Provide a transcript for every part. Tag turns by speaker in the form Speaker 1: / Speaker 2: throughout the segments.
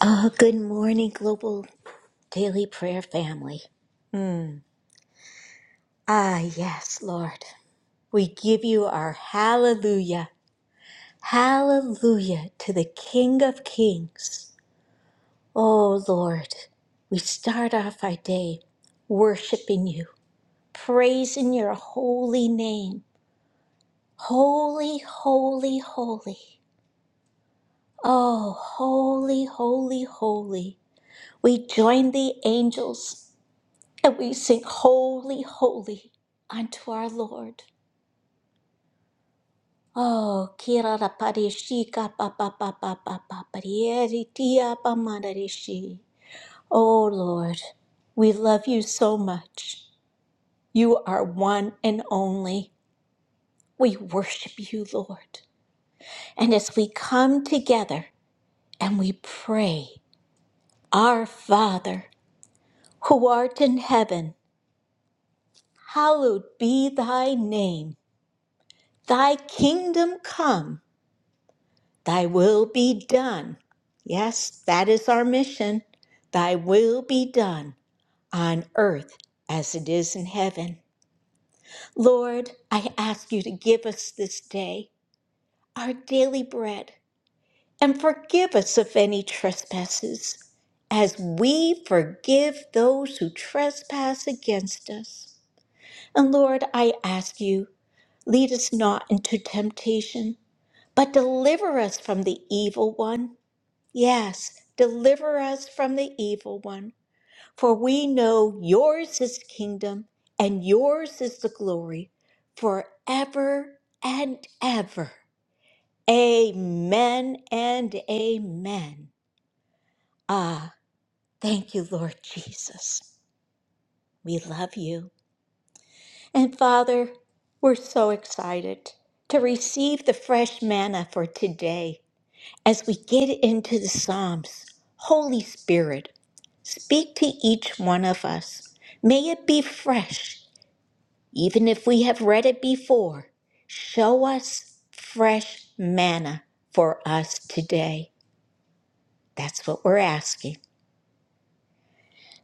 Speaker 1: Oh, good morning, Global Daily Prayer Family. Mm. Ah, yes, Lord. We give you our hallelujah. Hallelujah to the King of Kings. Oh, Lord, we start off our day worshiping you, praising your holy name. Holy, holy, holy. Oh, holy, holy, holy. We join the angels And we sing holy, holy unto our Lord. Oh, kira la pareshi ka pa pa pa pa pa pa parieri tia pa manareshi. Oh Lord, we love you so much. You are one and only. We worship you, Lord. And as we come together and we pray, Our Father, who art in heaven, hallowed be thy name. Thy kingdom come. Thy will be done. Yes, that is our mission. Thy will be done on earth as it is in heaven. Lord, I ask you to give us this day our daily bread and forgive us of any trespasses as we forgive those who trespass against us. And Lord, I ask you, lead us not into temptation, but deliver us from the evil one. Yes, deliver us from the evil one, for we know yours is the kingdom and yours is the glory forever and ever. Amen and amen. Ah, thank you, Lord Jesus. We love you. And Father, we're so excited to receive the fresh manna for today. As we get into the Psalms, Holy Spirit, speak to each one of us. May it be fresh, even if we have read it before. Show us fresh manna for us today. That's what we're asking.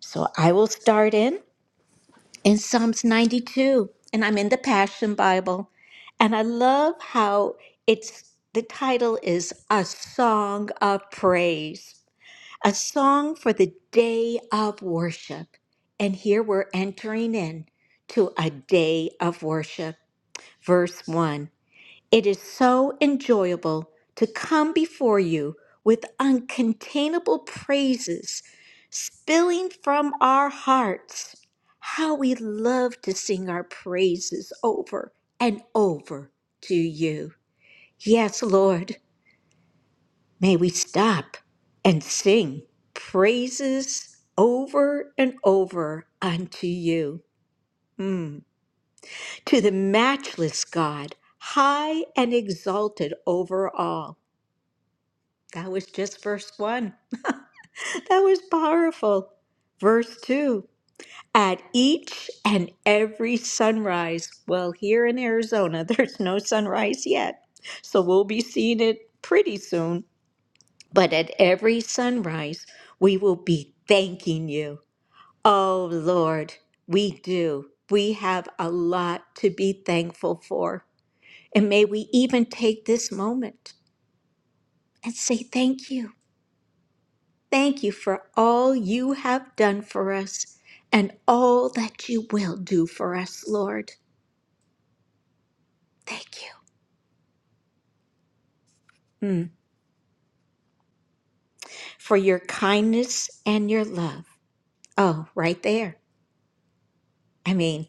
Speaker 1: So I will start in in Psalms 92, and I'm in the Passion Bible. And I love how it's the title is A Song of Praise. a song for the day of worship. And here we're entering in to a day of worship. Verse 1 It is so enjoyable to come before you with uncontainable praises spilling from our hearts. How we love to sing our praises over and over to you. Yes, Lord. May we stop and sing praises over and over unto you, Mm. to the matchless God, high and exalted over all. That was just verse one. That was powerful. Verse two. At each and every sunrise, well, here in Arizona, there's no sunrise yet, so we'll be seeing it pretty soon But at every sunrise, we will be thanking you. Oh Lord, we do. We have a lot to be thankful for. And may we even take this moment and say thank you. Thank you for all you have done for us and all that you will do for us, Lord. Thank you mm, for your kindness and your love. Oh, right there. I mean,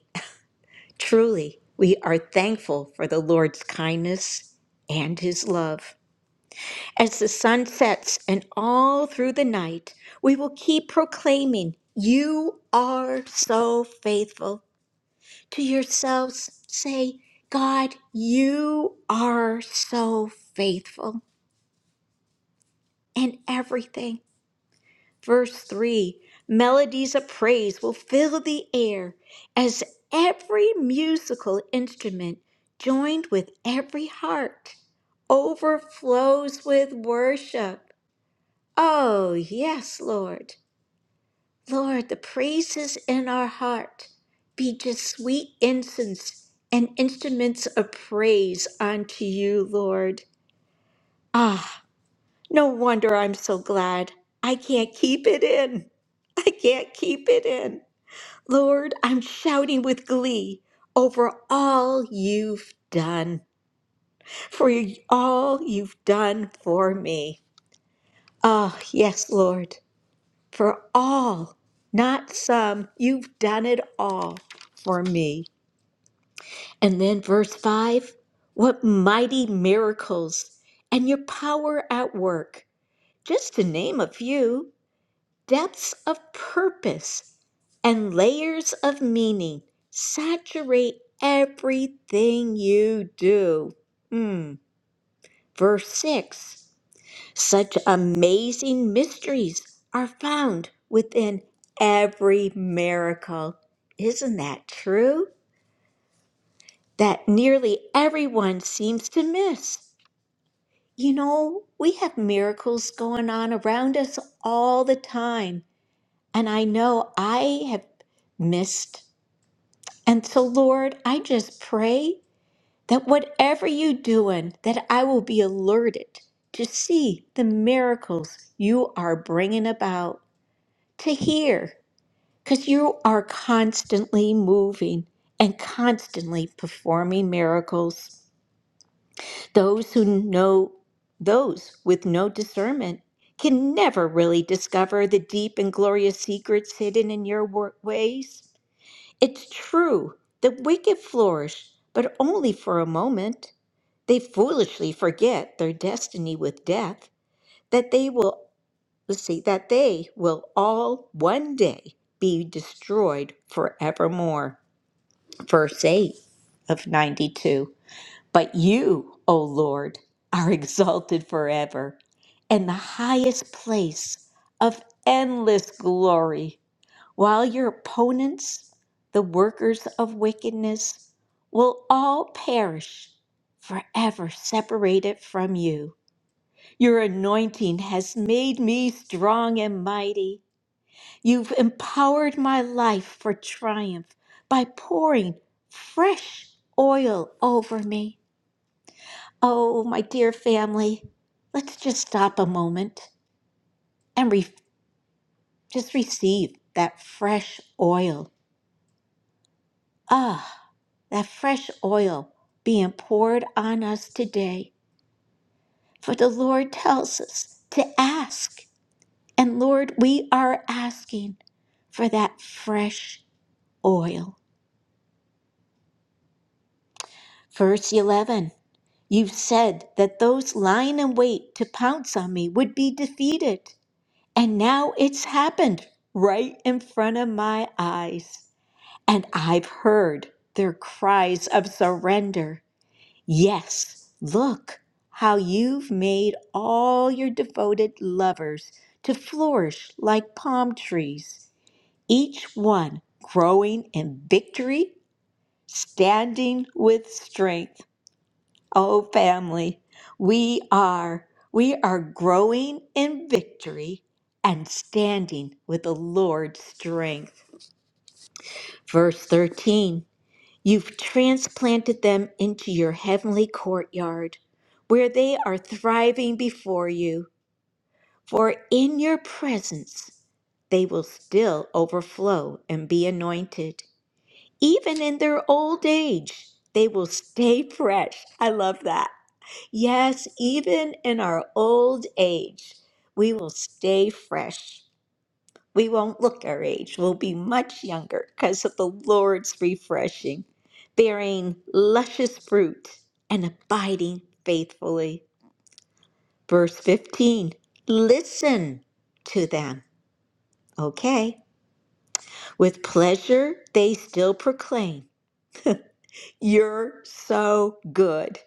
Speaker 1: Truly, we are thankful for the Lord's kindness and his love. As the sun sets and all through the night, we will keep proclaiming, You are so faithful. To yourselves, say, God, you are so faithful in everything. Verse 3 Melodies of praise will fill the air as every musical instrument, joined with every heart, overflows with worship. Oh, yes, Lord. Lord, the praises in our heart be just sweet incense and instruments of praise unto you, Lord. Ah. No wonder I'm so glad. I can't keep it in. I can't keep it in. Lord, I'm shouting with glee over all you've done, for all you've done for me. Oh, yes, Lord, for all, not some. You've done it all for me. And then verse 5 what mighty miracles and your power at work, just to name a few. Depths of purpose and layers of meaning saturate everything you do. Hmm. Verse 6 Such amazing mysteries are found within every miracle. Isn't that true? That nearly everyone seems to miss. You know, we have miracles going on around us all the time. And I know I have missed. And so, Lord, I just pray that whatever you're doing, that I will be alerted to see the miracles you are bringing about, to hear, because you are constantly moving and constantly performing miracles. Those who know, those with no discernment, can never really discover the deep and glorious secrets hidden in your work ways. It's true, the wicked flourish, but only for a moment. They foolishly forget their destiny with death, that they will let's see, that they will all one day be destroyed forevermore. Verse 8 of 92. But you, O Lord, are exalted forever in the highest place of endless glory while your opponents, the workers of wickedness, will all perish, forever separated from you. Your anointing has made me strong and mighty. You've empowered my life for triumph by pouring fresh oil over me. Oh, my dear family, let's just stop a moment and re- just receive that fresh oil. Ah. that fresh oil being poured on us today. For the Lord tells us to ask. And Lord, we are asking for that fresh oil. Verse 11 You said that those lying in wait to pounce on me would be defeated. And now it's happened right in front of my eyes. And I've heard their cries of surrender. Yes, look how you've made all your devoted lovers to flourish like palm trees, each one growing in victory, standing with strength. Oh, family, we are, we are growing in victory and standing with the Lord's strength. Verse 13. You've transplanted them into your heavenly courtyard, where they are thriving before you, for in your presence they will still overflow and be anointed. Even in their old age, they will stay fresh. I love that. Yes, even in our old age, we will stay fresh. We won't look our age. We'll be much younger because of the Lord's refreshing, bearing luscious fruit and abiding faithfully. Verse 15 Listen to them. Okay. With pleasure, they still proclaim, You're so good.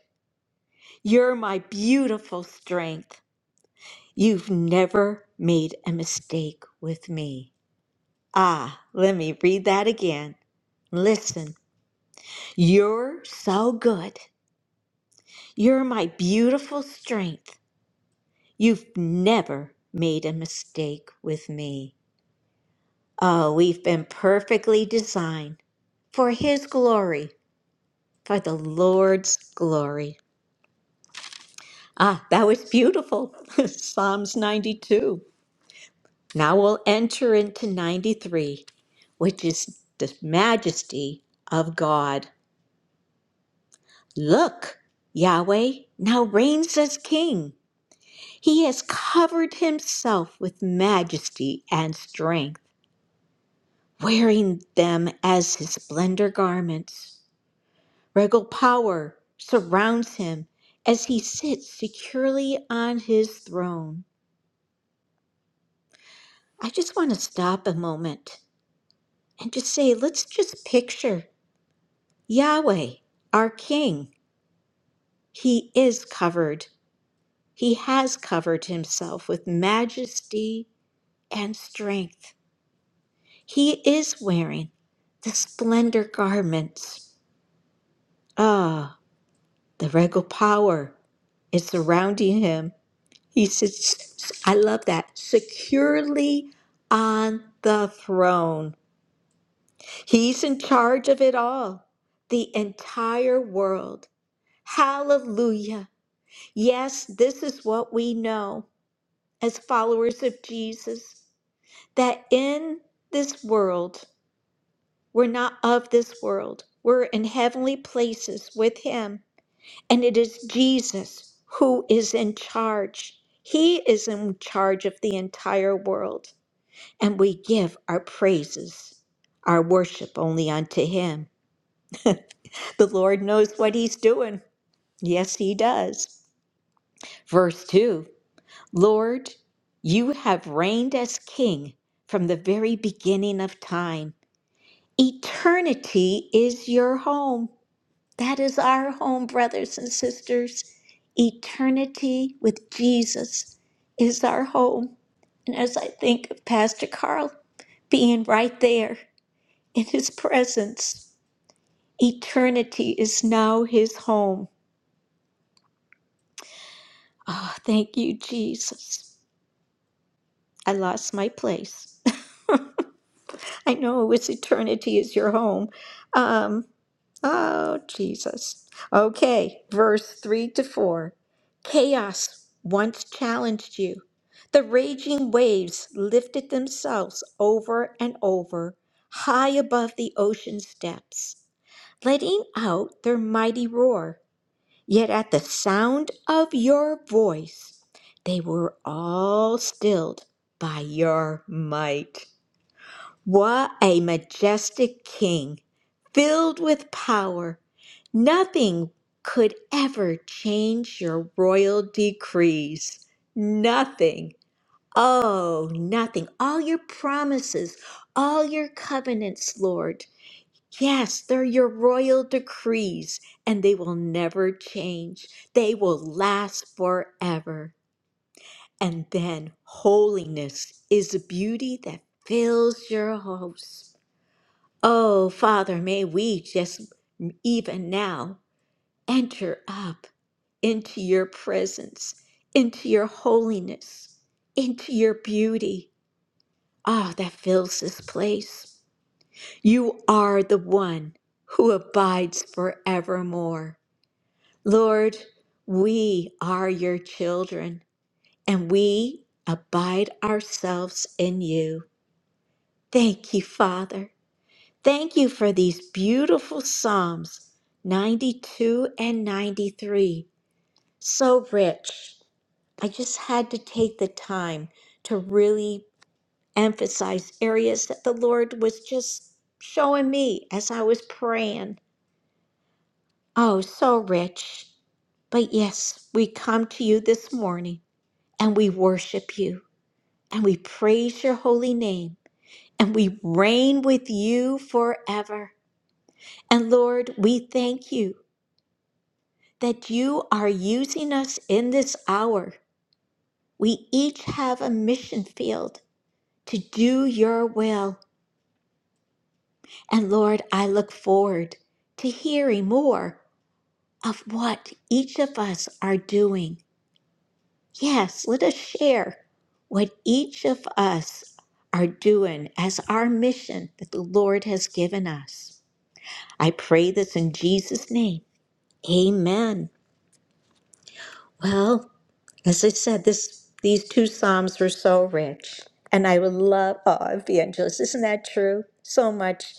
Speaker 1: You're my beautiful strength. You've never made a mistake with me. Ah, let me read that again. Listen You're so good. You're my beautiful strength. You've never made a mistake with me. Oh, we've been perfectly designed for His glory, for the Lord's glory. Ah, that was beautiful. Psalms 92. Now we'll enter into 93, which is the majesty of God. Look, Yahweh now reigns as king. He has covered himself with majesty and strength, wearing them as his splendor garments. Regal power surrounds him as he sits securely on his throne. I just want to stop a moment and just say, let's just picture Yahweh, our King. He is covered, he has covered himself with majesty and strength. He is wearing the splendor garments. Ah, the regal power is surrounding him. He sits, I love that, securely on the throne. He's in charge of it all, the entire world. Hallelujah. Yes, this is what we know as followers of Jesus that in this world, We're not of this world. We're in heavenly places with Him. And it is Jesus who is in charge. He is in charge of the entire world. And we give our praises, our worship only unto Him. The Lord knows what He's doing. Yes, He does. Verse 2 Lord, you have reigned as King from the very beginning of time. Eternity is your home. That is our home, brothers and sisters. Eternity with Jesus is our home. And as I think of Pastor Carl being right there in his presence, eternity is now his home. Oh, thank you, Jesus. I lost my place. I know it was eternity is your home. Um. Oh, Jesus. Okay, verse 3 to 4. Chaos once challenged you. The raging waves lifted themselves over and over, high above the ocean's depths, letting out their mighty roar. Yet at the sound of your voice, they were all stilled by your might. What a majestic king, filled with power. Nothing could ever change your royal decrees. Nothing. Oh, nothing. All your promises, all your covenants, Lord. Yes, they're your royal decrees, and they will never change. They will last forever. And then holiness is a beauty that fills your house. Oh, Father, may we just even now enter up into your presence, into your holiness, into your beauty. Ah, that fills this place. You are the one who abides forevermore. Lord, we are your children, and we abide ourselves in you. Thank you, Father. Thank you for these beautiful Psalms 92 and 93. So rich. I just had to take the time to really emphasize areas that the Lord was just showing me as I was praying. Oh, so rich. But yes, we come to you this morning and we worship you and we praise your holy name and we reign with you forever. And Lord, we thank you. that you are using us in this hour. We each have a mission field to do your will. And Lord, I look forward to hearing more of what each of us are doing. Yes, let us share what each of us are doing as our mission that the Lord has given us. I pray this in Jesus' name. Amen. Well, As I said, this these two psalms were so rich, and I would love oh evangelist. Isn't that true? So much.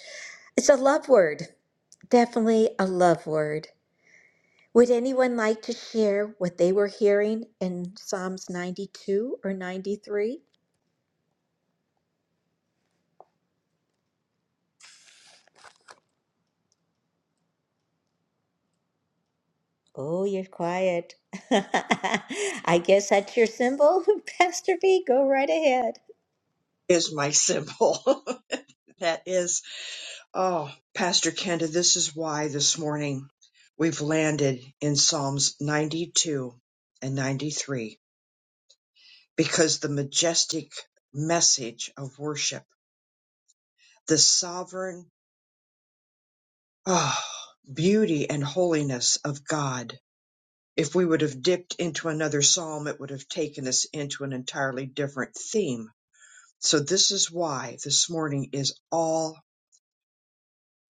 Speaker 1: It's a love word, definitely a love word. Would anyone like to share what they were hearing in Psalms 92 or 93? Oh, you're quiet. I guess that's your symbol, Pastor B. Go right ahead.
Speaker 2: is my symbol. that is, oh, Pastor Kenda, this is why this morning we've landed in Psalms 92 and 93 because the majestic message of worship, the sovereign oh, beauty and holiness of God. If we would have dipped into another psalm, it would have taken us into an entirely different theme. So, this is why this morning is all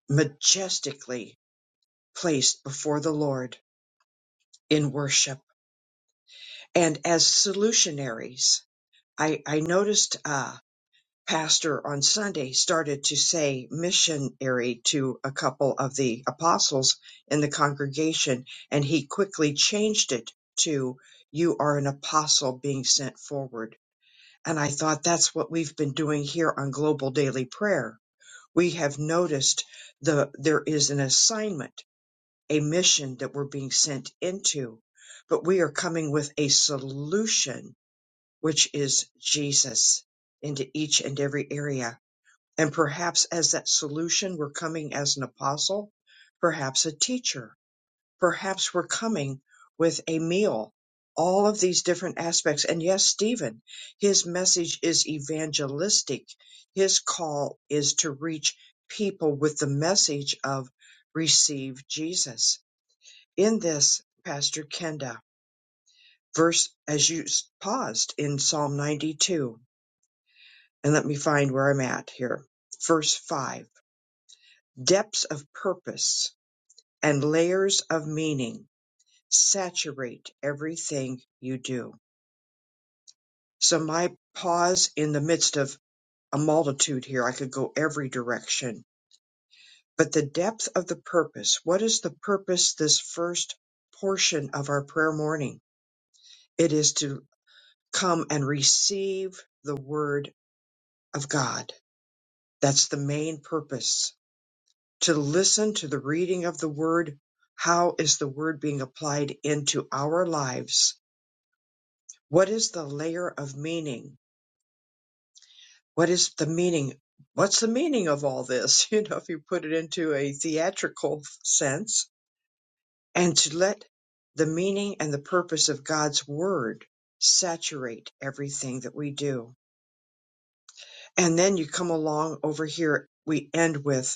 Speaker 2: majestically placed before the Lord in worship. And as solutionaries, I, I noticed uh, Pastor on Sunday started to say missionary to a couple of the apostles in the congregation, and he quickly changed it to, You are an apostle being sent forward. And I thought that's what we've been doing here on Global Daily Prayer. We have noticed the there is an assignment a mission that we're being sent into, but we are coming with a solution, which is Jesus, into each and every area. And perhaps as that solution, we're coming as an apostle, perhaps a teacher, perhaps we're coming with a meal. All of these different aspects. And yes, Stephen, his message is evangelistic. His call is to reach people with the message of receive Jesus in this, Pastor Kenda, verse as you s- paused in Psalm 92. And let me find where I'm at here. Verse 5 Depths of purpose and layers of meaning saturate everything you do. So, my pause in the midst of a multitude here, I could go every direction. But the depth of the purpose, what is the purpose this first portion of our prayer morning? It is to come and receive the word of God. That's the main purpose. To listen to the reading of the word. How is the word being applied into our lives? What is the layer of meaning? What is the meaning? What's the meaning of all this? You know, if you put it into a theatrical sense, and to let the meaning and the purpose of God's word saturate everything that we do. And then you come along over here, we end with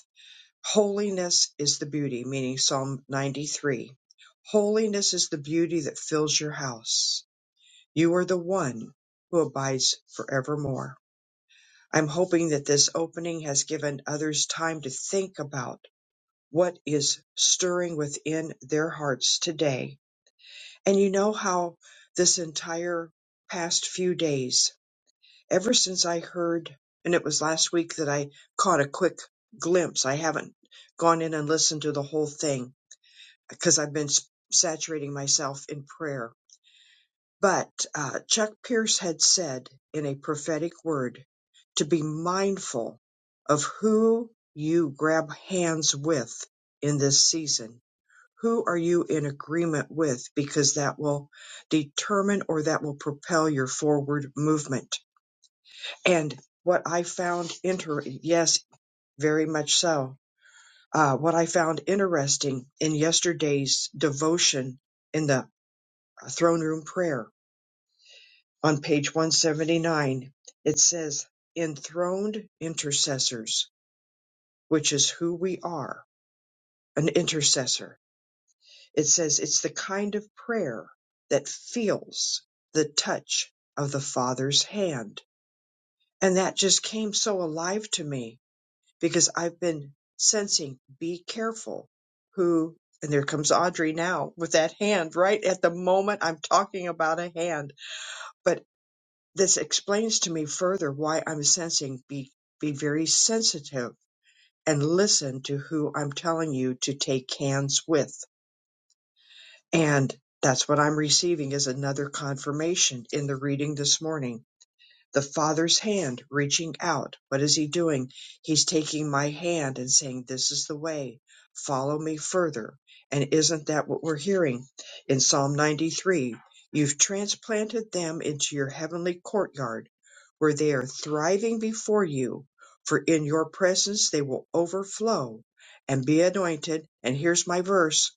Speaker 2: Holiness is the beauty, meaning Psalm 93. Holiness is the beauty that fills your house. You are the one who abides forevermore. I'm hoping that this opening has given others time to think about what is stirring within their hearts today. And you know how this entire past few days, ever since I heard, and it was last week that I caught a quick glimpse, I haven't gone in and listened to the whole thing because I've been s- saturating myself in prayer. But uh, Chuck Pierce had said in a prophetic word to be mindful of who you grab hands with in this season. Who are you in agreement with? Because that will determine or that will propel your forward movement. And what I found inter, yes, very much so. Uh, what I found interesting in yesterday's devotion in the throne room prayer on page 179. It says, enthroned intercessors, which is who we are, an intercessor. It says it's the kind of prayer that feels the touch of the Father's hand. And that just came so alive to me because I've been sensing, be careful who, and there comes Audrey now with that hand right at the moment I'm talking about a hand. but. This explains to me further why I'm sensing be be very sensitive and listen to who I'm telling you to take hands with. And that's what I'm receiving is another confirmation in the reading this morning the Father's hand reaching out. What is He doing? He's taking my hand and saying, This is the way. Follow me further. And isn't that what we're hearing in Psalm 93? You've transplanted them into your heavenly courtyard where they are thriving before you, for in your presence they will overflow and be anointed. And here's my verse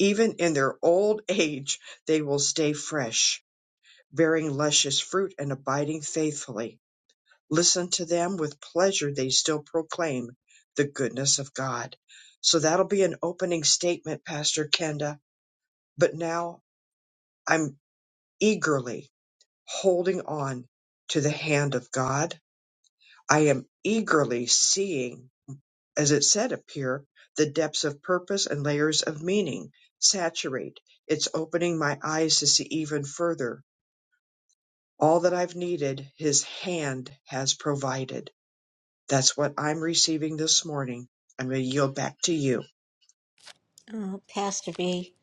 Speaker 2: even in their old age, they will stay fresh, bearing luscious fruit and abiding faithfully listen to them with pleasure they still proclaim the goodness of god so that'll be an opening statement pastor kenda but now i'm eagerly holding on to the hand of god i am eagerly seeing as it said up here the depths of purpose and layers of meaning saturate it's opening my eyes to see even further all that i've needed his hand has provided That's what I'm receiving this morning. I'm going to yield back to you.
Speaker 1: Oh, Pastor B,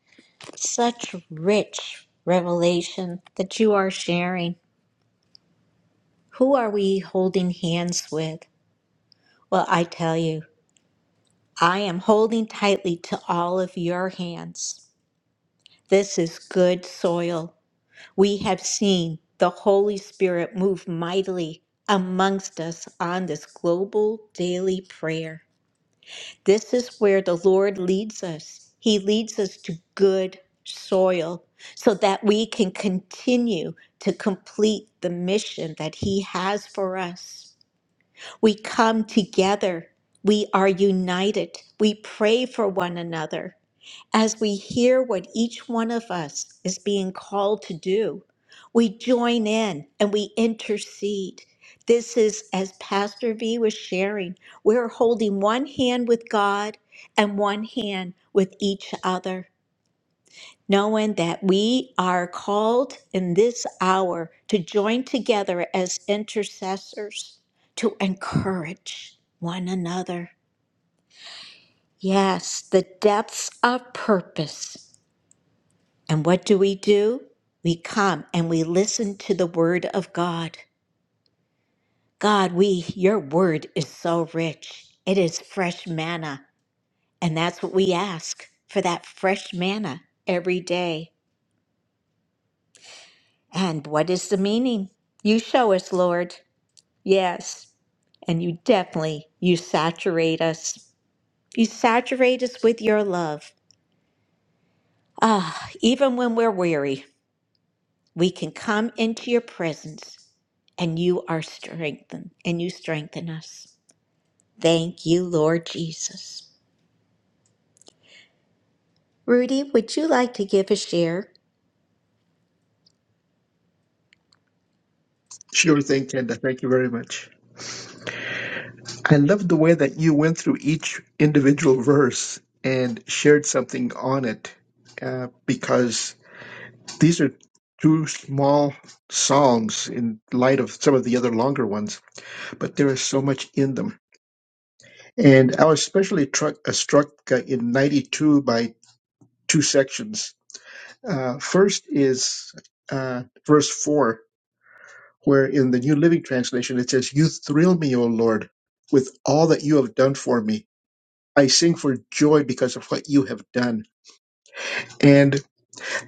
Speaker 1: such rich revelation that you are sharing. Who are we holding hands with? Well, I tell you, I am holding tightly to all of your hands. This is good soil. We have seen the Holy Spirit move mightily amongst us on this global daily prayer. This is where the Lord leads us. He leads us to good soil so that we can continue to complete the mission that He has for us. We come together. We are united. We pray for one another. As we hear what each one of us is being called to do, we join in and we intercede. This is, as Pastor V was sharing, we're holding one hand with God and one hand with each other knowing that we are called in this hour to join together as intercessors to encourage one another. Yes, the depths of purpose. And what do we do? We come and we listen to the word of God. God, we your word is so rich. It is fresh manna, and that's what we ask for that fresh manna every day. And what is the meaning? You show us, Lord. Yes, and you definitely you saturate us. You saturate us with your love. Ah, even when we're weary, we can come into your presence and you are strengthened and you strengthen us. Thank you, Lord Jesus. Rudy, would you like to give a share?
Speaker 3: Sure thing, Kenda. Thank you very much. I love the way that you went through each individual verse and shared something on it uh, because these are two small songs in light of some of the other longer ones, but there is so much in them. And I was especially tru- uh, struck uh, in 92 by two sections. Uh, first is uh, verse 4 where in the New Living Translation it says, You thrill me, O Lord, with all that you have done for me. I sing for joy because of what you have done. And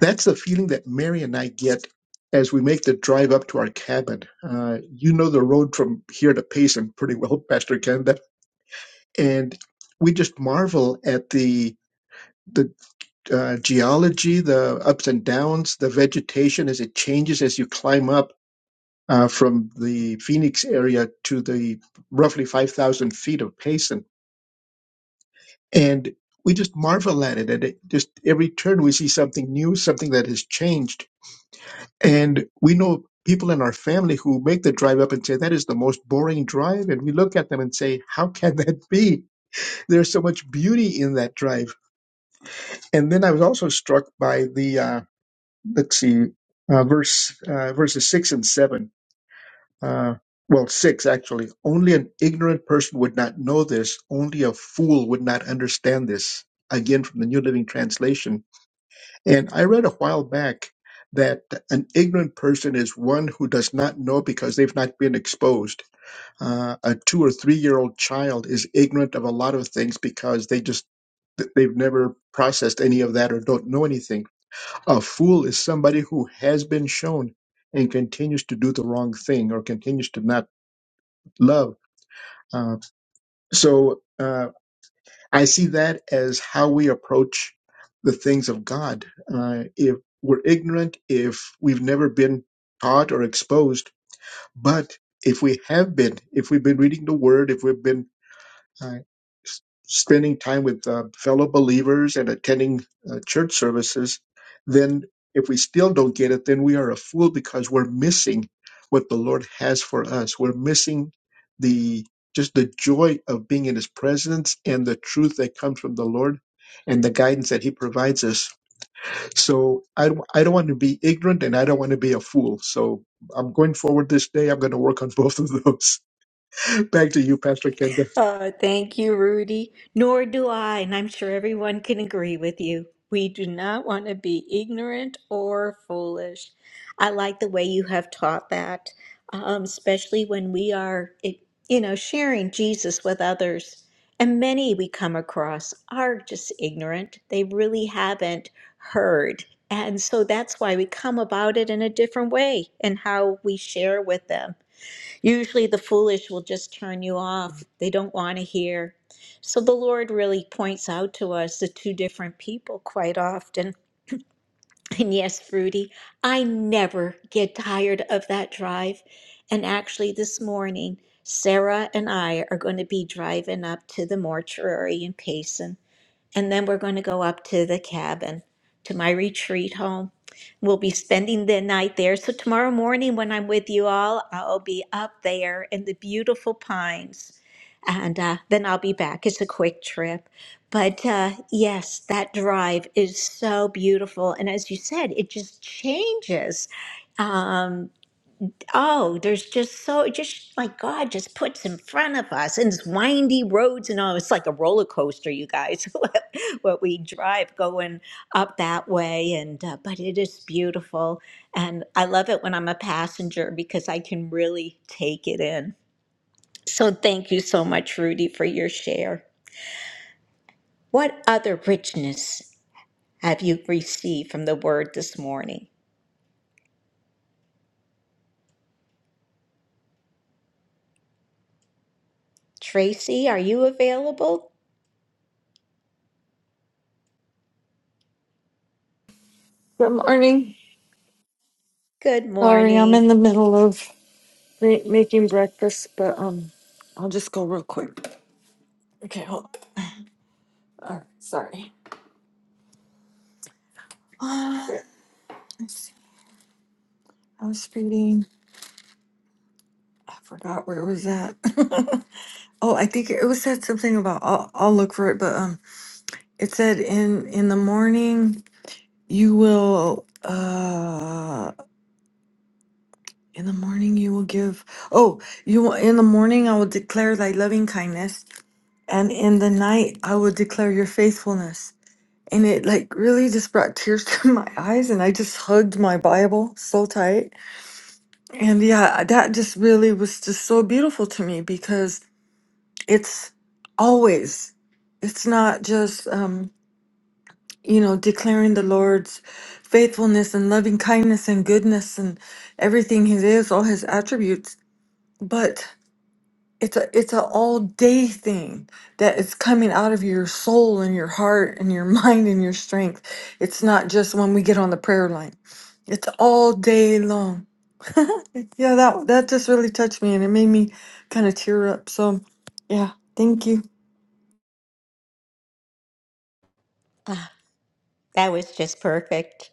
Speaker 3: that's the feeling that Mary and I get as we make the drive up to our cabin. Uh, you know the road from here to Payson pretty well, Pastor Kenda. And we just marvel at the the uh, geology, the ups and downs, the vegetation as it changes as you climb up uh, from the Phoenix area to the roughly 5,000 feet of Payson. And we just marvel at it. And it just every turn we see something new, something that has changed. And we know people in our family who make the drive up and say, that is the most boring drive. And we look at them and say, how can that be? There's so much beauty in that drive. And then I was also struck by the, uh, let's see, uh, verse, uh, verses six and seven Uh, well, six actually. Only an ignorant person would not know this. Only a fool would not understand this. Again, from the New Living Translation. And I read a while back that an ignorant person is one who does not know because they've not been exposed. Uh, a two or three year old child is ignorant of a lot of things because they just they've never processed any of that or don't know anything. A fool is somebody who has been shown and continues to do the wrong thing or continues to not love uh, so uh, I see that as how we approach the things of God. Uh, if we're ignorant, if we've never been taught or exposed, but if we have been, if we've been reading the Word, if we've been Right. S- Spending time with uh, fellow believers and attending uh, church services, then if we still don't get it, then we are a fool because we're missing what the Lord has for us. We're missing the just the joy of being in His presence and the truth that comes from the Lord and the guidance that He provides us. So I don't- I don't want to be ignorant and I don't want to be a fool. So I'm going forward this day. I'm going to work on both of those. Back to you, Pastor Kenda.
Speaker 1: Oh, thank you, Rudy. Nor do I, and I'm sure everyone can agree with you. We do not want to be ignorant or foolish. I like the way you have taught that, um, especially when we are, it- you know, sharing Jesus with others. And many we come across are just ignorant. They really haven't heard. And so that's why we come about it in a different way and how we share with them. Usually the foolish will just turn you off. They don't want to hear. So the Lord really points out to us the two different people quite often. And yes, Fruity, I never get tired of that drive. And actually, this morning, Sarah and I are going to be driving up to the mortuary in Payson and then we're going to go up to the cabin, to my retreat home. We'll be spending the night there. So, tomorrow morning, when I'm with you all, I'll be up there in the beautiful pines. And uh, then I'll be back. It's a quick trip. But uh, yes, that drive is so beautiful. And as you said, it just changes. um, Oh, there's just so just like God just puts in front of us and it's windy roads and all. It's like a roller coaster, you guys. What what we drive going up that way, and uh, but it is beautiful, and I love it when I'm a passenger because I can really take it in. So thank you so much, Rudy, for your share. What other richness have you received from the Word this morning, Tracy? Are you available?
Speaker 4: Good morning.
Speaker 1: Good
Speaker 4: Sorry, I'm
Speaker 1: morning.
Speaker 4: in the middle of ma- making breakfast, but um, I'll just go real quick. Okay, hold. on. All right, sorry. Uh, let's see. I was reading. I forgot where it was at. oh, I think it was said something about. I'll, I'll look for it, but um, it said in in the morning you will uh In the morning you will give. Oh, you will- in the morning I will declare thy loving kindness, and in the night I will declare your faithfulness. And it like really just brought tears to my eyes, and I just hugged my Bible so tight. And yeah, that just really was just so beautiful to me because it's always, it's not just um, you know declaring the Lord's faithfulness and loving kindness and goodness and everything He is, all His attributes, but it's a it's a all day thing that is coming out of your soul and your heart and your mind and your strength it's not just when we get on the prayer line it's all day long yeah that that just really touched me and it made me kind of tear up so yeah thank you
Speaker 1: That was just perfect.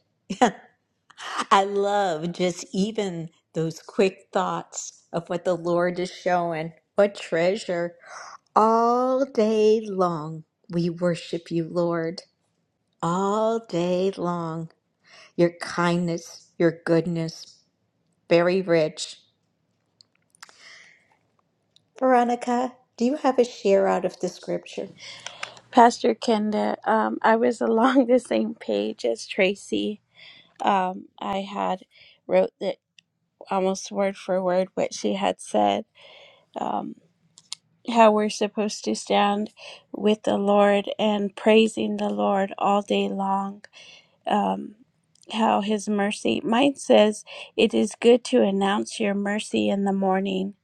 Speaker 1: I love just even those quick thoughts of what the Lord is showing. What treasure. All day long, we worship you, Lord. All day long. Your kindness, your goodness, very rich. Veronica, do you have a share out of the scripture?
Speaker 5: Pastor Kenda, um, I was along the same page as Tracy. Um, I had wrote that almost word for word what she had said, um, how we're supposed to stand with the Lord and praising the Lord all day long. Um, how his mercy. Mine says, It is good to announce your mercy in the morning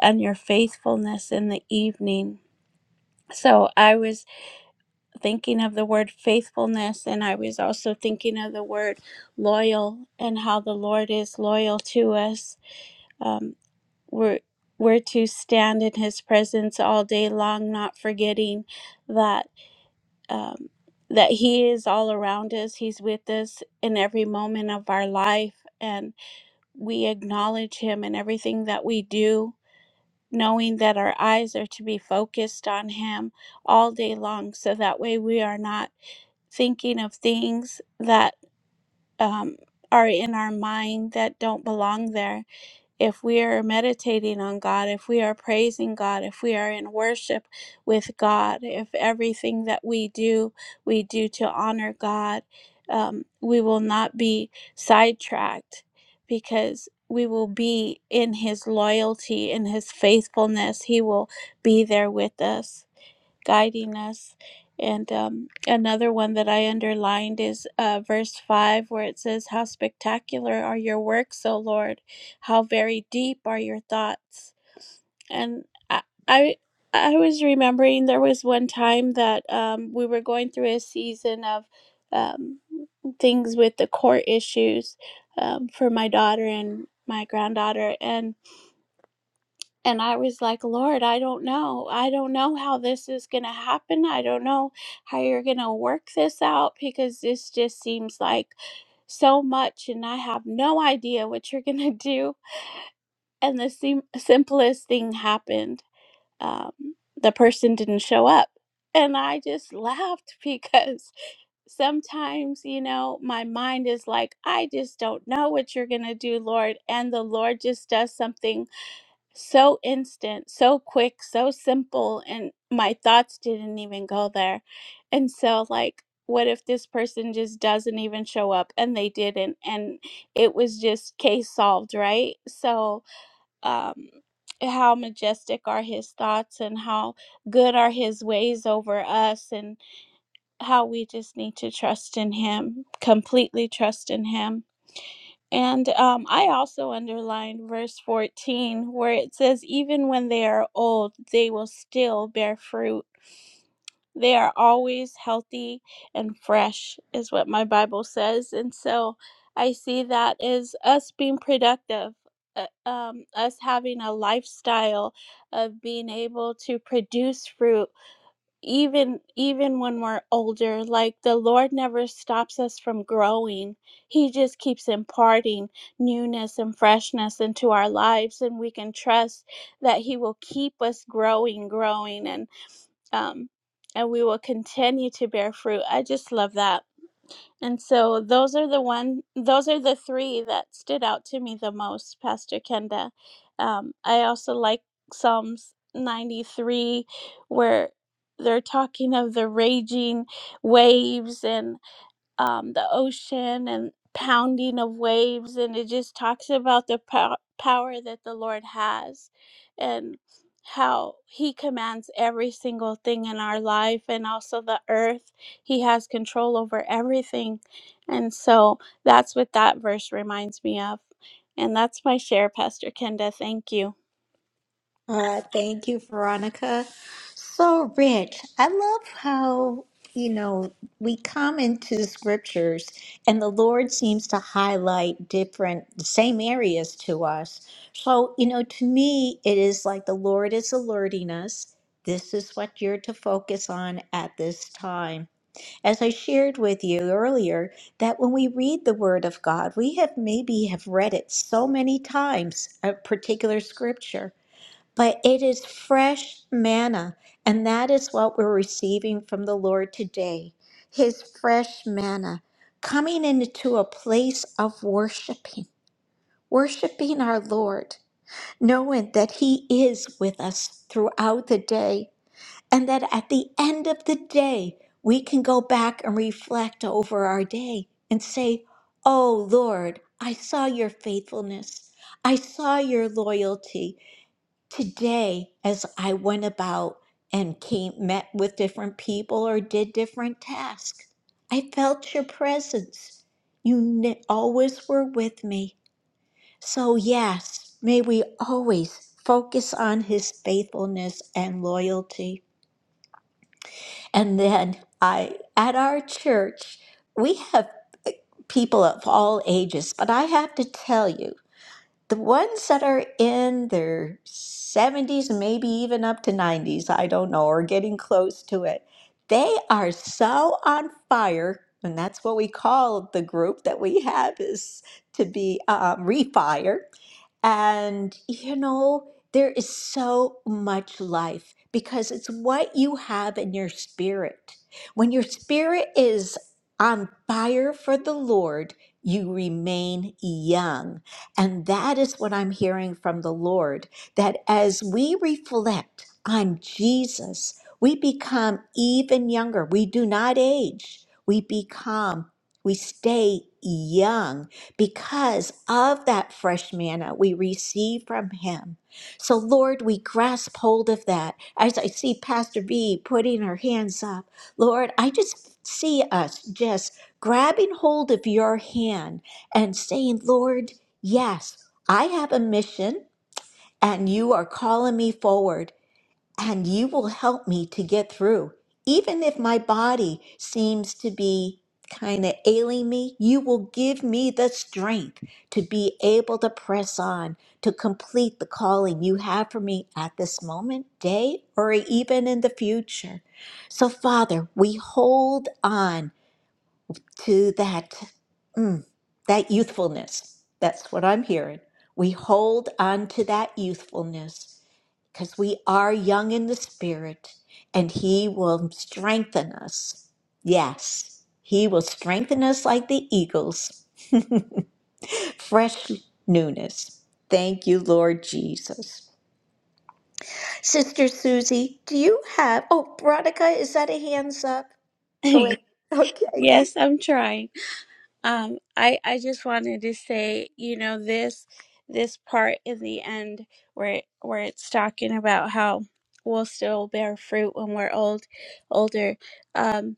Speaker 5: and your faithfulness in the evening. So I was thinking of the word faithfulness and I was also thinking of the word loyal and how the Lord is loyal to us. Um, we're we're to stand in His presence all day long, not forgetting that um, that He is all around us. He's with us in every moment of our life, and we acknowledge Him in everything that we do, knowing that our eyes are to be focused on Him all day long, so that way we are not thinking of things that um, are in our mind that don't belong there. If we are meditating on God, if we are praising God, if we are in worship with God, if everything that we do, we do to honor God, um, we will not be sidetracked because we will be in His loyalty, in His faithfulness. He will be there with us guiding us. And um, another one that I underlined is uh, verse 5, where it says, How spectacular are your works, O Lord! How very deep are your thoughts. And I, I, I was remembering there was one time that um, we were going through a season of um, things with the court issues um, for my daughter and my granddaughter. And and I was like, Lord, I don't know. I don't know how this is going to happen. I don't know how you're going to work this out because this just seems like so much and I have no idea what you're going to do. And the sim- simplest thing happened. Um, the person didn't show up. And I just laughed because sometimes, you know, my mind is like, I just don't know what you're going to do, Lord. And the Lord just does something so instant, so quick, so simple, and my thoughts didn't even go there. And so, like, what if this person just doesn't even show up and they didn't, and it was just case solved, right? So, um, how majestic are his thoughts and how good are his ways over us, and how we just need to trust in him, completely trust in him. And um, I also underlined verse 14 where it says, Even when they are old, they will still bear fruit. They are always healthy and fresh, is what my Bible says. And so I see that as us being productive, uh, um, us having a lifestyle of being able to produce fruit even even when we're older like the lord never stops us from growing he just keeps imparting newness and freshness into our lives and we can trust that he will keep us growing growing and um and we will continue to bear fruit i just love that and so those are the one those are the three that stood out to me the most, Pastor Kenda. Um, I also like Psalms 93 where they're talking of the raging waves and um, the ocean and pounding of waves, and it just talks about the pow- power that the Lord has and how He commands every single thing in our life and also the earth. He has control over everything. And so that's what that verse reminds me of. And that's my share, Pastor Kenda. Thank you.
Speaker 1: Uh, thank you, Veronica. So rich. I love how, you know, we come into the scriptures and the Lord seems to highlight different, the same areas to us. So, you know, to me, it is like the Lord is alerting us. This is what you're to focus on at this time. As I shared with you earlier, that when we read the Word of God, we have maybe have read it so many times, a particular scripture but it is fresh manna, and that is what we're receiving from the Lord today His fresh manna, coming into a place of worshiping, worshiping our Lord, knowing that He is with us throughout the day, and that at the end of the day, we can go back and reflect over our day and say, Oh Lord, I saw your faithfulness, I saw your loyalty today as I went about and came met with different people or did different tasks, I felt your presence. You ne- always were with me. So yes, may we always focus on his faithfulness and loyalty. And then I at our church, we have uh, people of all ages, but I have to tell you the ones that are in their 70s, maybe even up to 90s, I don't know, or getting close to it, they are so on fire. And that's what we call the group that we have is to be um, refire. And, you know, there is so much life because it's what you have in your spirit. When your spirit is on fire for the Lord, you remain young. And that is what I'm hearing from the Lord that as we reflect on Jesus, we become even younger. We do not age, we become, we stay young because of that fresh manna we receive from Him. So, Lord, we grasp hold of that. As I see Pastor B putting her hands up, Lord, I just see us just grabbing hold of your hand and saying, Lord, Yes, I have a mission, and you are calling me forward, and you will help me to get through. Even if my body seems to be kind of ailing me, you will give me the strength to be able to press on, to complete the calling you have for me at this moment, day, or even in the future. So, Father, we hold on to that mm, that youthfulness. That's what I'm hearing. We hold on to that youthfulness because we are young in the spirit and he will strengthen us. Yes, he will strengthen us like the eagles. Fresh newness. Thank you, Lord Jesus. Sister Susie, do you have oh Veronica, is that a hands up? Go ahead. Okay.
Speaker 5: yes, I'm trying. Um, I I just wanted to say, you know, this this part in the end where it- where it's talking about how we'll still bear fruit when we're old, older. Um,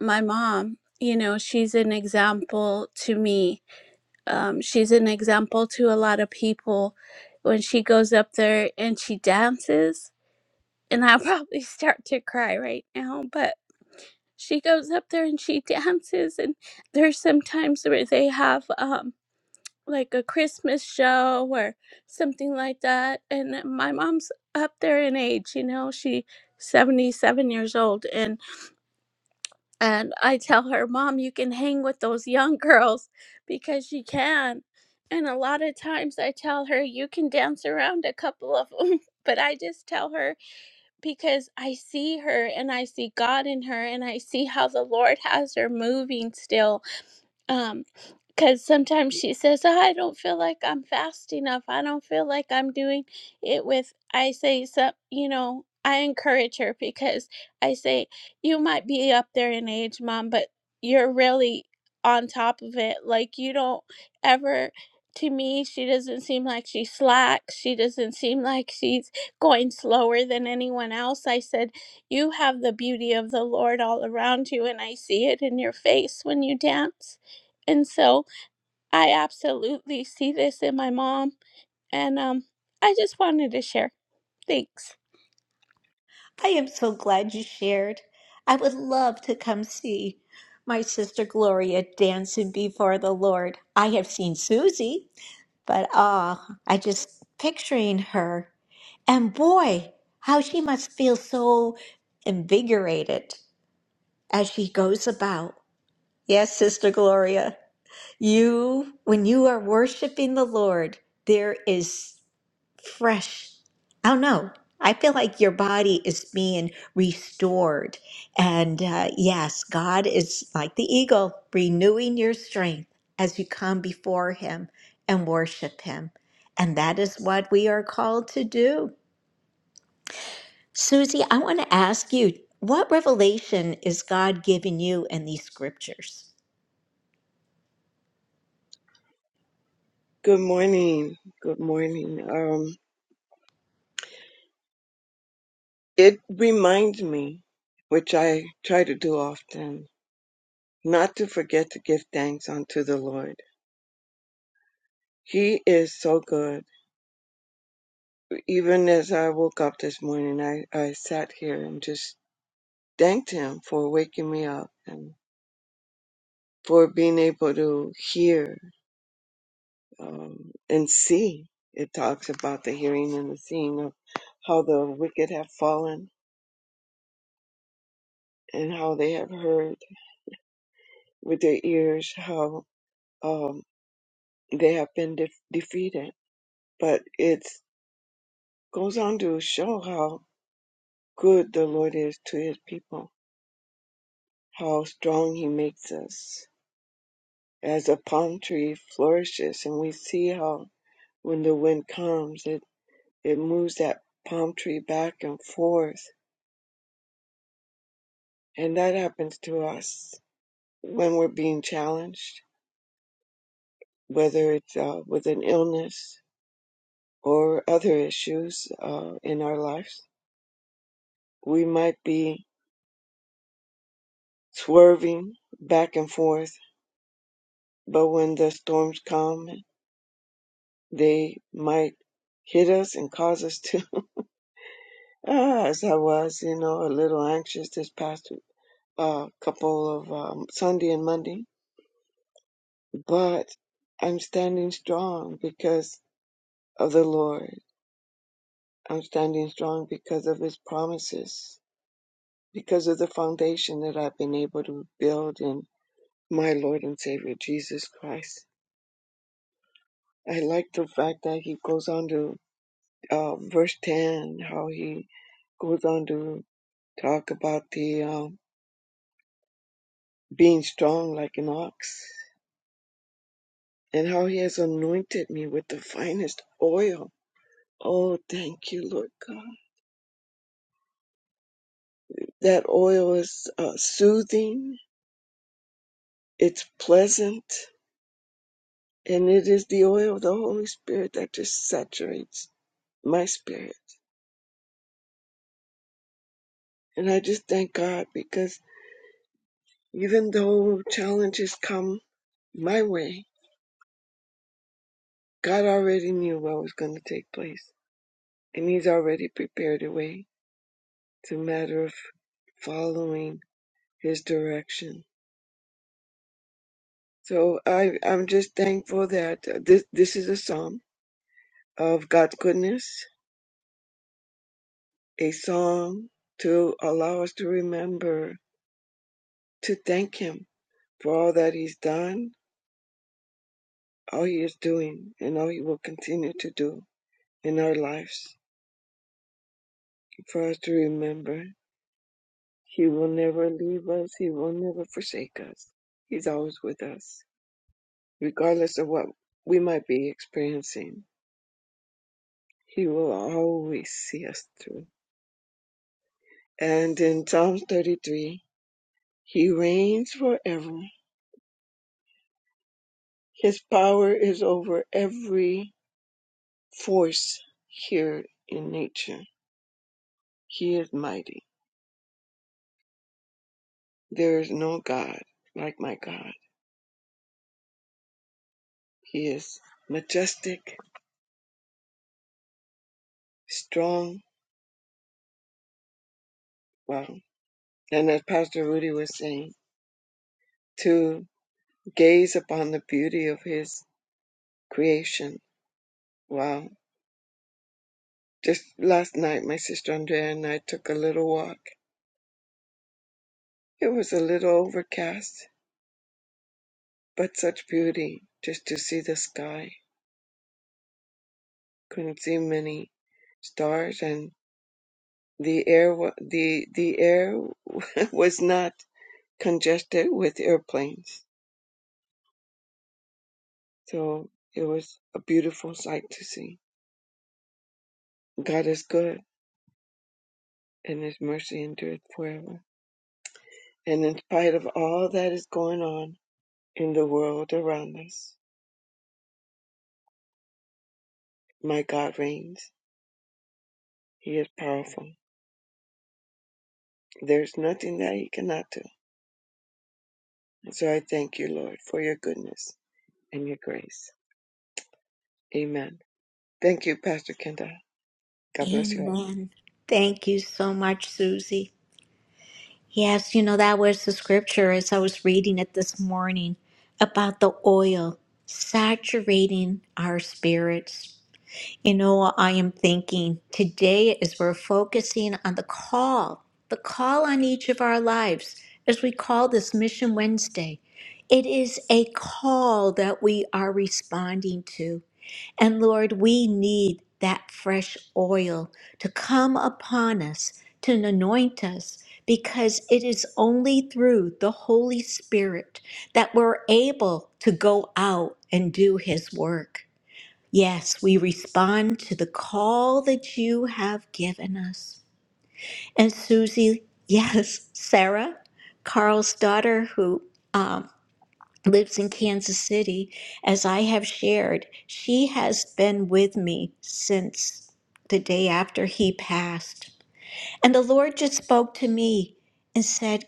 Speaker 5: my mom, you know, she's an example to me. Um, she's an example to a lot of people. When she goes up there and she dances, and I'll probably start to cry right now, but she goes up there and she dances and there's some times where they have um like a christmas show or something like that and my mom's up there in age you know she 77 years old and and i tell her mom you can hang with those young girls because you can and a lot of times i tell her you can dance around a couple of them but i just tell her because I see her and I see God in her and I see how the Lord has her moving still um, because sometimes she says, "Oh, I don't feel like I'm fast enough. I don't feel like I'm doing it with, I say, so, you know, I encourage her because I say, you might be up there in age, mom, but you're really on top of it. Like, you don't ever, to me, she doesn't seem like she slacks. She doesn't seem like she's going slower than anyone else. I said, you have the beauty of the Lord all around you, and I see it in your face when you dance and so I absolutely see this in my mom. And um, I just wanted to share. Thanks.
Speaker 1: I am so glad you shared. I would love to come see my sister Gloria dancing before the Lord. I have seen Susie, but ah, I just picturing her. And boy, how she must feel so invigorated as she goes about. Yes, Sister Gloria, you, when you are worshiping the Lord, there is fresh. I don't know. I feel like your body is being restored. And uh, yes, God is like the eagle, renewing your strength as you come before Him and worship Him. And that is what we are called to do. Susie, I want to ask you what revelation is God giving you in these scriptures?
Speaker 6: Good morning. Good morning. Um, it reminds me, which I try to do often, not to forget to give thanks unto the Lord. He is so good. Even as I woke up this morning, I, I sat here and just thanked Him for waking me up and for being able to hear um, and see. It talks about the hearing and the seeing of how the wicked have fallen and how they have heard with their ears, how um, they have been de- defeated. But it goes on to show how good the Lord is to his people, how strong he makes us. As a palm tree flourishes, and we see how when the wind comes, it, it moves that palm tree back and forth. And that happens to us when we're being challenged, whether it's uh, with an illness or other issues uh, in our lives. We might be swerving back and forth, but when the storms come, they might hit us and cause us to. Ah, As I was, you know, a little anxious this past uh, couple of um, Sunday and Monday, but I'm standing strong because of the Lord. I'm standing strong because of His promises, because of the foundation that I've been able to build in my Lord and Savior Jesus Christ. I like the fact that He goes on to um, verse 10, how he goes on to talk about the um, being strong like an ox and how he has anointed me with the finest oil. Oh, thank you, Lord God. That oil is uh, soothing, it's pleasant, and it is the oil of the Holy Spirit that just saturates my spirit. And I just thank God because even though challenges come my way, God already knew what was going to take place and He's already prepared a way. It's a matter of following His direction. So I, I'm just thankful that uh, this, this is a psalm of God's goodness, a song to allow us to remember to thank Him for all that He's done, all He is doing, and all He will continue to do in our lives. For us to remember, He will never leave us, He will never forsake us. He's always with us. regardless of what we might be experiencing. He will always see us through. And in Psalm 33, He reigns forever. His power is over every force here in nature. He is mighty. There is no God like my God. He is majestic, strong. Wow. And as Pastor Rudy was saying, to gaze upon the beauty of His creation. Wow Just last night, my sister Andrea and I took a little walk. It was a little overcast, but such beauty just to see the sky. Couldn't see many stars, and the air wa- the the air was not congested with airplanes. So it was a beautiful sight to see. God is good, and His mercy endureth forever. And in spite of all that is going on in the world around us, my God reigns. He is powerful. There's nothing that he cannot do. And so I thank you, Lord, for your goodness and your grace. Amen. Thank you, Pastor Kenda. God bless you all.
Speaker 1: Amen. Thank you so much, Susie. Yes, you know, that was the scripture as I was reading it this morning about the oil saturating our spirits. You know, I am thinking today as we're focusing on the call, the call on each of our lives, as we call this Mission Wednesday, it is a call that we are responding to. And Lord, we need that fresh oil to come upon us, to anoint us, because it is only through the Holy Spirit that we're able to go out and do His work. Yes, we respond to the call that you have given us. And Susie, yes, Sarah, Carl's daughter, who um lives in Kansas City, as I have shared, she has been with me since the day after he passed. And the Lord just spoke to me and said,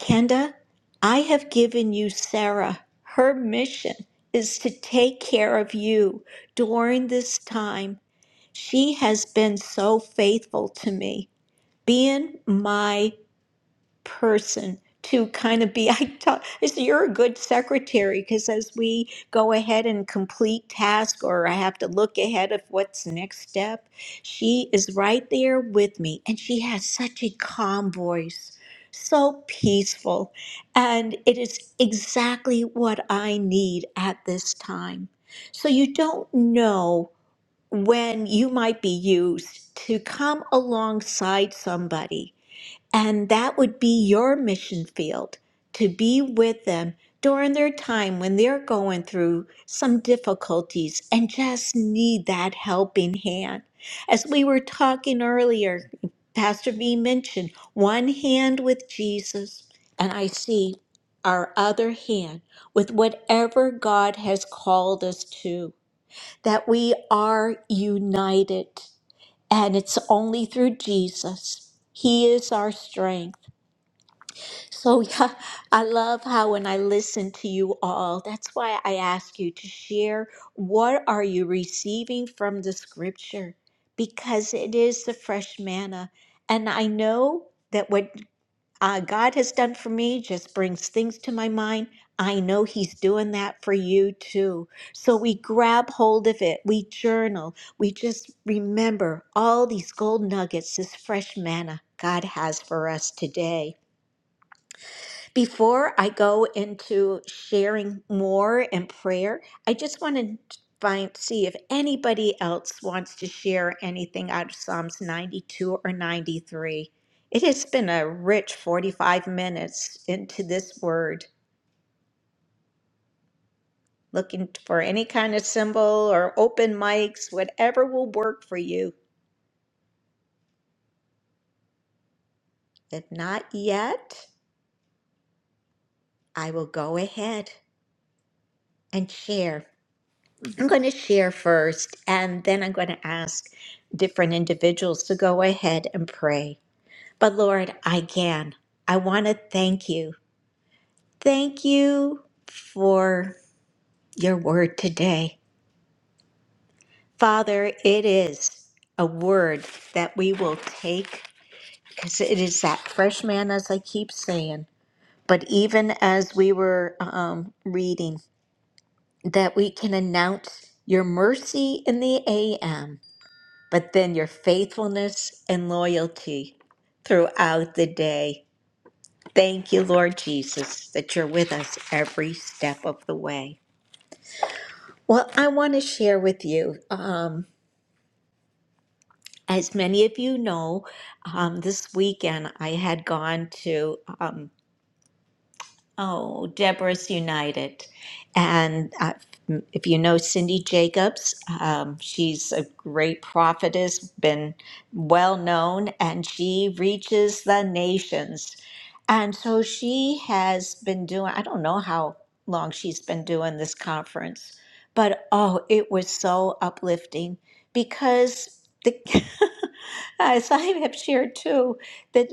Speaker 1: Kenda, I have given you Sarah. Her mission is to take care of you during this time. She has been so faithful to me, being my person to kind of be i tell I said, you're a good secretary because as we go ahead and complete task or i have to look ahead of what's next step she is right there with me and she has such a calm voice so peaceful and it is exactly what i need at this time so you don't know when you might be used to come alongside somebody and that would be your mission field to be with them during their time when they're going through some difficulties and just need that helping hand. As we were talking earlier, Pastor V mentioned one hand with Jesus, and I see our other hand with whatever God has called us to, that we are united. And it's only through Jesus. He is our strength. So, yeah, I love how when I listen to you all, that's why I ask you to share what are you receiving from the scripture because it is the fresh manna. And I know that what uh, God has done for me just brings things to my mind. I know He's doing that for you too. So we grab hold of it, we journal, we just remember all these gold nuggets, this fresh manna God has for us today. Before I go into sharing more and prayer, I just want to find see if anybody else wants to share anything out of Psalms 92 or 93. It has been a rich 45 minutes into this word. Looking for any kind of symbol or open mics, whatever will work for you. If not yet, I will go ahead and share. I'm going to share first, and then I'm going to ask different individuals to go ahead and pray. But Lord, again, I want to thank you. Thank you for your word today. Father, it is a word that we will take because it is that fresh man, as I keep saying. But even as we were um, reading, that we can announce your mercy in the AM but then your faithfulness and loyalty throughout the day. Thank you, Lord Jesus, that you're with us every step of the way. Well, I want to share with you, um, as many of you know, um, this weekend I had gone to. um, Oh, Deborah's United. And uh, if you know Cindy Jacobs, um, she's a great prophetess, been well known, and she reaches the nations. And so she has been doing, I don't know how long she's been doing this conference, but oh, it was so uplifting because the, as I have shared too, that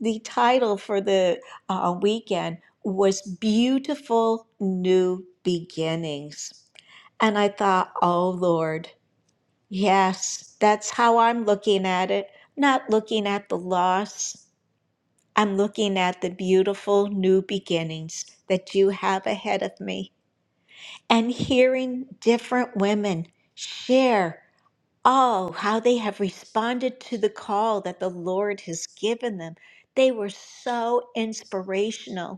Speaker 1: the title for the uh, weekend was beautiful new beginnings. And I thought, oh Lord, yes, that's how I'm looking at it. Not looking at the loss, I'm looking at the beautiful new beginnings that you have ahead of me. And hearing different women share, oh, how they have responded to the call that the Lord has given them. They were so inspirational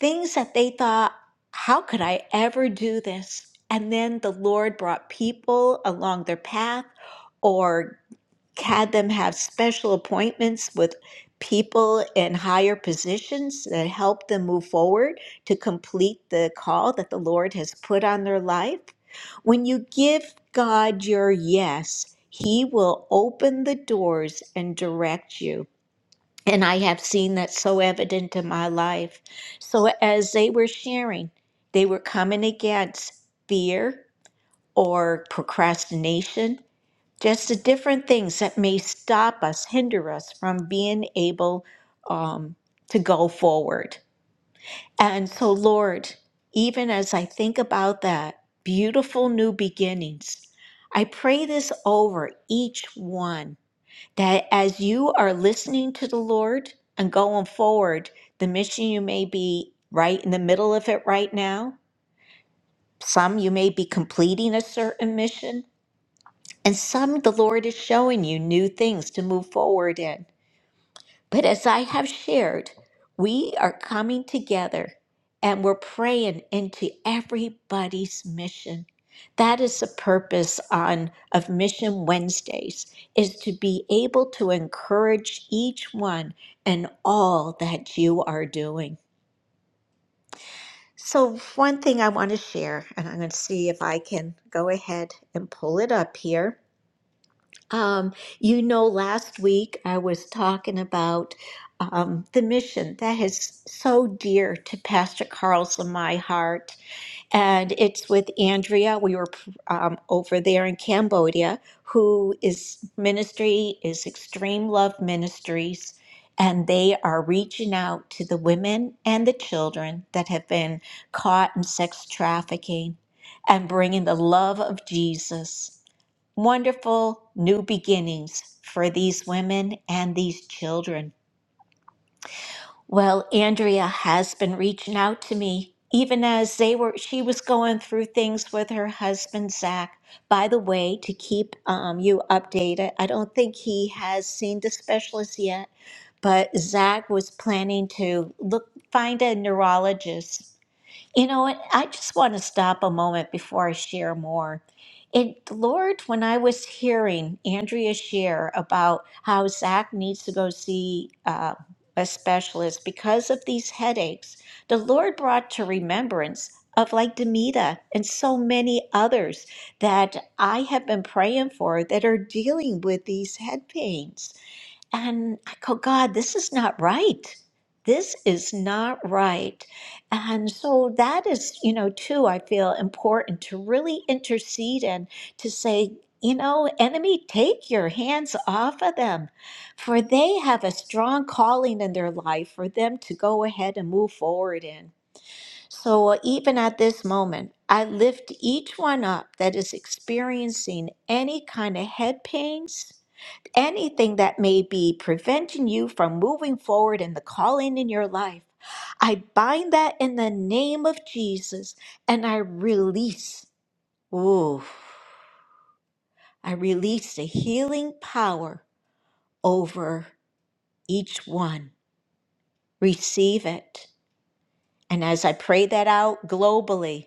Speaker 1: things that they thought, how could I ever do this? And then the Lord brought people along their path or had them have special appointments with people in higher positions that helped them move forward to complete the call that the Lord has put on their life. When you give God your yes, He will open the doors and direct you. And I have seen that so evident in my life. So, as they were sharing, they were coming against fear or procrastination, just the different things that may stop us, hinder us from being able um, to go forward. And so, Lord, even as I think about that beautiful new beginnings, I pray this over each one that as you are listening to the Lord and going forward, the mission you may be right in the middle of it right now. Some you may be completing a certain mission, and some the Lord is showing you new things to move forward in. But as I have shared, we are coming together and we're praying into everybody's mission. That is the purpose on of Mission Wednesdays is to be able to encourage each one and all that you are doing. So one thing I want to share, and I'm going to see if I can go ahead and pull it up here. Um, you know, last week I was talking about um, the mission that is so dear to Pastor Carl's and my heart. And it's with Andrea. We were um, over there in Cambodia, who is ministry is Extreme Love Ministries. And they are reaching out to the women and the children that have been caught in sex trafficking and bringing the love of Jesus wonderful new beginnings for these women and these children. Well, Andrea has been reaching out to me even as they were she was going through things with her husband Zach. By the way, to keep um, you updated, I don't think he has seen the specialist yet, but Zach was planning to look find a neurologist you know, and I just want to stop a moment before I share more. And Lord, when I was hearing Andrea share about how Zach needs to go see uh, a specialist because of these headaches, the Lord brought to remembrance of like Demita and so many others that I have been praying for that are dealing with these head pains. And I go, God, this is not right. This is not right. And so that is, you know, too, I feel important to really intercede and to say, you know, enemy, take your hands off of them, for they have a strong calling in their life for them to go ahead and move forward in. So even at this moment, I lift each one up that is experiencing any kind of head pains anything that may be preventing you from moving forward in the calling in your life, I bind that in the name of Jesus and I release, ooh, I release the healing power over each one. Receive it. And as I pray that out globally,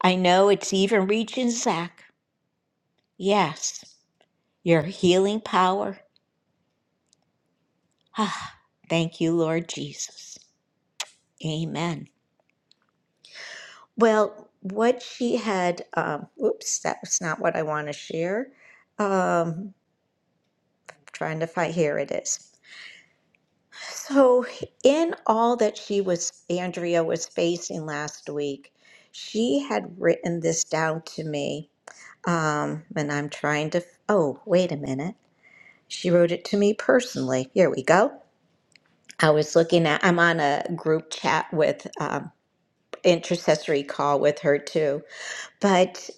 Speaker 1: I know it's even reaching Zach. Yes, your healing power. Ah, thank you, Lord Jesus. Amen. Well, what she had, um, oops, that was not what I want to share. Um, trying to find, here it is. So, in all that she was, Andrea was facing last week, she had written this down to me. Um, and I'm trying to, oh, wait a minute. She wrote it to me personally. Here we go. I was looking at, I'm on a group chat with, um, intercessory call with her too. But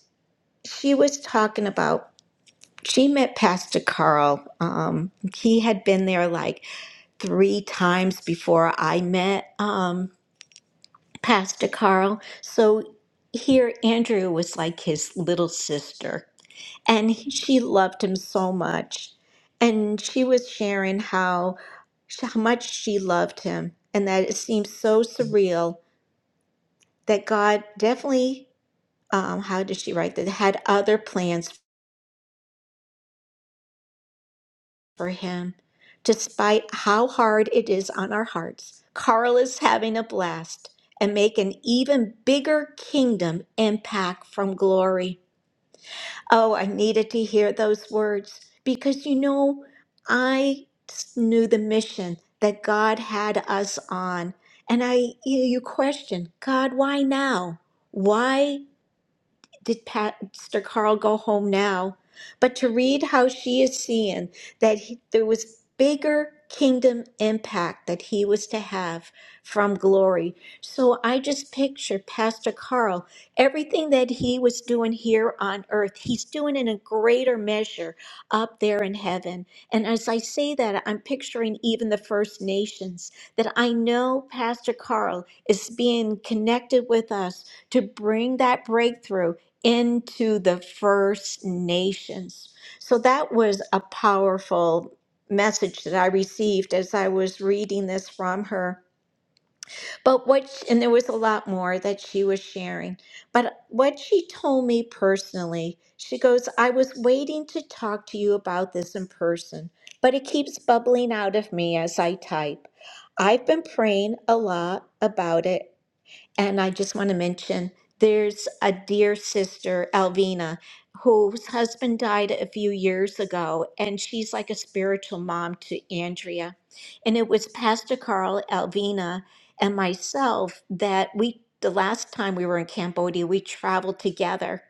Speaker 1: she was talking about she met Pastor Carl. Um, he had been there like three times before I met um, Pastor Carl. So here, Andrew was like his little sister, and he- she loved him so much. And she was sharing how how much she loved him, and that it seemed so surreal that God definitely. Um, how did she write that? Had other plans for him, despite how hard it is on our hearts. Carl is having a blast and make an even bigger kingdom impact from glory. Oh, I needed to hear those words because you know, I knew the mission that God had us on. And I you you question, God, why now? Why? did Pastor Carl go home now, but to read how she is seeing that he, there was bigger kingdom impact that he was to have from glory. So I just picture Pastor Carl, everything that he was doing here on earth, he's doing in a greater measure up there in heaven. And as I say that, I'm picturing even the First Nations that I know Pastor Carl is being connected with us to bring that breakthrough into the First Nations. So that was a powerful message that I received as I was reading this from her. But what, sh- and there was a lot more that she was sharing, but what she told me personally, she goes, I was waiting to talk to you about this in person, but it keeps bubbling out of me as I type. I've been praying a lot about it and I just want to mention there's a dear sister, Alvina, whose husband died a few years ago, and she's like a spiritual mom to Andrea. And it was Pastor Carl, Alvina, and myself that we, the last time we were in Cambodia, we traveled together.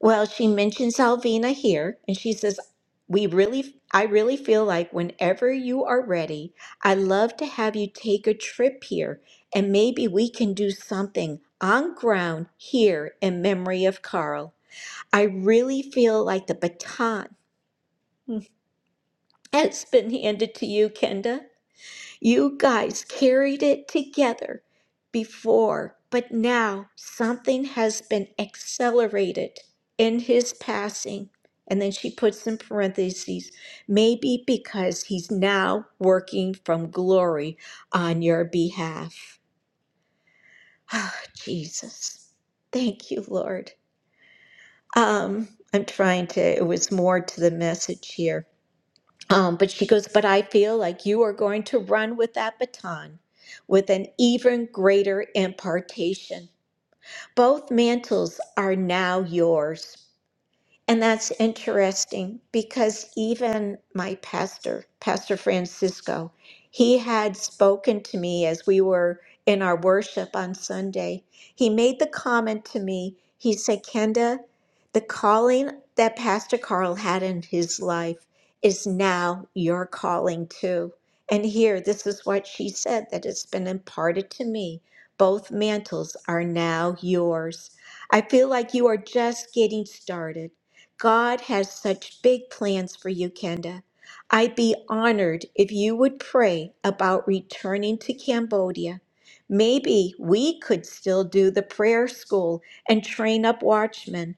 Speaker 1: Well, she mentions Alvina here, and she says, "We really, I really feel like whenever you are ready, I'd love to have you take a trip here, and maybe we can do something on ground here in memory of Carl. I really feel like the baton has been handed to you, Kenda. You guys carried it together before, but now something has been accelerated in his passing. And then she puts in parentheses, maybe because he's now working from glory on your behalf. Ah, Jesus. Thank you, Lord. Um, I'm trying to, it was more to the message here. Um, but she goes, But I feel like you are going to run with that baton with an even greater impartation. Both mantles are now yours. And that's interesting because even my pastor, Pastor Francisco, he had spoken to me as we were in our worship on Sunday. He made the comment to me, he said, Kenda, the calling that Pastor Carl had in his life is now your calling too. And here, this is what she said that has been imparted to me. Both mantles are now yours. I feel like you are just getting started. God has such big plans for you, Kenda. I'd be honored if you would pray about returning to Cambodia. Maybe we could still do the prayer school and train up watchmen,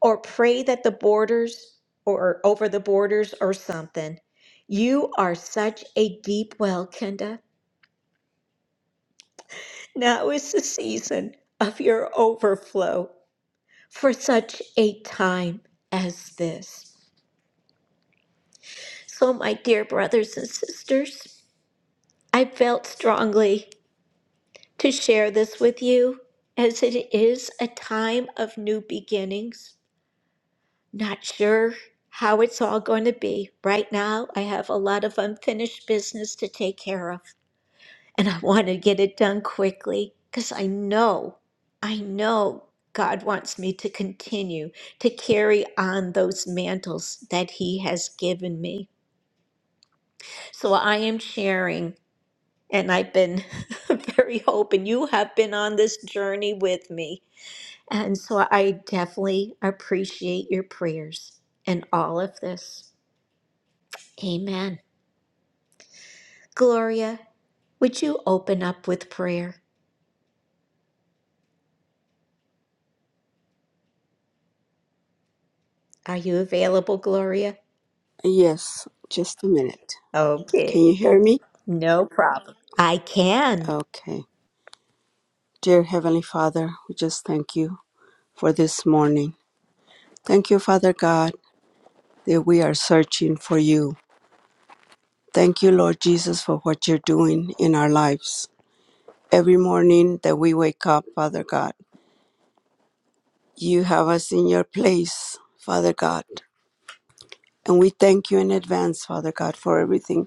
Speaker 1: or pray that the borders or over the borders or something. You are such a deep well, Kenda. Now is the season of your overflow for such a time as this. So, my dear brothers and sisters, I felt strongly to share this with you as it is a time of new beginnings. Not sure how it's all going to be. Right now, I have a lot of unfinished business to take care of, and I want to get it done quickly because I know, I know God wants me to continue to carry on those mantles that He has given me. So I am sharing. And I've been very open. You have been on this journey with me. And so I definitely appreciate your prayers and all of this. Amen. Gloria, would you open up with prayer? Are you available, Gloria?
Speaker 7: Yes, just a minute. Can
Speaker 1: Okay,
Speaker 7: you hear me?
Speaker 1: no problem. I can.
Speaker 7: Okay. Dear Heavenly Father, we just thank you for this morning. Thank you, Father God, that we are searching for you. Thank you, Lord Jesus, for what you're doing in our lives. Every morning that we wake up, Father God, you have us in your place, Father God. And we thank you in advance, Father God, for everything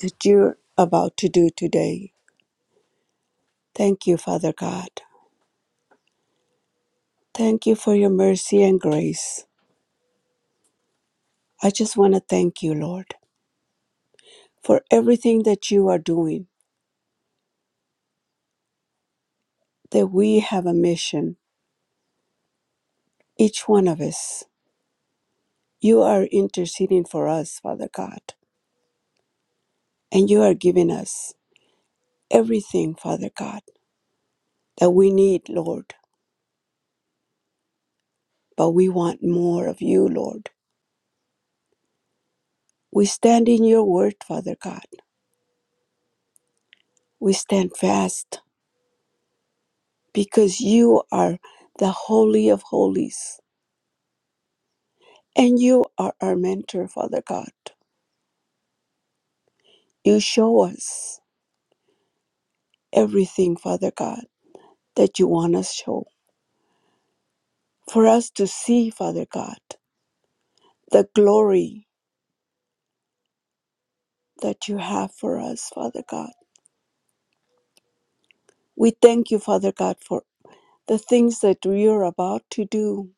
Speaker 7: that you're about to do today. Thank you, Father God. Thank you for your mercy and grace. I just want to thank you, Lord, for everything that you are doing, that we have a mission, each one of us. You are interceding for us, Father God, and you are giving us everything, Father God, that we need, Lord. But we want more of you, Lord. We stand in your word, Father God. We stand fast because you are the Holy of Holies and you are our mentor, Father God. You show us everything, Father God that you want us to show, for us to see, Father God, the glory that you have for us, Father God. We thank you, Father God, for the things that you are about to do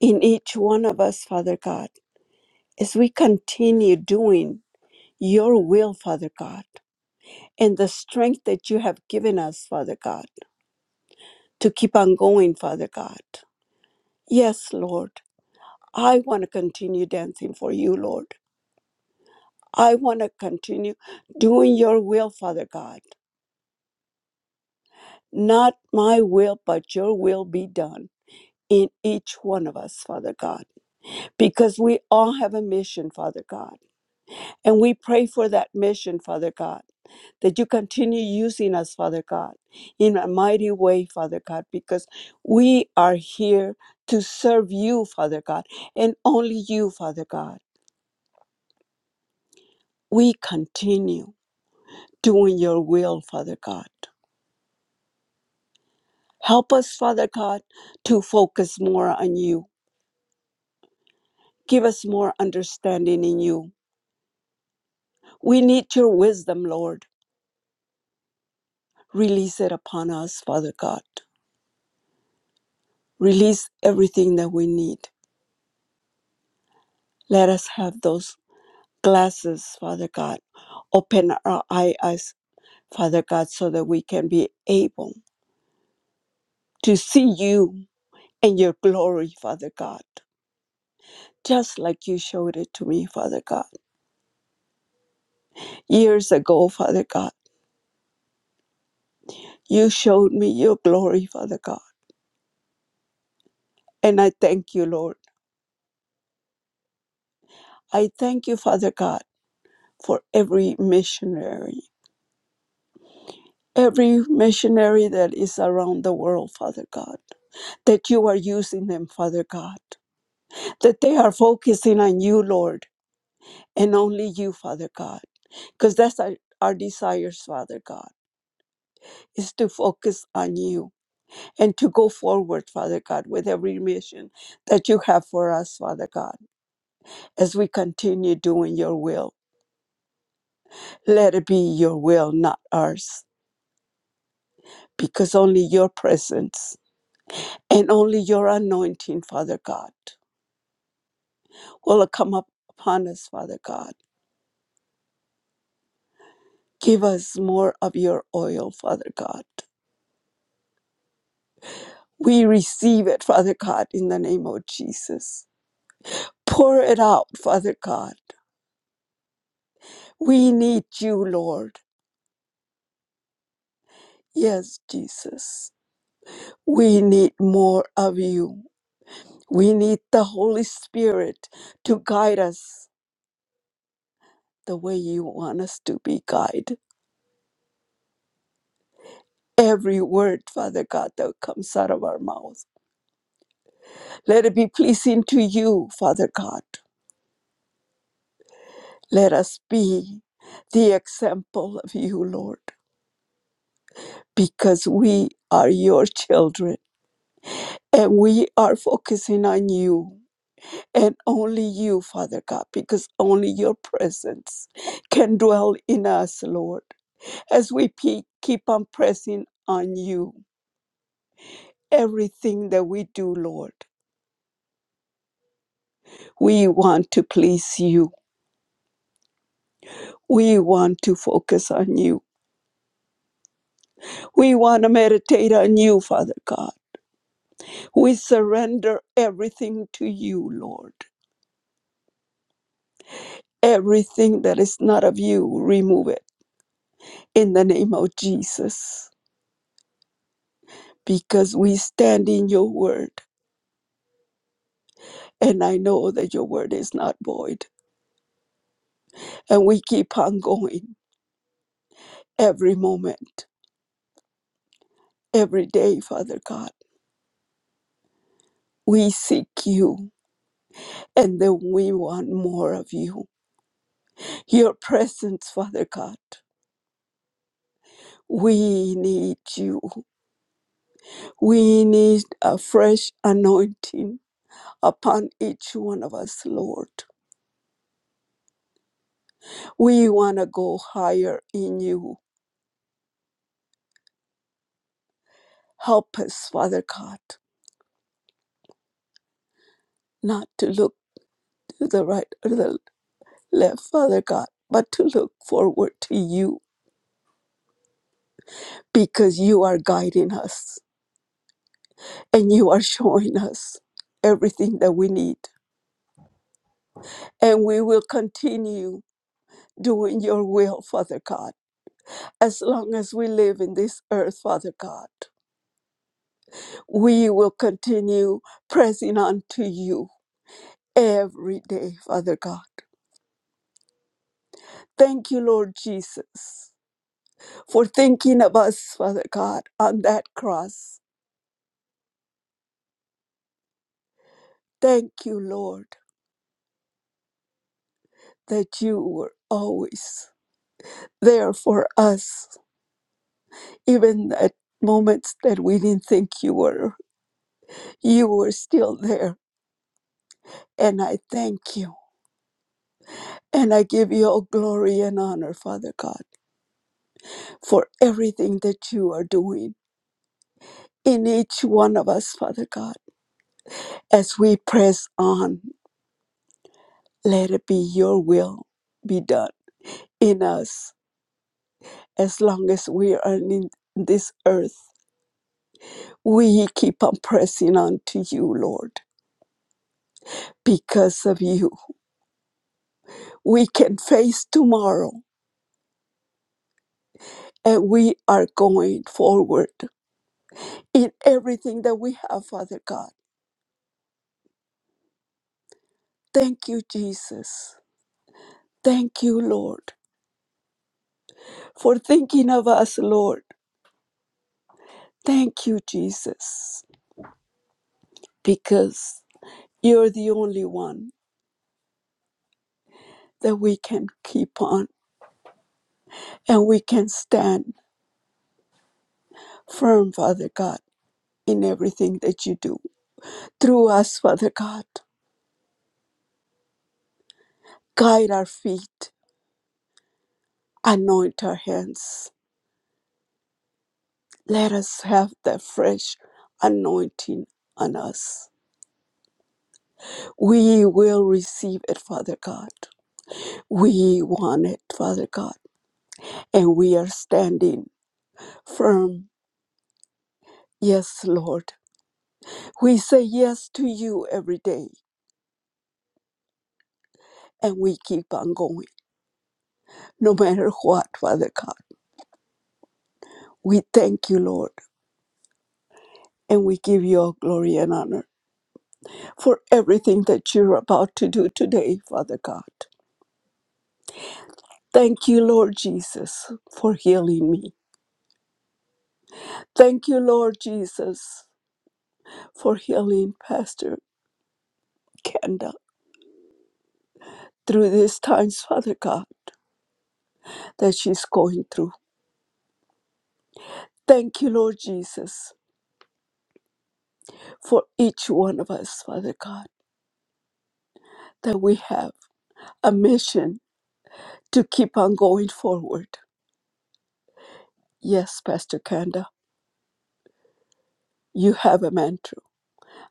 Speaker 7: in each one of us, Father God, as we continue doing your will, Father God, and the strength that you have given us, Father God, to keep on going, Father God. Yes, Lord, I want to continue dancing for you, Lord. I want to continue doing your will, Father God. Not my will, but your will be done in each one of us, Father God, because we all have a mission, Father God. And we pray for that mission, Father God, that you continue using us, Father God, in a mighty way, Father God, because we are here to serve you, Father God, and only you, Father God. We continue doing your will, Father God Help us, Father God, to focus more on you. Give us more understanding in you. We need your wisdom, Lord. Release it upon us, Father God. Release everything that we need. Let us have those glasses, Father God. Open our eye- eyes, Father God, so that we can be able to see you and your glory, Father God. Just like you showed it to me, Father God. Years ago, Father God, you showed me your glory, Father God. And I thank you, Lord. I thank you, Father God, for every missionary, every missionary that is around the world, Father God, that you are using them, Father God, that they are focusing on you, Lord, and only you, Father God, because that's our, our desires, Father God, is to focus on you and to go forward, Father God, with every mission that you have for us, Father God, as we continue doing your will. Let it be your will, not ours. because only your presence and only your anointing, Father God, will come up upon us, Father God. Give us more of your oil, Father God. We receive it, Father God, in the name of Jesus. Pour it out, Father God. We need you, Lord. Yes, Jesus. We need more of you. We need the Holy Spirit to guide us the way you want us to be guided. every word, Father God, that comes out of our mouth. Let it be pleasing to you, Father God. Let us be the example of you, Lord, because we are your children and we are focusing on you and only you, Father God, because only your presence can dwell in us, Lord. As we pe- keep on pressing on you, everything that we do, Lord, we want to please you We want to focus on you. We want to meditate on you, Father God. We surrender everything to you, Lord. Everything that is not of you, remove it in the name of Jesus, because we stand in your word. And I know that your word is not void. And we keep on going every moment, every day, Father God. We seek you, and then we want more of you, your presence, Father God. We need you. We need a fresh anointing upon each one of us, Lord. We want to go higher in you. Help us, Father God, not to look to the right or the left, Father God, but to look forward to you because you are guiding us and you are showing us everything that we need. And we will continue doing your will, Father God as long as we live in this earth, Father God. We will continue pressing on to you every day, Father God. Thank you, Lord Jesus, for thinking of us, Father God, on that cross. Thank you, Lord, that you were always there for us, even at moments that we didn't think you were. You were still there, and I thank you. And I give you all glory and honor, Father God. for everything that you are doing in each one of us, Father God. As we press on, let it be your will be done in us. As long as we are in this earth, we keep on pressing on to you, Lord. Because of you, we can face tomorrow and we are going forward in everything that we have, Father God. Thank you, Jesus. Thank you, Lord, for thinking of us, Lord Thank you, Jesus, because you're the only one that we can keep on and we can stand firm, Father God, in everything that you do. Through us, Father God, guide our feet, anoint our hands. Let us have that fresh anointing on us. We will receive it, Father God. We want it, Father God, and we are standing firm. Yes, Lord. We say yes to you every day and we keep on going, no matter what, Father God. We thank you, Lord, and we give you all glory and honor for everything that you're about to do today, Father God. Thank you, Lord Jesus, for healing me. Thank you, Lord Jesus, for healing Pastor Kenda through these times, Father God, that she's going through. Thank you, Lord Jesus, for each one of us, Father God, that we have. a mission to keep on going forward. Yes, Pastor Kanda, you have a mantle,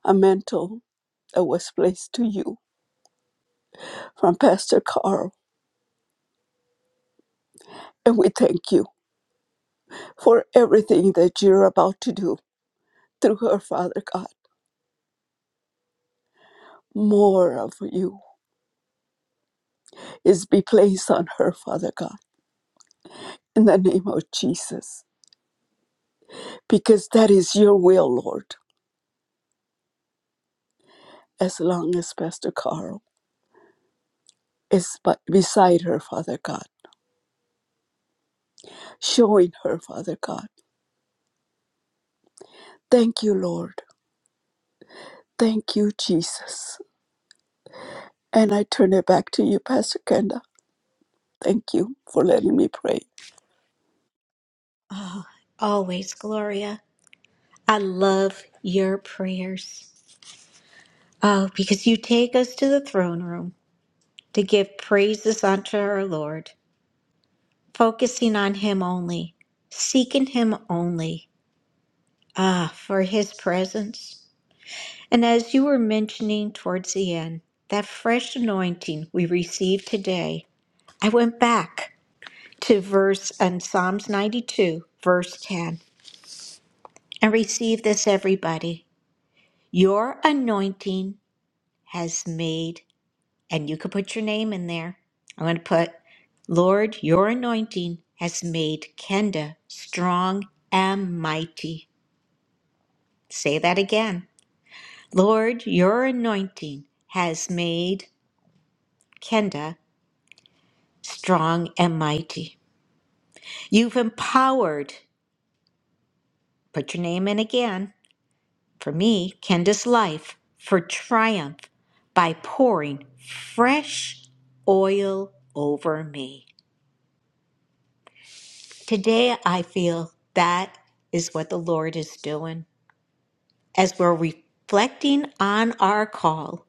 Speaker 7: a mantle that was placed to you from Pastor Carl. And we thank you for everything that you're about to do through her, Father God. More of you is be placed on her, Father God, in the name of Jesus, because that is your will, Lord, as long as Pastor Carl is by- beside her, Father God, showing her, Father God. Thank you, Lord Thank you, Jesus. And I turn it back to you, Pastor Kenda. Thank you for letting me pray.
Speaker 1: Always, Gloria. I love your prayers. Oh, because you take us to the throne room to give praises unto our Lord. focusing on Him only, seeking Him only, ah, for His presence. And as you were mentioning towards the end, that fresh anointing we received today, I went back to verse and Psalms 92, verse 10, and receive this, everybody. Your anointing has made, and you could put your name in there. I'm going to put Lord, your anointing has made Kenda strong and mighty. Say that again. Lord, your anointing has made Kenda strong and mighty. You've empowered, put your name in again, for me, Kenda's life, for triumph by pouring fresh oil over me. Today, I feel that is what the Lord is doing as we're reflecting on our call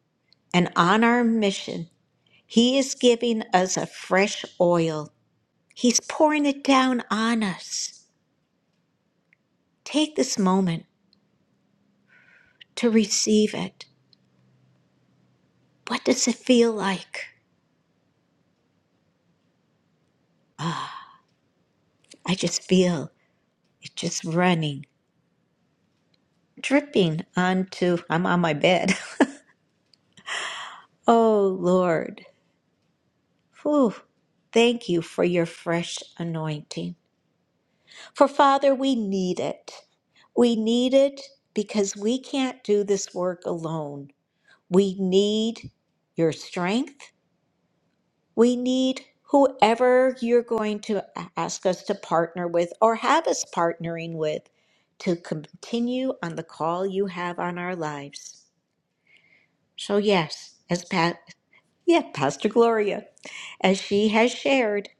Speaker 1: and on our mission. He is giving us a fresh oil, He's pouring it down on us. Take this moment to receive it. What does it feel like? Ah, I just feel it just running, dripping onto, I'm on my bed. oh, Lord. Whew. Thank you for your fresh anointing. For Father, we need it. We need it because we can't do this work alone. We need your strength. We need whoever you're going to a- ask us to partner with or have us partnering with to continue on the call you have on our lives. So, yes, as Pat, yeah, Pastor Gloria, as she has shared,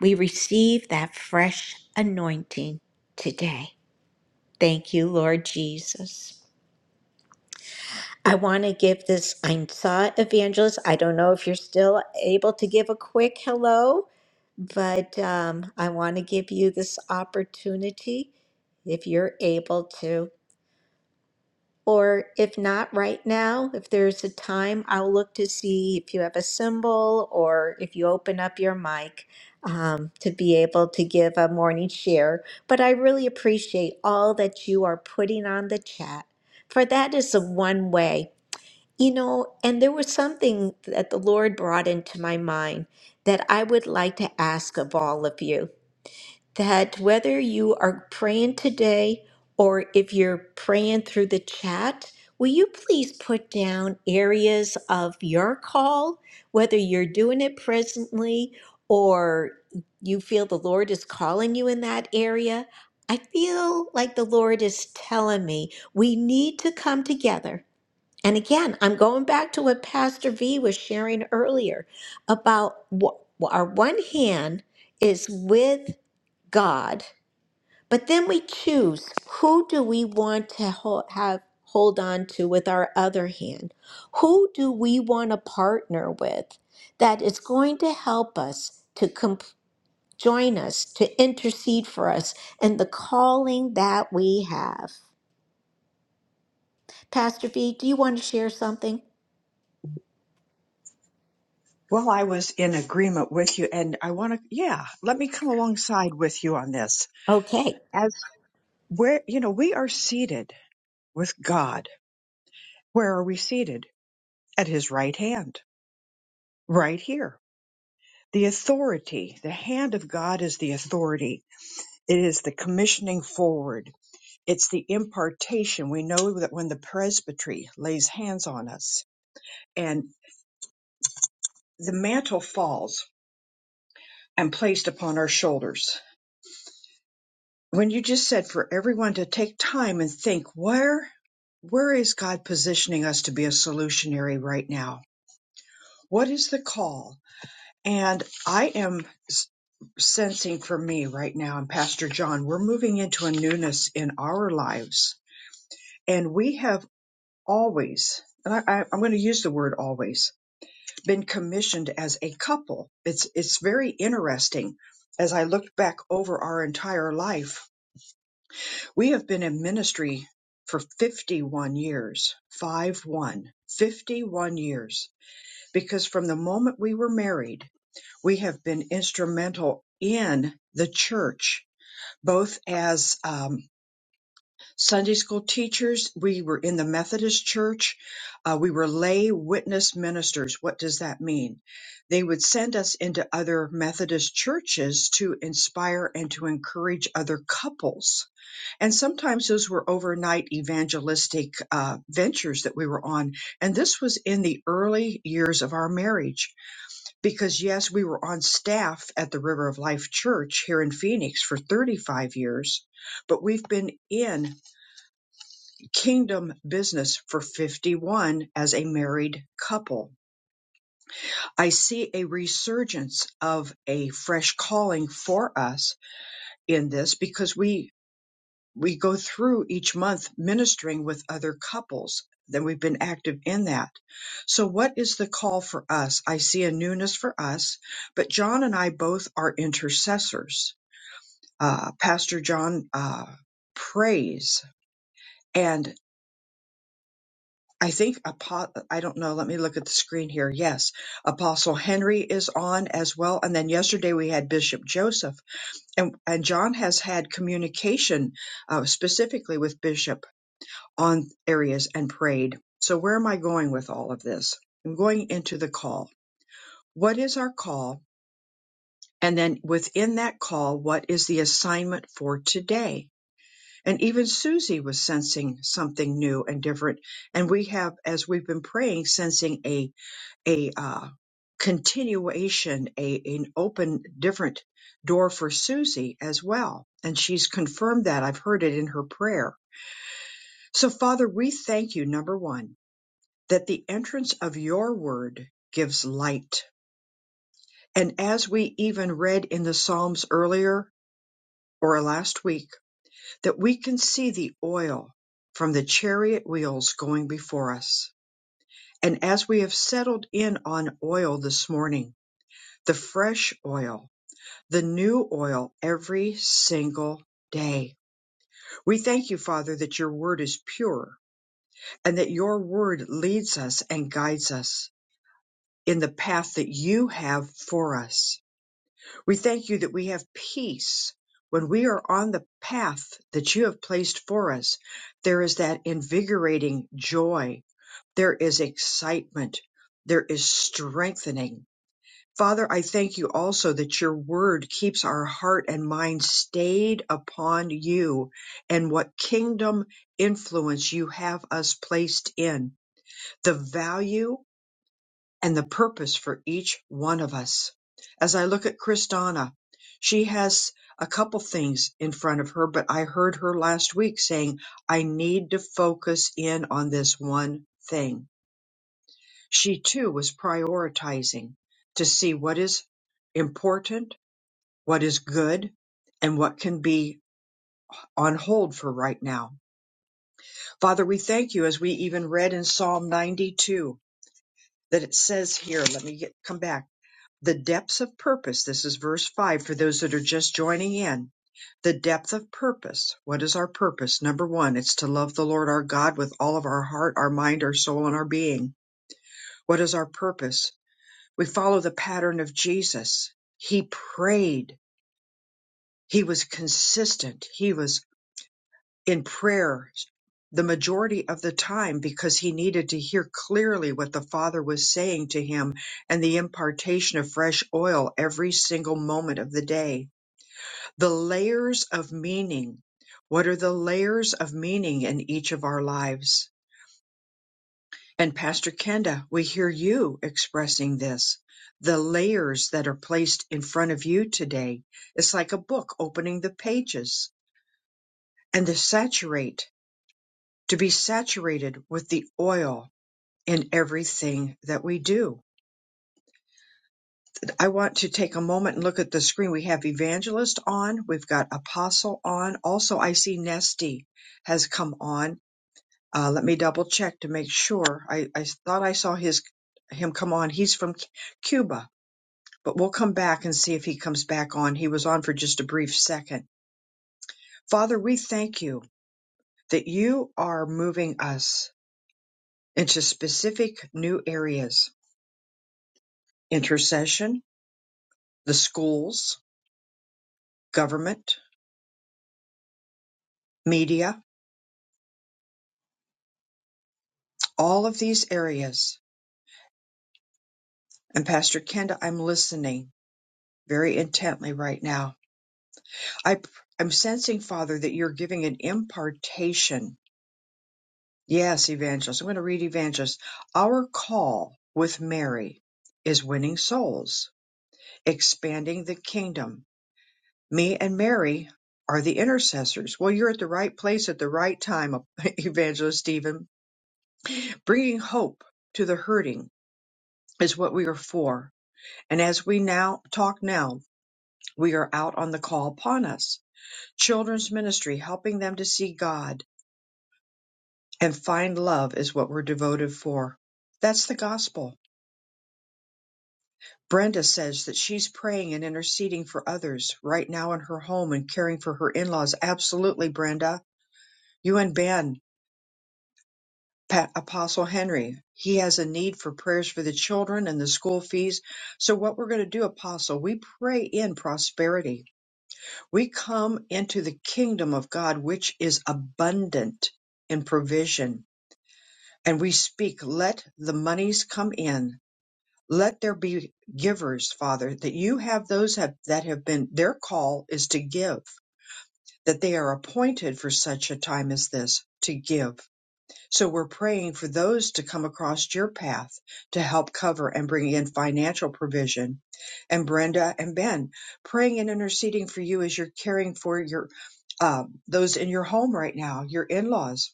Speaker 1: we receive that fresh anointing today. Thank you, Lord Jesus. I want to give this. I saw Evangelist. I don't know if you're still able to give a quick hello, but um, I want to give you this opportunity if you're able to. Or if not right now, if there's a time, I'll look to see if you have a symbol or if you open up your mic um, to be able to give a morning share. But I really appreciate all that you are putting on the chat, for that is the one way. You know, and there was something that the Lord brought into my mind that I would like to ask of all of you that whether you are praying today or if you're praying through the chat, will you please put down areas of your call, whether you're doing it presently or you feel the Lord is calling you in that area? I feel like the Lord is telling me we need to come together and again, I'm going back to what Pastor V was sharing earlier about what our one hand is with God, but then we choose who do we want to ho- have hold on to with our other hand? Who do we want to partner with that is going to help us to com- join us, to intercede for us and the calling that we have? Pastor V, do you want to share something?
Speaker 2: Well, I was in agreement with you, and I want to, yeah, let me come alongside with you on this.
Speaker 1: Okay.
Speaker 2: As where, you know, we are seated with God. Where are we seated? At his right hand, right here. The authority, the hand of God is the authority. It is the commissioning forward. It's the impartation. We know that when the presbytery lays hands on us and the mantle falls, and placed upon our shoulders. When you just said for everyone to take time and think where where is God positioning us to be a solutionary right now? What is the call? And I am s- sensing for me right now, and Pastor John, we're moving into a newness in our lives. And we have always, and I, I, I'm going to use the word always, been commissioned as a couple. It's, it's very interesting as I looked back over our entire life We have been in ministry for 51 years, 5 1, 51 years, because from the moment we were married, we have been instrumental in the church, both as um, Sunday school teachers, we were in the Methodist church, uh, we were lay witness ministers. What does that mean? They would send us into other Methodist churches to inspire and to encourage other couples and sometimes those were overnight evangelistic uh, ventures that we were on. And this was in the early years of our marriage, because yes, we were on staff at the River of Life Church here in Phoenix for 35 years, but we've been in kingdom business for 51 as a married couple. I see a resurgence of a fresh calling for us in this because we we go through each month ministering with other couples then we've been active in that so what is the call for us i see a newness for us but john and i both are intercessors uh, pastor john uh, prays and i think apo- i don't know let me look at the screen here yes apostle henry is on as well and then yesterday we had bishop joseph and, and john has had communication uh, specifically with bishop on areas and prayed. So where am I going with all of this? I'm going into the call. What is our call? And then within that call, what is the assignment for today? And even Susie was sensing something new and different. And we have, as we've been praying, sensing a, a, uh, continuation, a, an open, different door for Susie as well. And she's confirmed that. I've heard it in her prayer. So Father, we thank you, number one. that the entrance of your word gives light. And as we even read in the Psalms earlier or last week, that we can see the oil from the chariot wheels going before us. And as we have settled in on oil this morning, the fresh oil, the new oil every single day. We thank you, Father, that your word is pure and that your word leads us and guides us in the path that you have for us We thank you that we have peace. When we are on the path that you have placed for us, there is that invigorating joy. There is excitement. There is strengthening. Father, I thank you also that your word keeps our heart and mind stayed upon you and what kingdom influence you have us placed in, the value and the purpose for each one of us. As I look at Kristana, she has a couple things in front of her, but I heard her last week saying, I need to focus in on this one thing. She too was prioritizing to see what is important, what is good, and what can be on hold for right now. Father, we thank you as we even read in Psalm 92 that it says here, let me get, come back. the depths of purpose. This is verse 5 for those that are just joining in. The depth of purpose. What is our purpose? Number one, it's to love the Lord our God with all of our heart, our mind, our soul, and our being. What is our purpose? We follow the pattern of Jesus. He prayed. He was consistent. He was in prayer the majority of the time because he needed to hear clearly what the Father was saying to him and the impartation of fresh oil every single moment of the day the layers of meaning. What are the layers of meaning in each of our lives? And Pastor Kenda, we hear you expressing this. The layers that are placed in front of you today. It's like a book opening the pages and to saturate, to be saturated with the oil in everything that we do. I want to take a moment and look at the screen. We have evangelist on. We've got apostle on. Also, I see Nesty has come on Uh, let me double check to make sure. I, I thought I saw his him come on. He's from C- Cuba, but we'll come back and see if he comes back on. He was on for just a brief second. Father, we thank you that you are moving us into specific new areas: intercession, the schools, government, media, all of these areas. And Pastor Kenda, I'm listening very intently right now. I I'm sensing, Father, that you're giving an impartation Yes, Evangelist. I'm going to read Evangelist. Our call with Mary is winning souls, expanding the kingdom. Me and Mary are the intercessors. Well, you're at the right place at the right time, Evangelist Stephen. Bringing hope to the hurting is what we are for. And as we now talk now, we are out on the call upon us. Children's ministry, helping them to see God and find love is what we're devoted for. That's the gospel Brenda says that she's praying and interceding for others right now in her home and caring for her in laws. Absolutely, Brenda. You and Ben, Pa- Apostle Henry, he has a need for prayers for the children and the school fees. So, what we're going to do, Apostle, we pray in prosperity. We come into the kingdom of God, which is abundant in provision. And we speak, let the monies come in Let there be givers, Father, that you have those have, that have been, their call is to give, that they are appointed for such a time as this to give. So we're praying for those to come across your path to help cover and bring in financial provision. And Brenda and Ben, praying and interceding for you as you're caring for your uh, those in your home right now, your in-laws,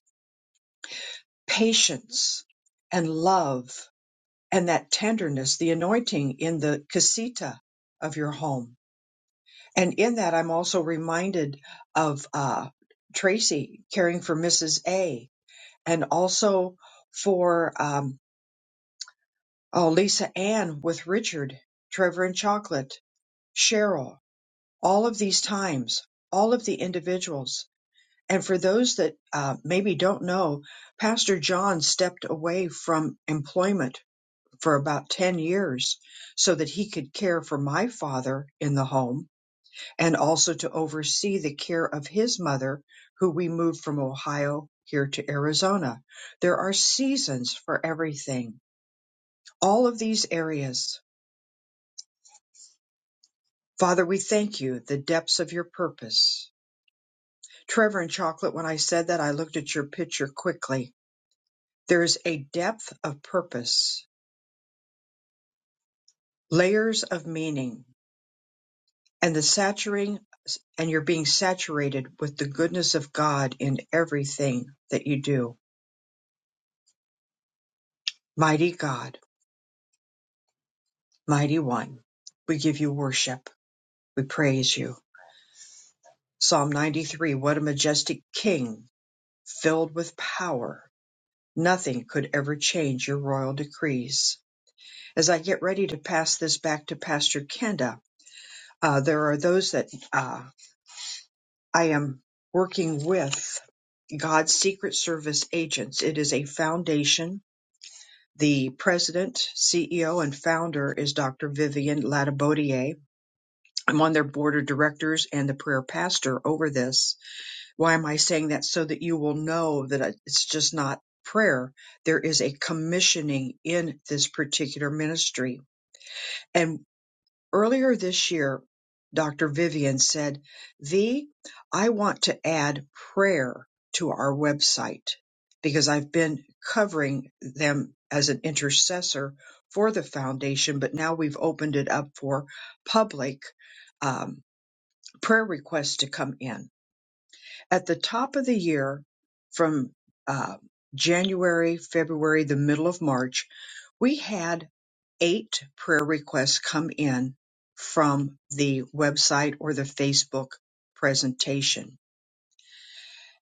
Speaker 2: patience and love and that tenderness, the anointing in the casita of your home. And in that, I'm also reminded of uh, Tracy caring for Mrs. A and also for um, oh, Lisa Ann with Richard, Trevor and Chocolate, Cheryl, all of these times, all of the individuals. And for those that uh, maybe don't know, Pastor John stepped away from employment for about 10 years so that he could care for my father in the home and also to oversee the care of his mother, who we moved from Ohio here to Arizona. There are seasons for everything, all of these areas. Father, we thank you, the depths of your purpose. Trevor and Chocolate, when I said that, I looked at your picture quickly. There is a depth of purpose, layers of meaning and the saturating and you're being saturated with the goodness of God in everything that you do. Mighty God, mighty one, we give you worship. We praise you. Psalm 93 What a majestic king, filled with power. Nothing could ever change your royal decrees. As I get ready to pass this back to Pastor Kenda, uh, there are those that uh, I am working with God's Secret Service agents. It is a foundation The president, CEO, and founder is Dr. Vivian Latabodiere. I'm on their board of directors and the prayer pastor over this. Why am I saying that? So that you will know that it's just not prayer. There is a commissioning in this particular ministry. and. Earlier this year, Dr. Vivian said, "V, I want to add prayer to our website because I've been covering them as an intercessor for the foundation, but now we've opened it up for public um, prayer requests to come in. At the top of the year, from uh, January, February, the middle of March, we had Eight prayer requests come in from the website or the Facebook presentation.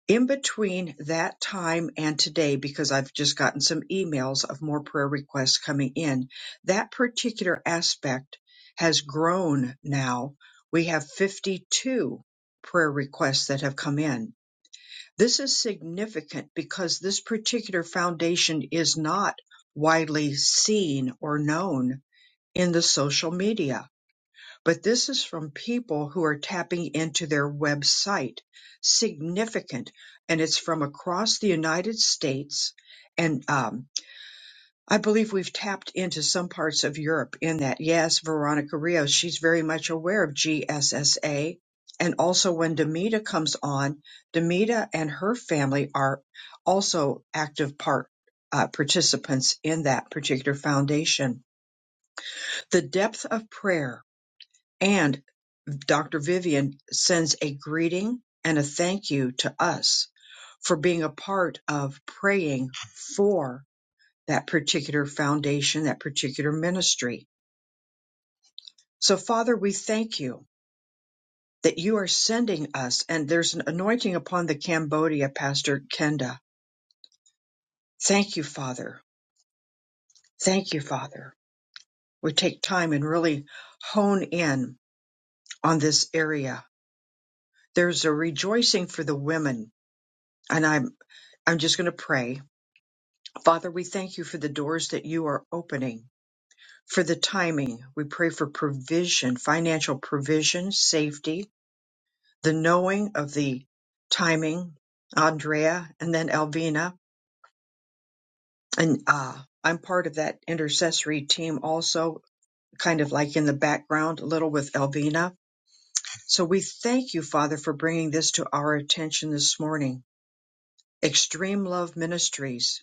Speaker 2: In between that time and today, because I've just gotten some emails of more prayer requests coming in, that particular aspect has grown now. We have 52 prayer requests that have come in. This is significant because this particular foundation is not widely seen or known in the social media, but this is from people who are tapping into their website. Significant. And it's from across the United States. And um, I believe we've tapped into some parts of Europe in that. Yes, Veronica Rios, she's very much aware of GSSA. And also when Demita comes on, Demita and her family are also active part uh, participants in that particular foundation. The depth of prayer and Dr. Vivian sends a greeting and a thank you to us for being a part of praying for that particular foundation, that particular ministry. So, Father, we thank you that you are sending us, and there's an anointing upon the Cambodia, Pastor Kenda. Thank you, Father. Thank you, Father. We take time and really hone in on this area. There's a rejoicing for the women, and I'm I'm just going to pray Father, we thank you for the doors that you are opening, for the timing. We pray for provision, financial provision, safety, the knowing of the timing, Andrea and then Alvina. And uh, I'm part of that intercessory team also, kind of like in the background a little with Alvina. So we thank you, Father, for bringing this to our attention this morning. Extreme Love Ministries.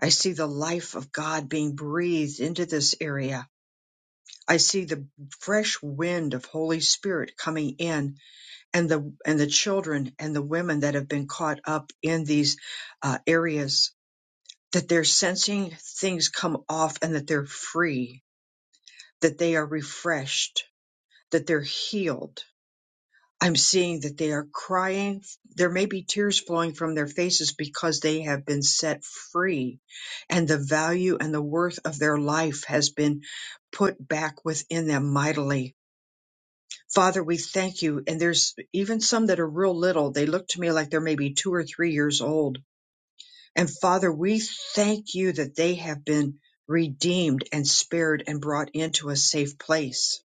Speaker 2: I see the life of God being breathed into this area I see the fresh wind of Holy Spirit coming in and the and the children and the women that have been caught up in these uh, areas that they're sensing things come off and that they're free, that they are refreshed, that they're healed. I'm seeing that they are crying. There may be tears flowing from their faces because they have been set free and the value and the worth of their life has been put back within them mightily Father, we thank you. And there's even some that are real little. They look to me like they're maybe two or three years old. And Father, we thank you that they have been redeemed and spared and brought into a safe place.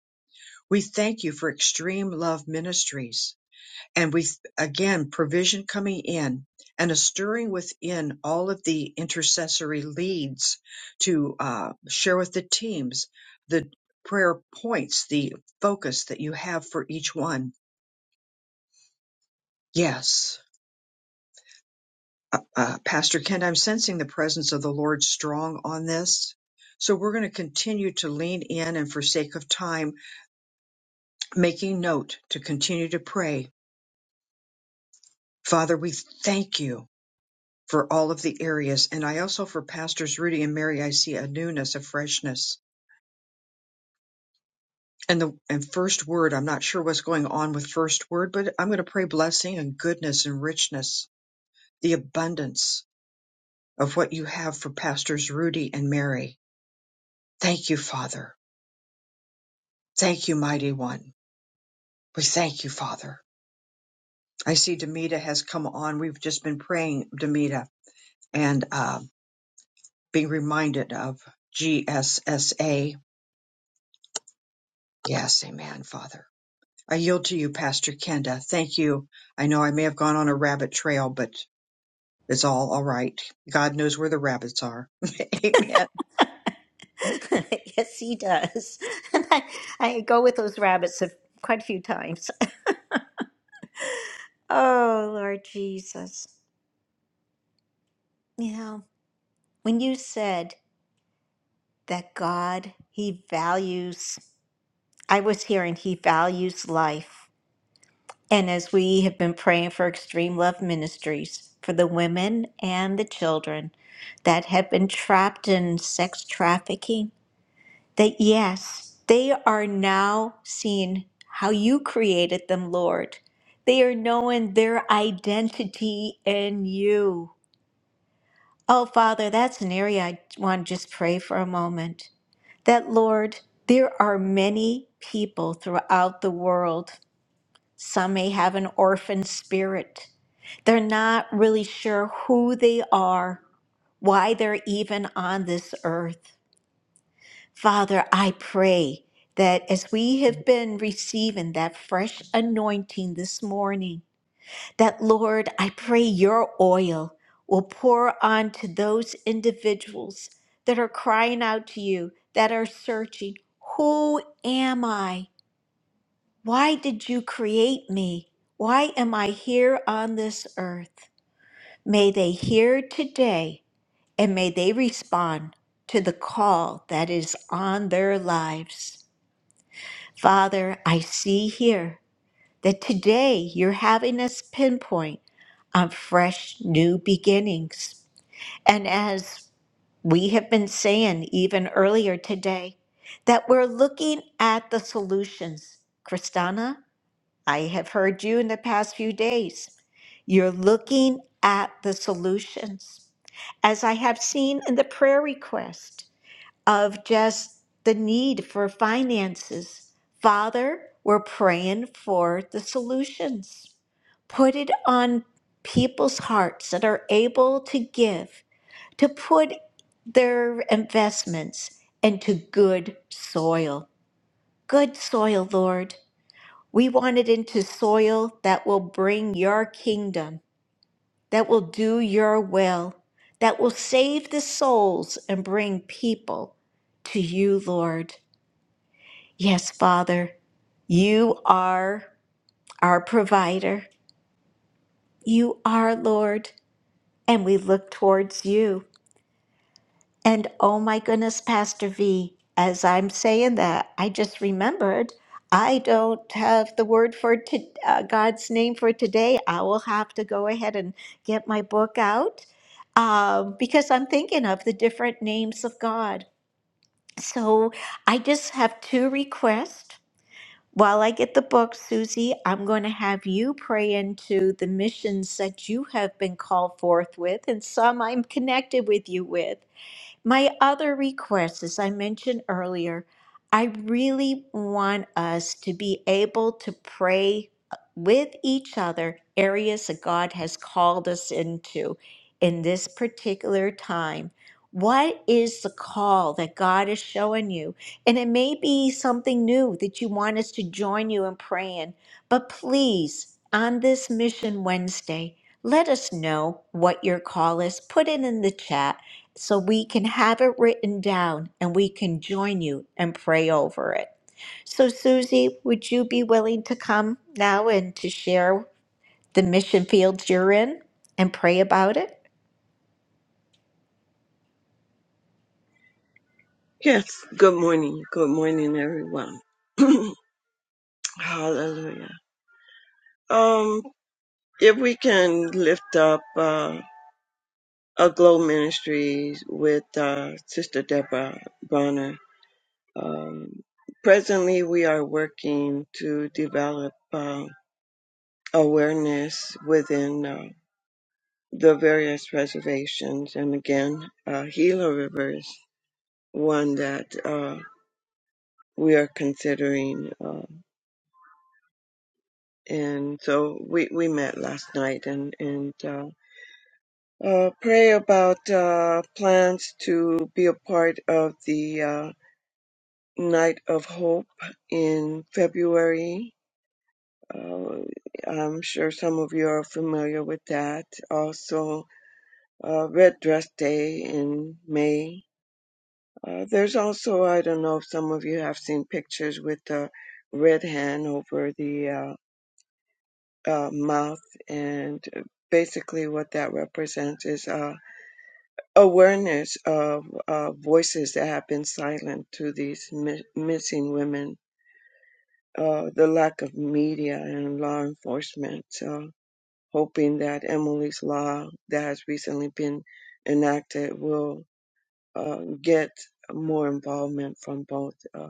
Speaker 2: We thank you for extreme love ministries. And we, again, provision coming in and a stirring within all of the intercessory leads to uh, share with the teams the prayer points, the focus that you have for each one Yes. Uh, uh, Pastor Kent, I'm sensing the presence of the Lord strong on this. So we're going to continue to lean in and, for sake of time, making note to continue to pray. Father, we thank you for all of the areas. And I also, for Pastors Rudy and Mary, I see a newness, a freshness. And the and first word, I'm not sure what's going on with first word, but I'm going to pray blessing and goodness and richness, the abundance of what you have for Pastors Rudy and Mary. Thank you, Father. Thank you, mighty one. We thank you, Father. I see Demita has come on. We've just been praying, Demita, and uh, being reminded of GSSA. Yes, amen, Father. I yield to you, Pastor Kenda. Thank you. I know I may have gone on a rabbit trail, but it's all all right. God knows where the rabbits are. amen.
Speaker 1: yes, he does. And I, I go with those rabbits a, quite a few times. Oh, Lord Jesus. You know, when you said that God, He values, I was hearing He values life. And as we have been praying for Extreme Love Ministries, for the women and the children that have been trapped in sex trafficking, that yes, they are now seeing how you created them, Lord. They are knowing their identity in you. Oh, Father, that's an area I want to just pray for a moment. That, Lord, there are many people throughout the world. Some may have an orphan spirit. They're not really sure who they are, why they're even on this earth. Father, I pray that as we have been receiving that fresh anointing this morning, that Lord, I pray your oil will pour onto those individuals that are crying out to you, that are searching, Who am I? Why did you create me? Why am I here on this earth? May they hear today and may they respond to the call that is on their lives. Father, I see here that today you're having us pinpoint on fresh new beginnings. And as we have been saying even earlier today, that we're looking at the solutions. Kristana, I have heard you in the past few days. You're looking at the solutions. As I have seen in the prayer request, of just the need for finances. Father, we're praying for the solutions. Put it on people's hearts that are able to give, to put their investments into good soil. Good soil, Lord. We want it into soil that will bring your kingdom, that will do your will, that will save the souls and bring people to you, Lord. Yes, Father, you are our provider. You are Lord, and we look towards you. And oh my goodness, Pastor V, as I'm saying that, I just remembered I don't have the word for to, uh, God's name for today. I will have to go ahead and get my book out um, because I'm thinking of the different names of God. So I just have two requests. While I get the book, Susie, I'm going to have you pray into the missions that you have been called forth with and some I'm connected with you with. My other request, as I mentioned earlier, I really want us to be able to pray uh, with each other areas that God has called us into in this particular time. What is the call that God is showing you? And it may be something new that you want us to join you in praying, but please, on this Mission Wednesday, let us know what your call is. Put it in the chat so we can have it written down and we can join you and pray over it. So, Susie, would you be willing to come now and to share the mission fields you're in and pray about it?
Speaker 6: Yes. Good morning. Good morning, everyone. Hallelujah. Um, if we can lift up uh, a Glow Ministries with uh, Sister Deborah Bonner. Um, presently, we are working to develop uh, awareness within. uh, the various reservations. And again, uh, Gila River is one that uh, we are considering. Uh, and so we, we met last night and, and uh, uh, pray about uh, plans to be a part of the uh, Night of Hope in February. Uh, I'm sure some of you are familiar with that. Also, uh, Red Dress Day in May Uh, there's also, I don't know if some of you have seen pictures with the red hand over the uh, uh, mouth, and uh, basically what that represents is uh, awareness of uh, voices that have been silent to these mi- missing women, uh, the lack of media and law enforcement. So, hoping that Emily's law that has recently been enacted will uh, get more involvement from both. uh,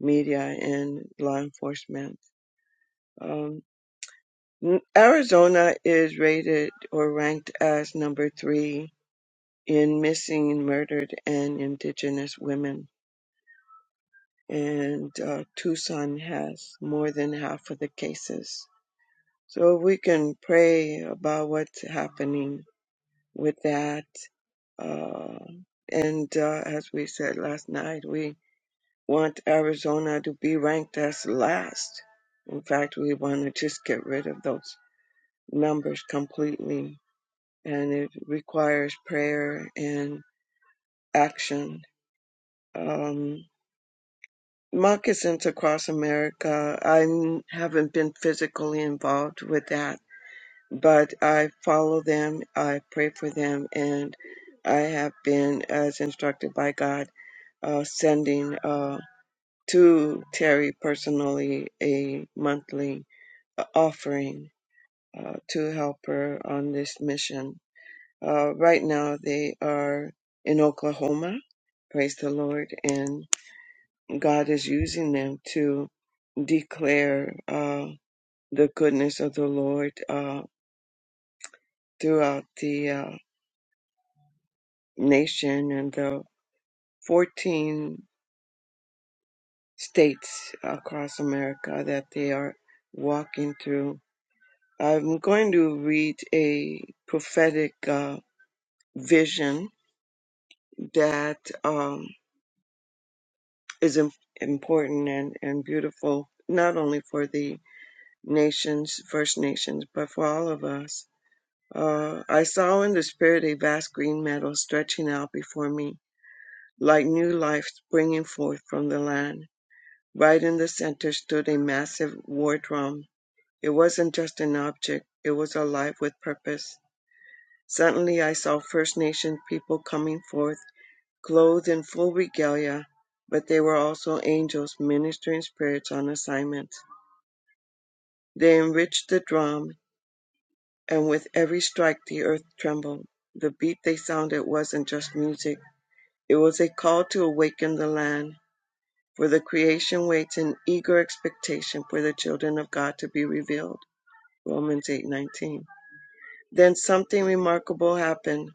Speaker 6: media and law enforcement. Um, Arizona is rated or ranked as number three in missing, murdered, and indigenous women. And uh, Tucson has more than half of the cases. So we can pray about what's happening with that. Uh, and uh, as we said last night, we want Arizona to be ranked as last. In fact, we want to just get rid of those numbers completely. And it requires prayer and action. Um, moccasins across America, I n- haven't been physically involved with that, but I follow them, I pray for them, and I have been, as instructed by God, uh, sending uh, to Terry personally a monthly a offering uh, to help her on this mission. Uh, right now, they are in Oklahoma. Praise the Lord. And God is using them to declare uh, the goodness of the Lord uh, throughout the uh, nation and the 14 states across America that they are walking through. I'm going to read a prophetic uh, vision that um, is im- important and, and beautiful, not only for the nations, First Nations, but for all of us. Uh, I saw in the spirit a vast green meadow stretching out before me, like new life springing forth from the land. Right in the center stood a massive war drum. It wasn't just an object, it was alive with purpose. Suddenly I saw First Nation people coming forth clothed in full regalia, but they were also angels ministering spirits on assignment. They enriched the drum, and with every strike the earth trembled. The beat they sounded wasn't just music, it was a call to awaken the land, for the creation waits in eager expectation for the children of God to be revealed. Romans 8:19. Then something remarkable happened.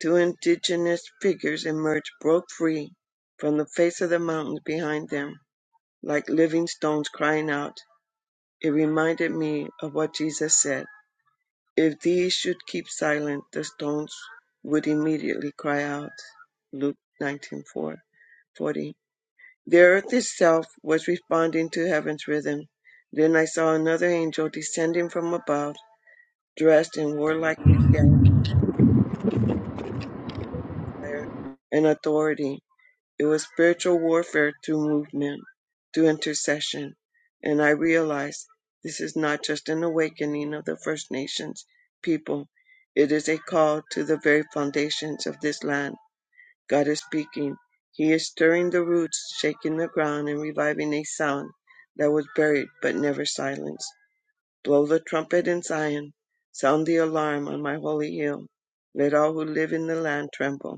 Speaker 6: Two indigenous figures emerged, broke free from the face of the mountains behind them like living stones crying out. It reminded me of what Jesus said If these should keep silent, the stones would immediately cry out. Luke 19:40. The earth itself was responding to heaven's rhythm. Then I saw another angel descending from above, dressed in warlike regalia and authority. It was spiritual warfare through movement, through intercession. And I realized this is not just an awakening of the First Nations people, it is a call to the very foundations of this land. God is speaking. He is stirring the roots, shaking the ground, and reviving a sound that was buried but never silenced. Blow the trumpet in Zion. Sound the alarm on my holy hill. Let all who live in the land tremble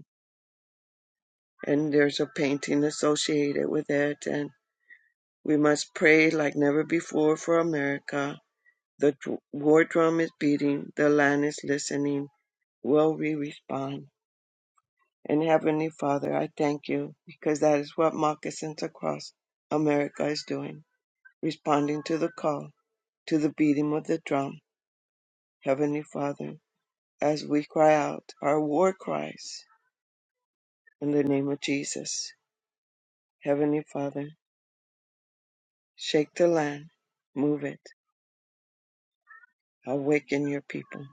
Speaker 6: and there's a painting associated with it. And we must pray like never before for America. The war drum is beating, the land is listening. Will we respond? And Heavenly Father, I thank you because that is what Moccasins Across America is doing, responding to the call, to the beating of the drum. Heavenly Father, as we cry out our war cries in the name of Jesus, Heavenly Father, shake the land, move it Awaken your people.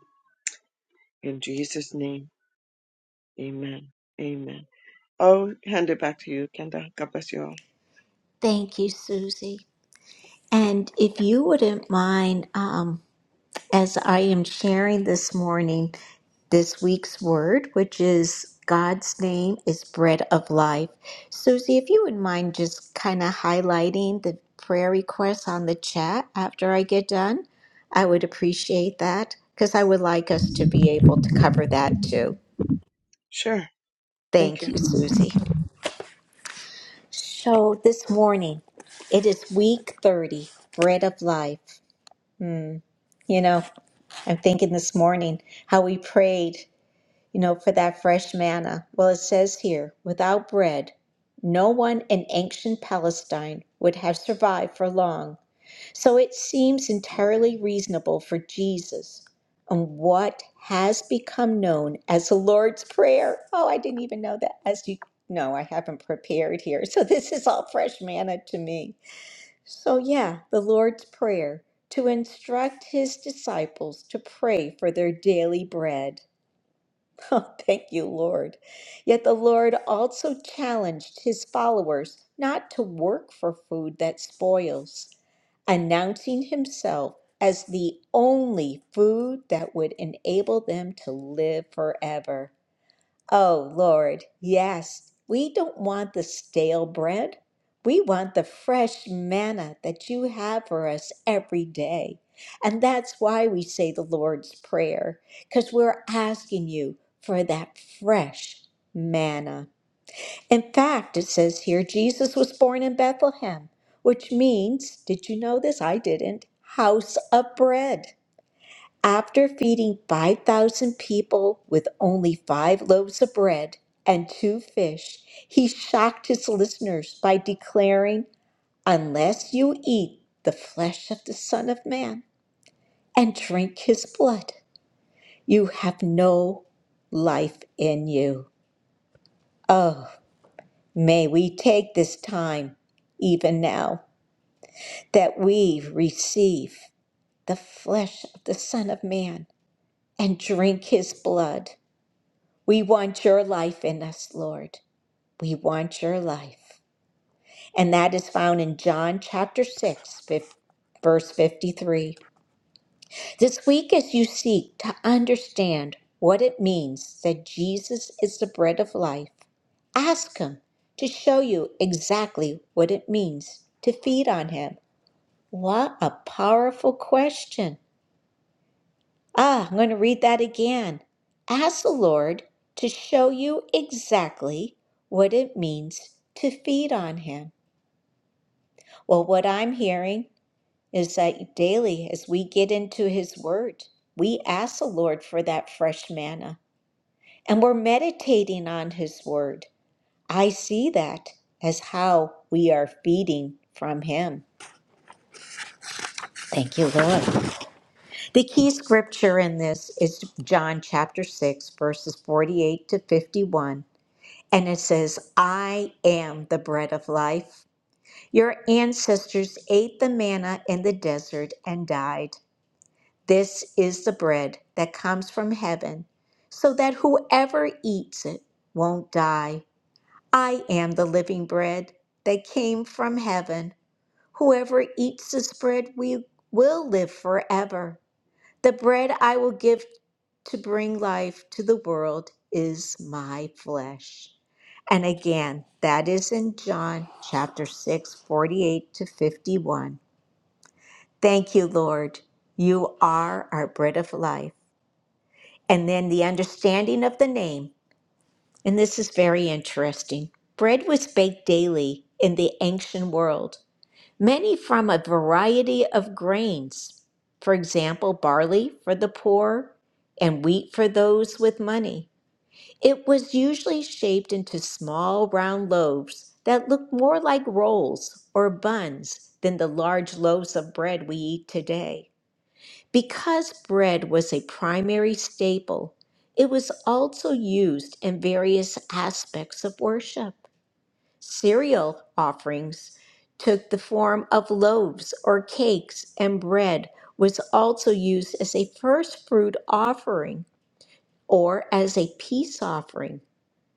Speaker 6: In Jesus' name, amen. Amen. I'll hand it back to you, Kenda. God bless you all.
Speaker 1: Thank you, Susie. And if you wouldn't mind, um, as I am sharing this morning, this week's word, which is God's name is bread of life. Susie, if you would mind just kind of highlighting the prayer requests on the chat after I get done, I would appreciate that because I would like us to be able to cover that too.
Speaker 6: Sure. Thank
Speaker 1: Thank
Speaker 6: you.
Speaker 1: you, Susie. So this morning, it is week 30, bread of life. You know, I'm thinking this morning how we prayed. you know, for that fresh manna. Well, it says here, without bread, no one in ancient Palestine would have survived for long. So it seems entirely reasonable for Jesus and what has become known as the Lord's Prayer. Oh, I didn't even know that. As you know, I haven't prepared here. So this is all fresh manna to me. So, yeah, the Lord's Prayer to instruct his disciples to pray for their daily bread. Oh, thank you, Lord. Yet the Lord also challenged his followers not to work for food that spoils, announcing himself as the only food that would enable them to live forever. Oh, Lord, yes. We don't want the stale bread. We want the fresh manna that you have for us every day. And that's why we say the Lord's Prayer, because we're asking you for that fresh manna. In fact, it says here Jesus was born in Bethlehem, which means, did you know this? I didn't. House of bread. After feeding 5,000 people with only five loaves of bread and two fish, he shocked his listeners by declaring, Unless you eat the flesh of the Son of Man and drink his blood, you have no life in you. Oh, may we take this time, even now, that we receive the flesh of the Son of Man and drink his blood. We want your life in us, Lord. We want your life. And that is found in John chapter 6, fif- verse 53. This week, as you seek to understand what it means that Jesus is the bread of life, ask Him to show you exactly what it means to feed on Him. What a powerful question! Ah, I'm going to read that again. Ask the Lord to show you exactly what it means to feed on Him. Well, what I'm hearing is that daily, as we get into His Word, we ask the Lord for that fresh manna and we're meditating on His Word. I see that as how we are feeding from Him. Thank you, Lord. The key scripture in this is John chapter 6, verses 48 to 51. And it says, I am the bread of life. Your ancestors ate the manna in the desert and died. This is the bread that comes from heaven, so that whoever eats it won't die. I am the living bread that came from heaven. Whoever eats this bread we will live forever. The bread I will give to bring life to the world is my flesh. And again, that is in John chapter 6 48 to 51. Thank you, Lord. You are our bread of life. And then the understanding of the name. And this is very interesting. Bread was baked daily in the ancient world many from a variety of grains, for example, barley for the poor and wheat for those with money. It was usually shaped into small round loaves that looked more like rolls or buns than the large loaves of bread we eat today. Because bread was a primary staple, it was also used in various aspects of worship. Cereal offerings took the form of loaves or cakes, and bread was also used as a first fruit offering or as a peace offering,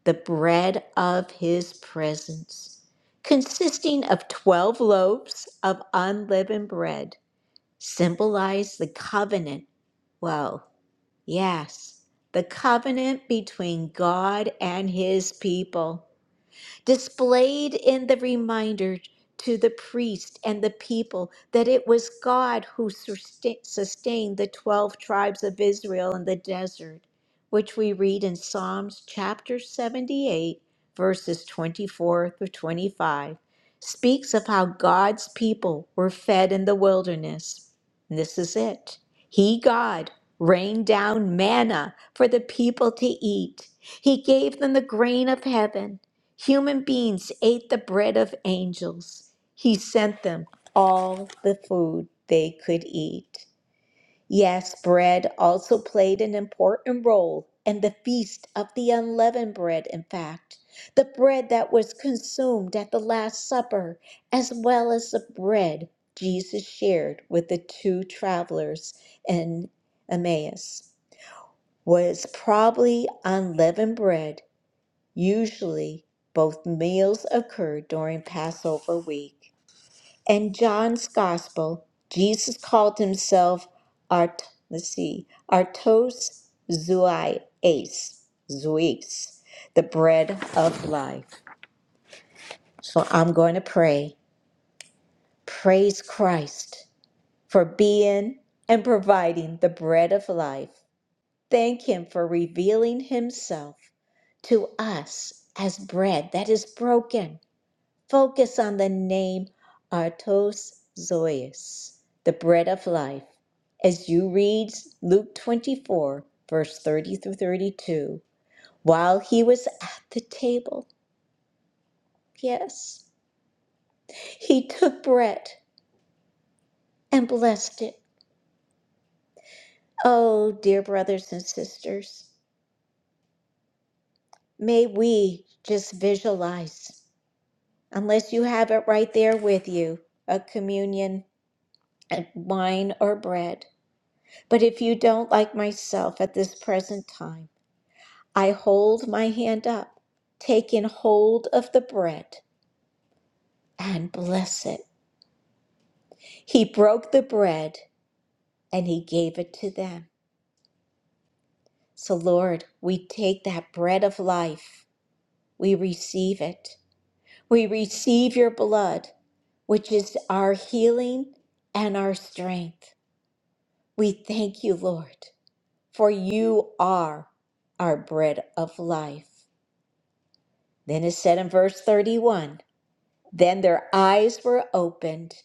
Speaker 1: the bread of his presence, consisting of 12 loaves of unleavened bread, symbolized the covenant. Well, yes, the covenant between God and his people displayed in the reminder to the priest and the people that it was God who susta- sustained the 12 tribes of Israel in the desert, which we read in Psalms chapter 78, verses 24 through 25, speaks of how God's people were fed in the wilderness. And this is it He, God, rained down manna for the people to eat, He gave them the grain of heaven. Human beings ate the bread of angels. He sent them all the food they could eat. Yes, bread also played an important role in the feast of the unleavened bread, in fact, the bread that was consumed at the Last Supper, as well as the bread Jesus shared with the two travelers in Emmaus, was probably unleavened bread Usually, both meals occurred during Passover week. In John's Gospel, Jesus called himself Art, let's see, Artos Zoies, Zois, the bread of life. So I'm going to pray. Praise Christ for being and providing the bread of life. Thank Him for revealing Himself to us as bread that is broken Focus on the name Artos Zois, the bread of life, as you read Luke 24, verse 30 through 32. While he was at the table, yes, he took bread and blessed it. Oh, dear brothers and sisters, may we just visualize, unless you have it right there with you, a communion, a wine or bread. But if you don't like myself at this present time, I hold my hand up, taking hold of the bread, and bless it. He broke the bread and he gave it to them. So, Lord, we take that bread of life, we receive it. We receive your blood, which is our healing and our strength. We thank you, Lord, for you are our bread of life. Then it said in verse 31 Then their eyes were opened,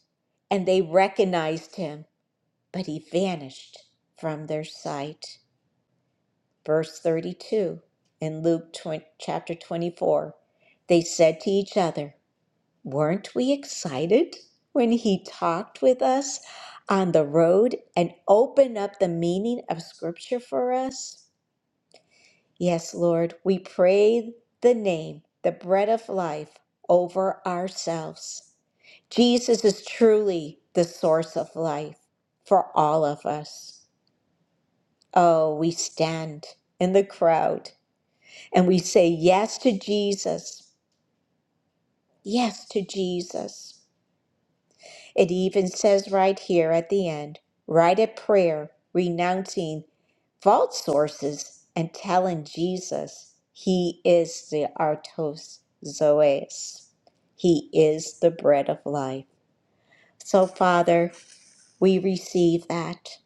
Speaker 1: and they recognized him, but he vanished from their sight. Verse 32 in Luke 20, chapter 24 They said to each other, Weren't we excited when he talked with us on the road and opened up the meaning of Scripture for us? Yes, Lord, we pray the name, the bread of life, over ourselves. Jesus is truly the source of life for all of us. Oh, we stand in the crowd and we say yes to Jesus, yes to Jesus. It even says right here at the end, right at prayer, renouncing false sources and telling Jesus he is the artos zoes. He is the bread of life. So, Father, we receive that.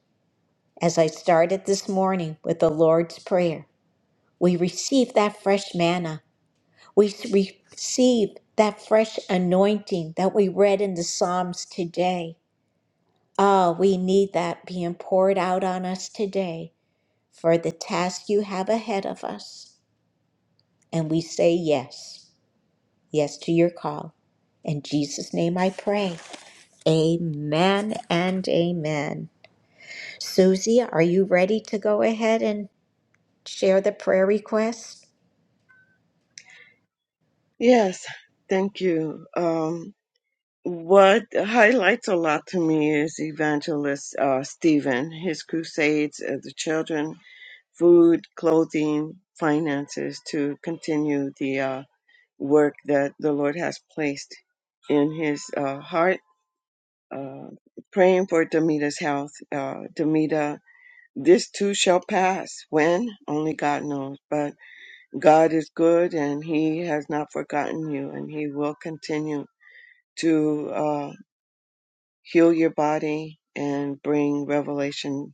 Speaker 1: As I started this morning with the Lord's Prayer, we receive that fresh manna. We s- receive that fresh anointing that we read in the Psalms today. Ah, we need that being poured out on us today for the task you have ahead of us. And we say yes, yes to your call. In Jesus' name I pray. Amen and amen. Susie, are you ready to go ahead and share the prayer request?
Speaker 6: Yes. Thank you. Um, what highlights a lot to me is evangelist uh, Stephen, his crusades of the children, food, clothing, finances to continue the uh, work that the Lord has placed in his uh, heart. Uh, praying for Demita's health. Uh, Demita this too shall pass. When? Only God knows. But God is good and He has not forgotten you and He will continue to uh, heal your body and bring revelation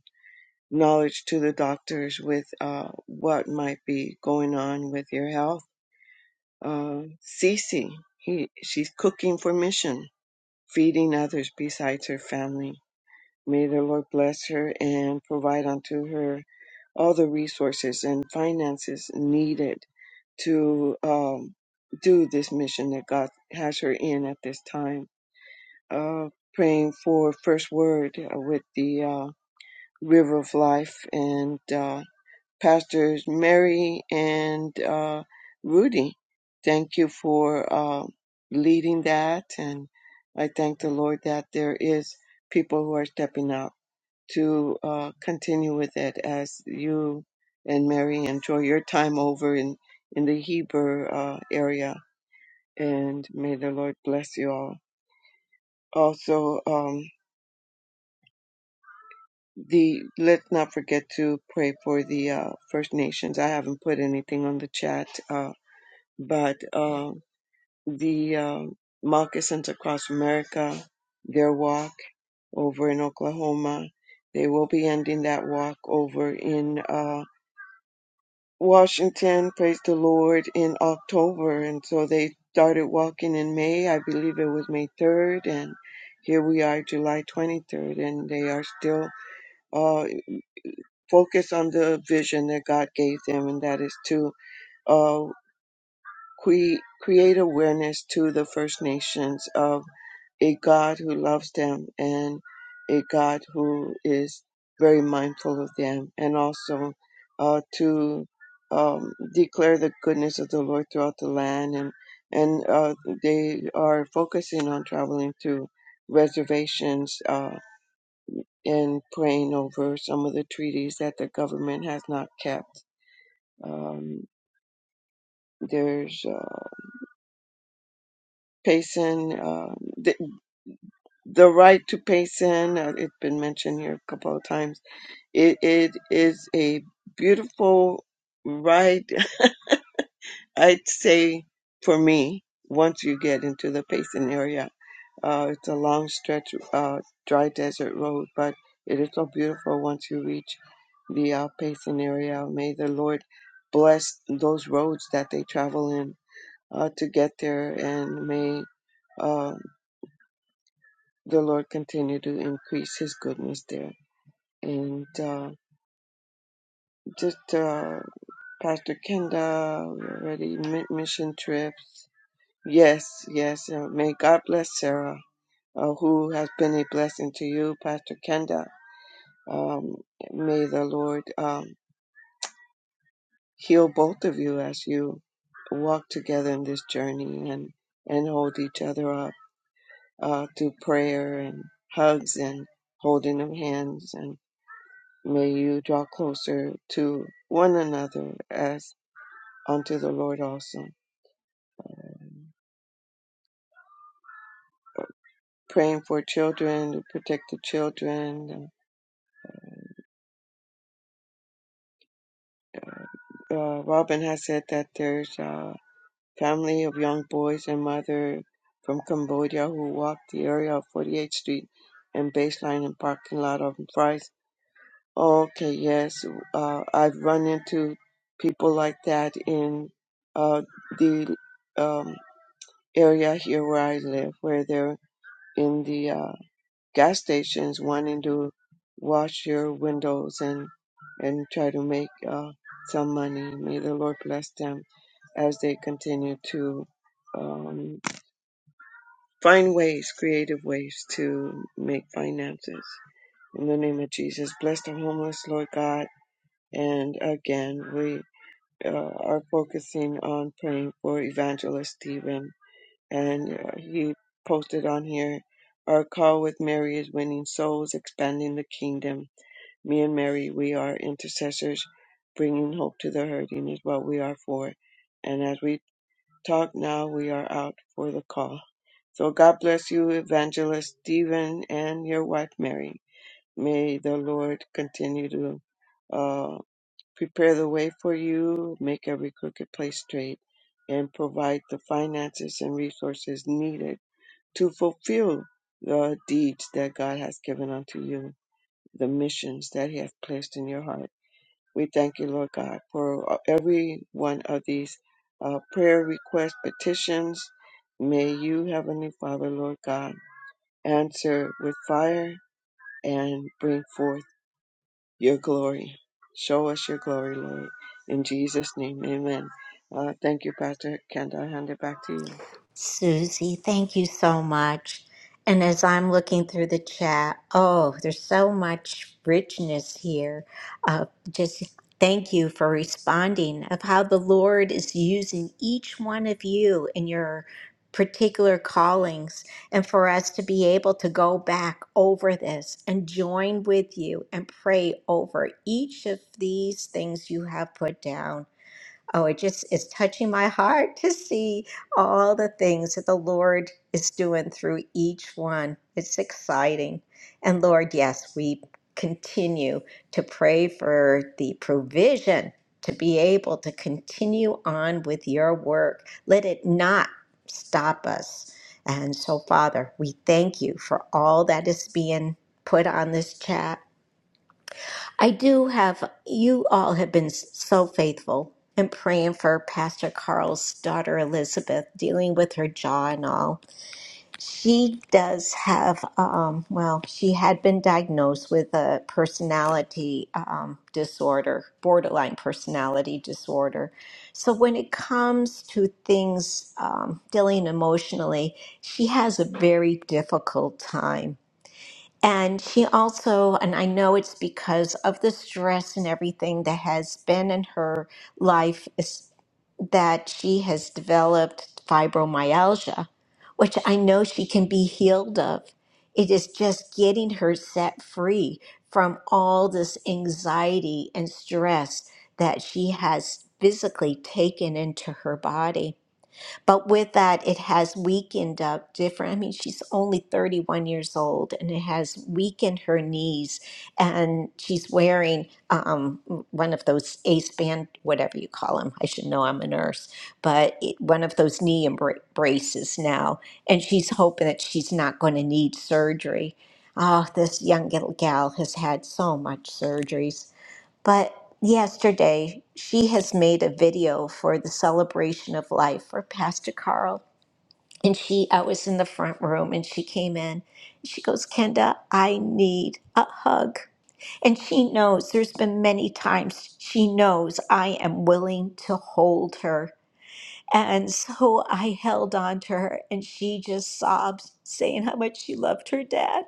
Speaker 6: knowledge to the doctors with uh, what might be going on with your health. Uh, Cece, he, she's cooking for mission, feeding others besides her family. May the Lord bless her and provide unto her all the resources and finances needed to um, do this mission that God has her in at this time. Uh, praying for First Word uh, with the uh, River of Life and uh, Pastors Mary and uh, Rudy. Thank you for uh, leading that, and I thank the Lord that there is people who are stepping up to uh, continue with it as you and Mary enjoy your time over in, in the Heber uh, area. And may the Lord bless you all. Also, um, the let's not forget to pray for the uh, First Nations. I haven't put anything on the chat, uh, but uh, the um moccasins across America, their walk over in Oklahoma, they will be ending that walk over in. uh, Washington praised the Lord in October, and so they started walking in May. I believe it was May 3rd, and here we are, July 23rd, and they are still uh, focused on the vision that God gave them, and that is to. uh, cre- create awareness to the First Nations of a God who loves them and a God who is very mindful of them, and also uh, to um, declare the goodness of the Lord throughout the land. And, and uh, they are focusing on traveling to reservations uh, and praying over some of the treaties that the government has not kept. Um, there's uh, Payson. Uh, th- The right to pay sin, uh, it's been mentioned here a couple of times. It, it is a beautiful right, I'd say, for me, once you get into the Payson area. Uh, it's a long stretch, uh, dry desert road, but it is so beautiful once you reach the uh, Payson area. May the Lord bless those roads that they travel in uh, to get there, and may uh, the Lord continue to increase His goodness there. and uh, just uh, Pastor Kenda, we already mi- mission trips. Yes, yes. Uh, may God bless Sarah, uh, who has been a blessing to you, Pastor Kenda. Um, may the Lord um, heal both of you as you walk together in this journey and and hold each other up uh, through prayer and hugs and holding of hands and may you draw closer to one another as. unto the Lord also. Praying for children, to protect the children. Uh, Robin has said that there's a family of young boys and mother from Cambodia who walked the area of 48th Street and baseline and parking lot of Fry's. Okay, yes, uh, I've run into people like that in uh, the um, area here where I live, where they're in the uh, gas stations wanting to wash your windows and and try to make uh, some money. May the Lord bless them as they continue to um, find ways, creative ways to make finances. In the name of Jesus, bless the homeless, Lord God. And again, we uh, are focusing on praying for Evangelist Stephen and uh, you posted on here our call with mary is winning souls expanding the kingdom me and mary we are intercessors bringing hope to the hurting is what we are for and as we talk now we are out for the call so god bless you evangelist stephen and your wife mary may the lord continue to uh, prepare the way for you make every crooked place straight and provide the finances and resources needed to fulfill the deeds that God has given unto you, the missions that He has placed in your heart. We thank you, Lord God, for uh, every one of these uh, prayer requests, petitions. May you, Heavenly Father, Lord God, answer with fire and bring forth your glory. Show us your glory, Lord. In Jesus' name, amen. Uh, thank you, Pastor Kenda. I hand it back to you.
Speaker 1: Susie, thank you so much. And as I'm looking through the chat, oh, there's so much richness here. Uh, just thank you for responding of how the Lord is using each one of you in your particular callings, and for us to be able to go back over this and join with you and pray over each of these things you have put down. Oh, it just is touching my heart to see all the things that the Lord is doing through each one. It's exciting. And Lord, yes, we continue to pray for the provision to be able to continue on with your work. Let it not stop us. And so, Father, we thank you for all that is being put on this chat. I do have, you all have been s- so faithful in praying for Pastor Carl's daughter Elizabeth, dealing with her jaw and all. She does have, um, well, she had been diagnosed with a personality um, disorder, borderline personality disorder. So when it comes to things um, dealing emotionally, she has a very difficult time. And she also, and I know it's because of the stress and everything that has been in her life, is that she has developed fibromyalgia, which I know she can be healed of. It is just getting her set free from all this anxiety and stress that she has physically taken into her body. But with that, it has weakened up different. I mean, she's only 31 years old and it has weakened her knees. And she's wearing um, one of those ace band, whatever you call them. I should know I'm a nurse, but it, one of those knee embra- braces now. And she's hoping that she's not going to need surgery. Oh, this young gal gal has had so much surgeries. But yesterday, she has made a video for the celebration of life for Pastor Carl. And she, I was in the front room and she came in. She goes, Kenda, I need a hug. And she knows there's been many times she knows I am willing to hold her. And so I held on to her and she just sobs, saying how much she loved her dad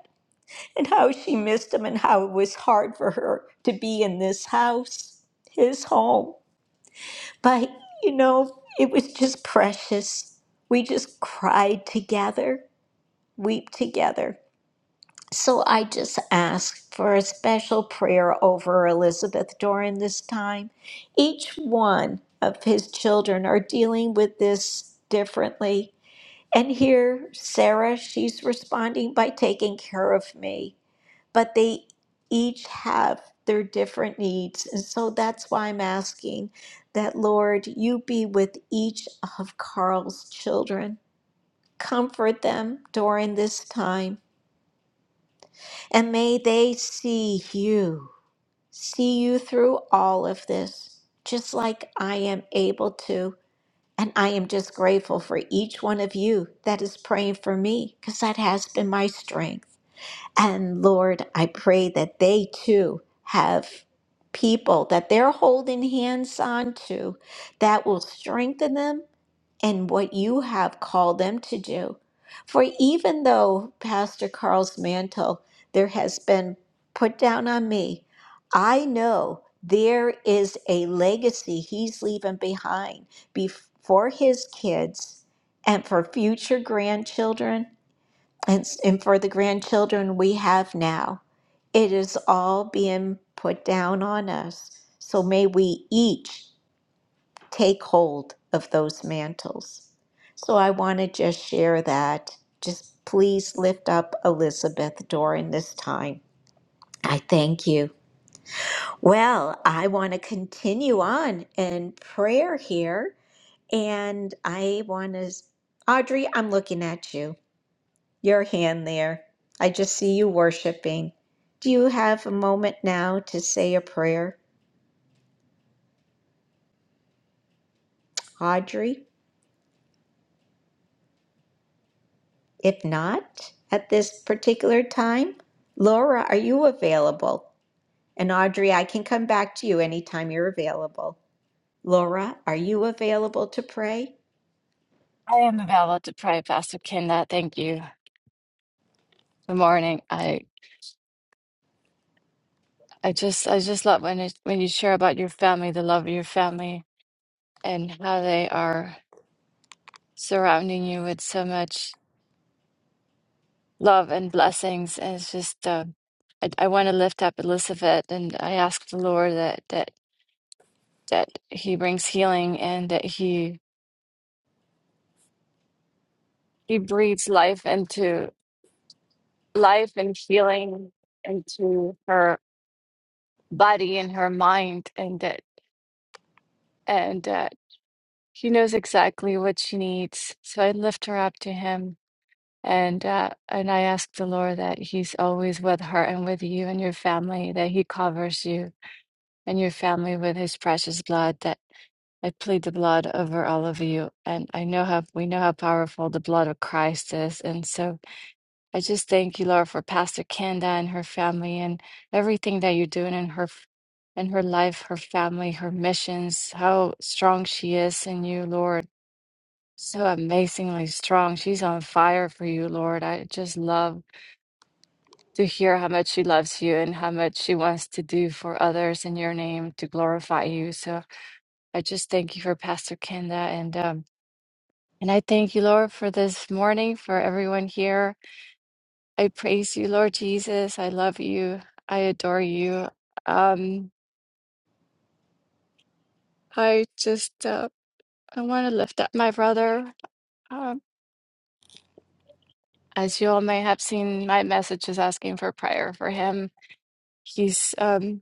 Speaker 1: and how she missed him and how it was hard for her to be in this house, his home. But, you know, it was just precious. We just cried together, weep together. So I just ask for a special prayer over Elizabeth during this time. Each one of his children are dealing with this differently. And here, Sarah, she's responding by taking care of me but they each have their different needs. And so that's why I'm asking that, Lord, you be with each of Carl's children. Comfort them during this time, and may they see you, see you through all of this, just like I am able to. And I am just grateful for each one of you that is praying for me, because that has been my strength. And Lord, I pray that they too have people that they're holding hands on to that will strengthen them in what you have called them to do. For even though Pastor Carl's mantle there has been put down on me, I know there is a legacy he's leaving behind bef- for his kids and for future grandchildren and, s- and for the grandchildren we have now. It is all being put down on us. So may we each take hold of those mantles. So I want to just share that. Just please lift up Elizabeth during this time. I thank you. Well, I want to continue on in prayer here. And I want to, Audrey, I'm looking at you. your hand there. I just see you worshiping. Do you have a moment now to say a prayer, Audrey? If not, at this particular time, Laura, are you available? And Audrey, I can come back to you anytime you're available. Laura, are you available to pray?
Speaker 8: I am available to pray, Pastor Kenda. Thank you. Good morning. I I just I just love when it, when you share about your family, the love of your family, and how they are surrounding you with so much love and blessings. And it's just uh, I, I want to lift up Elizabeth, and I ask the Lord that that that He brings healing and that He He breathes life into life and healing into her body and her mind, and that. and that. She knows exactly what she needs. So I lift her up to him and uh, and I ask the Lord that he's always with her and with you and your family, that he covers you and your family with his precious blood, that I plead the blood over all of you. And I know how we know how powerful the blood of Christ is. And so I just thank you, Lord, for Pastor Kenda and her family and everything that you're doing in her in her life, her family, her missions, how strong she is in you, Lord so amazingly strong. She's on fire for you, Lord. I just love to hear how much she loves you and how much she wants to do for others in your name to glorify you. So I just thank you for Pastor Kenda and um and I thank you, Lord, for this morning, for everyone here. I praise you, Lord Jesus. I love you. I adore you. Um, I just uh, I want to lift up my brother. Um, as you all may have seen, my message is asking for prayer for him He's um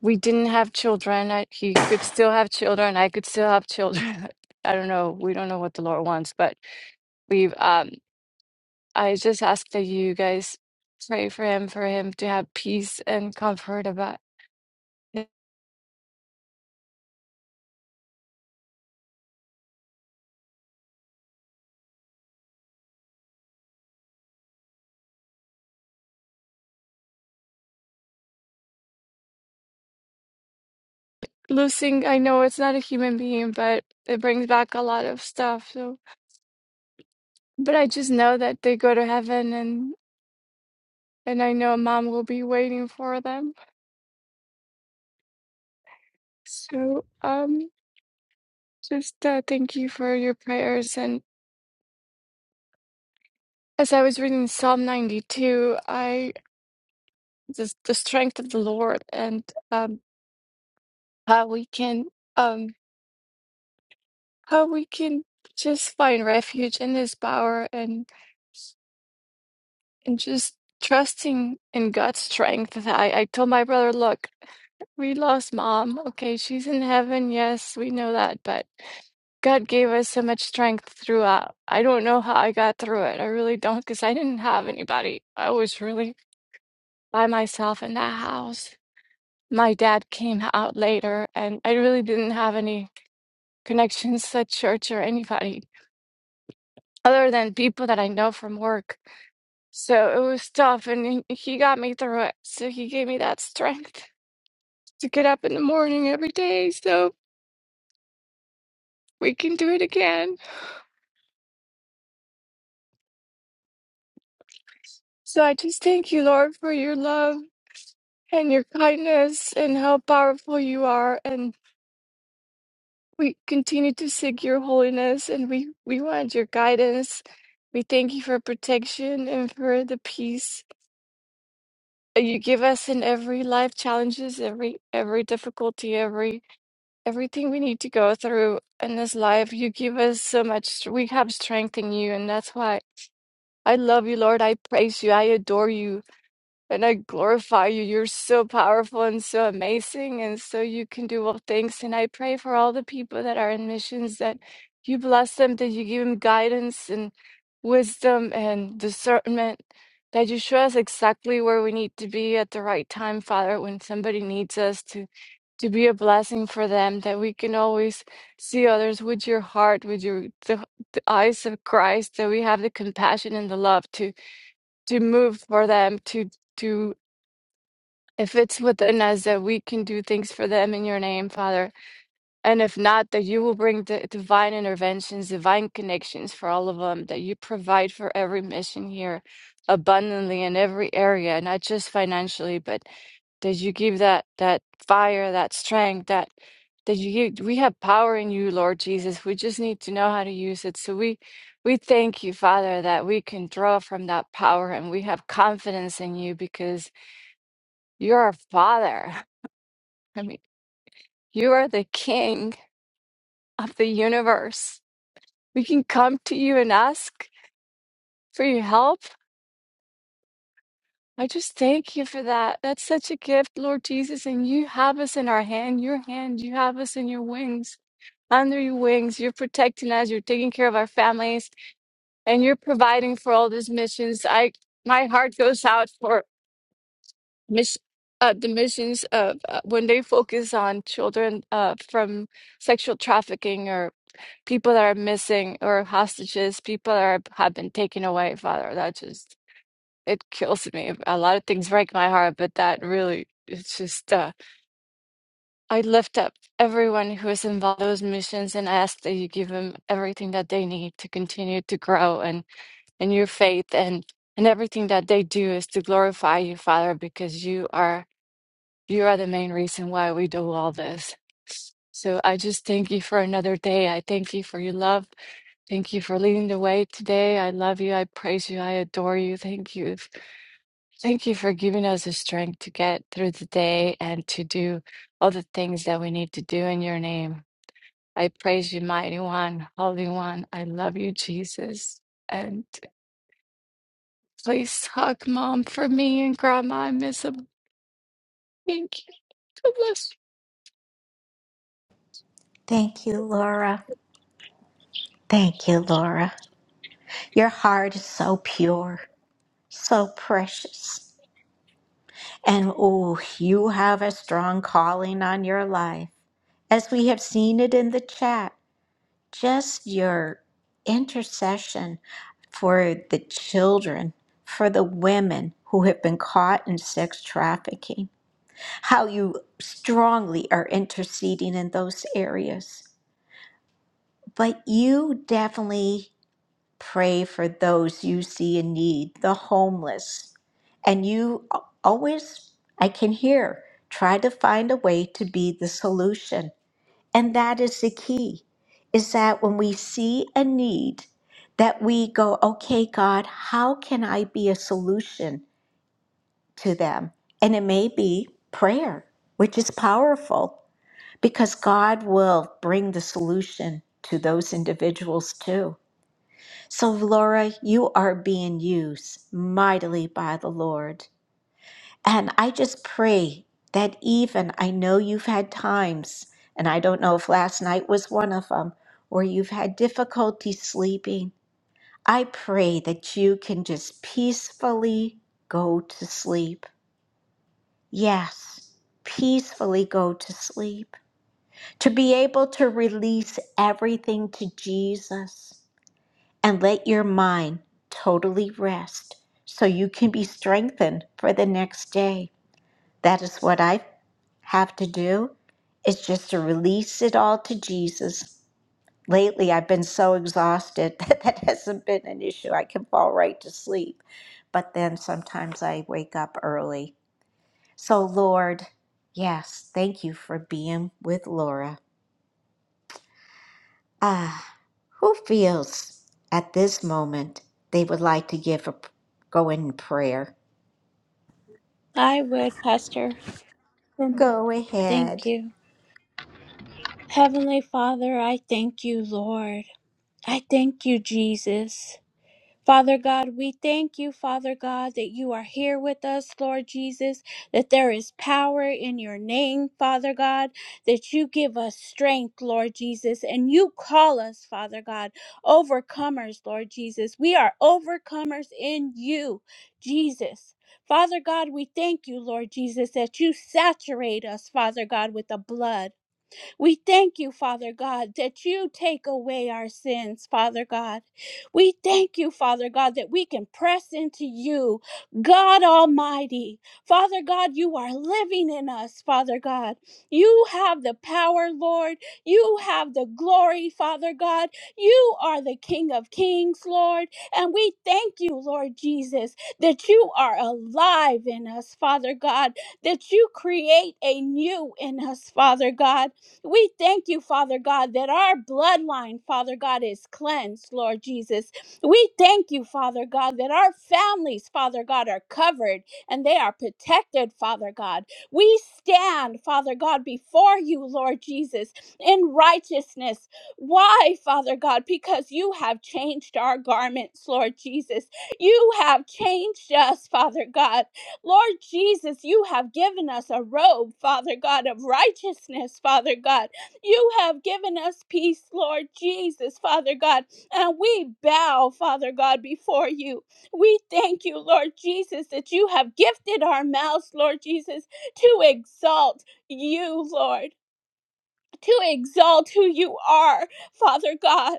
Speaker 8: we didn't have children. I, he could still have children. I could still have children. I don't know. We don't know what the Lord wants, but we've um I just ask that you guys pray for him, for him to have peace and comfort about it. losing. I know it's not a human being, but it brings back a lot of stuff. So, but I just know that they go to heaven, and and I know mom will be waiting for them. So um, just uh, thank you for your prayers and. As I was reading Psalm 92, I just the strength of the Lord and um, how we can um, how we can just find refuge in His power and and just trusting in God's strength. I, I told my brother, look, we lost mom. Okay, she's in heaven. Yes, we know that, but God gave us so much strength throughout. I don't know how I got through it. I really don't, because I didn't have anybody. I was really by myself in that house my dad came out later, and I really didn't have any connections at church or anybody other than people that I know from work. So it was tough, and he he got me through it. So he gave me that strength to get up in the morning every day so we can do it again. So I just thank you, Lord, for your love and your kindness and how powerful you are. and. We continue to seek your holiness and we, we want your guidance. We thank you for protection and for the peace that you give us in every life challenges, every every difficulty, every everything we need to go through in this life. You give us so much we have strength in you and that's why I love you, Lord. I praise you. I adore you. And I glorify you. You're so powerful and so amazing, and so you can do all things. And I pray for all the people that are in missions that you bless them, that you give them guidance and wisdom and discernment, that you show us exactly where we need to be at the right time, Father, when somebody needs us to to be a blessing for them, that we can always see others with your heart, with your the, the eyes of Christ, that we have the compassion and the love to to move for them, to. to if it's within us that we can do things for them in your name, Father, and if not, that you will bring the divine interventions, divine connections for all of them, that you provide for every mission here abundantly in every area, not just financially, but that you give that that fire, that strength, that that you give, we have power in you, Lord Jesus. We just need to know how to use it. So we we thank you, Father, that we can draw from that power and we have confidence in you because you're our Father. I mean, you are the king of the universe. We can come to you and ask for your help. I just thank you for that. That's such a gift, Lord Jesus. And you have us in our hand, your hand. You have us in your wings, under your wings. You're protecting us. You're taking care of our families, and you're providing for all these missions. I, my heart goes out for miss, uh, the missions of uh, when they focus on children uh, from sexual trafficking or. people that are missing or hostages, people that are, have been taken away, Father. That just, it kills me. A lot of things break my heart, but that really, it's just, uh, I lift up everyone who is involved in those missions and ask that you give them everything that they need to continue to grow and in your faith and and everything that they do is to glorify you, Father, because you are you are the main reason why we do all this. So I just thank you for another day. I thank you for your love. Thank you for leading the way today. I love you. I praise you. I adore you. Thank you. Thank you for giving us the strength to get through the day and to do all the things that we need to do in your name. I praise you, mighty one, holy one. I love you, Jesus. And please hug mom for me and grandma. I miss them. Thank you. God bless you.
Speaker 1: Thank you, Laura. Thank you, Laura. Your heart is so pure, so precious. And oh, you have a strong calling on your life. as we have seen it in the chat, just your intercession for the children, for the women who have been caught in sex trafficking, how you strongly are interceding in those areas. But you definitely pray for those you see in need, the homeless. And you always, I can hear, try to find a way to be the solution and that is the key is that when we see a need, that we go, okay, God, how can I be a solution to them? And it may be prayer, which is powerful because God will bring the solution to those individuals too. So, Laura, you are being used mightily by the Lord. And I just pray that even I know you've had times, and I don't know if last night was one of them, where you've had difficulty sleeping. I pray that you can just peacefully go to sleep. Yes, peacefully go to sleep. To be able to release everything to Jesus and let your mind totally rest so you can be strengthened for the next day. That is what I've have to do is just to release it all to Jesus. Lately, I've been so exhausted that that hasn't been an issue. I can fall right to sleep. But then sometimes I wake up early. So, Lord, yes, thank you for being with Laura. Ah, who feels at this moment they would like to give a go in prayer?
Speaker 5: I would, Pastor. Mhm.
Speaker 1: Go
Speaker 5: Thank
Speaker 1: ahead.
Speaker 5: you. Heavenly Father, I thank you, Lord. I thank you, Jesus. Father God, we thank you, Father God, that you are here with us, Lord Jesus, that there is power in your name, Father God, that you give us strength, Lord Jesus, and you call us, Father God, overcomers, Lord Jesus. We are overcomers in you, Jesus. Father God, we thank you, Lord Jesus, that you saturate us, Father God, with the blood. We thank you, Father God, that you take away our sins, Father God. We thank you, Father God, that we can press into you, God Almighty. Father God, you are living in us, Father God. You have the power, Lord. You have the glory, Father God. You are the King of Kings, Lord. And we thank you, Lord Jesus, that you are alive in us, Father God, that you create a new in us, Father God. We thank you, Father God, that our bloodline, Father God, is cleansed, Lord Jesus. We thank you, Father God, that our families, Father God, are covered and they are protected, Father God. We stand, Father God, before you, Lord Jesus, in righteousness. Why, Father God? Because you have changed our garments, Lord Jesus. You have changed us, Father God. Lord Jesus, you have given us a robe, Father God, of righteousness, Father God. You have given us peace, Lord Jesus, Father God. And we bow, Father God, before you. We thank you, Lord Jesus, that you have gifted our mouths, Lord Jesus, to exalt you, Lord. To exalt who you are, Father God.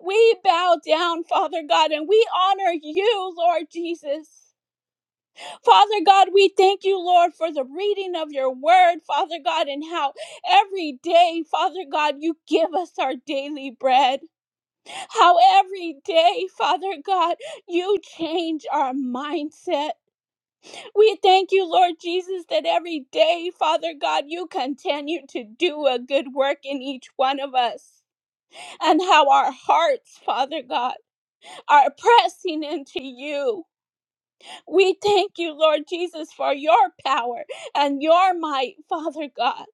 Speaker 5: We bow down, Father God, and we honor you, Lord Jesus. Father God, we thank you, Lord, for the reading of your word, Father God, and how every day, Father God, you give us our daily bread. How every day, Father God, you change our mindset. We thank you, Lord Jesus, that every day, Father God, you continue to do a good work in each one of us. And how our hearts, Father God, are pressing into you. We thank you, Lord Jesus, for your power and your might, Father God.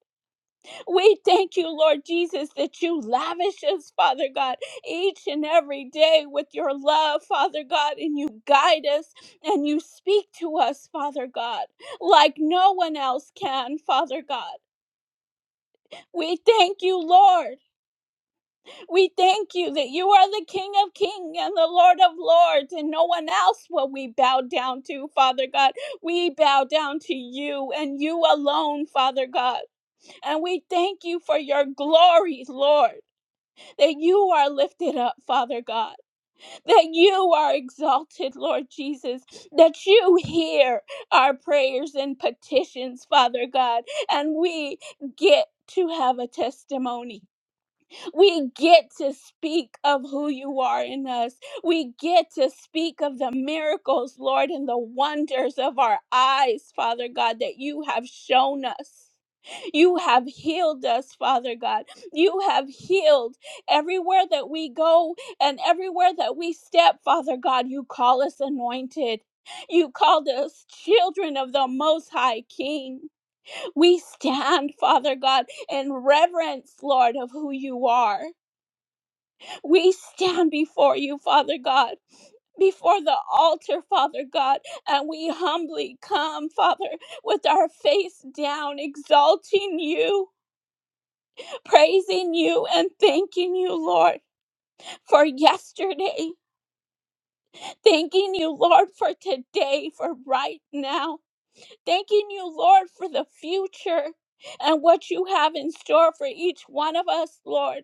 Speaker 5: We thank you, Lord Jesus, that you lavish us, Father God, each and every day with your love, Father God, and you guide us and you speak to us, Father God, like no one else can, Father God. We thank you, Lord. We thank you that you are the King of Kings and the Lord of Lords, and no one else will we bow down to, Father God. We bow down to you and you alone, Father God. And we thank you for your glory, Lord, that you are lifted up, Father God, that you are exalted, Lord Jesus, that you hear our prayers and petitions, Father God, and we get to have a testimony we get to speak of who you are in us. We get to speak of the miracles, Lord, and the wonders of our eyes, Father God, that you have shown us. You have healed us, Father God. You have healed everywhere that we go and everywhere that we step, Father God. You call us anointed. You called us children of the Most High King. We stand, Father God, in reverence, Lord, of who you are. We stand before you, Father God, before the altar, Father God, and we humbly come, Father, with our face down, exalting you, praising you, and thanking you, Lord, for yesterday. Thanking you, Lord, for today, for right now. Thanking you, Lord, for the future and what you have in store for each one of us, Lord.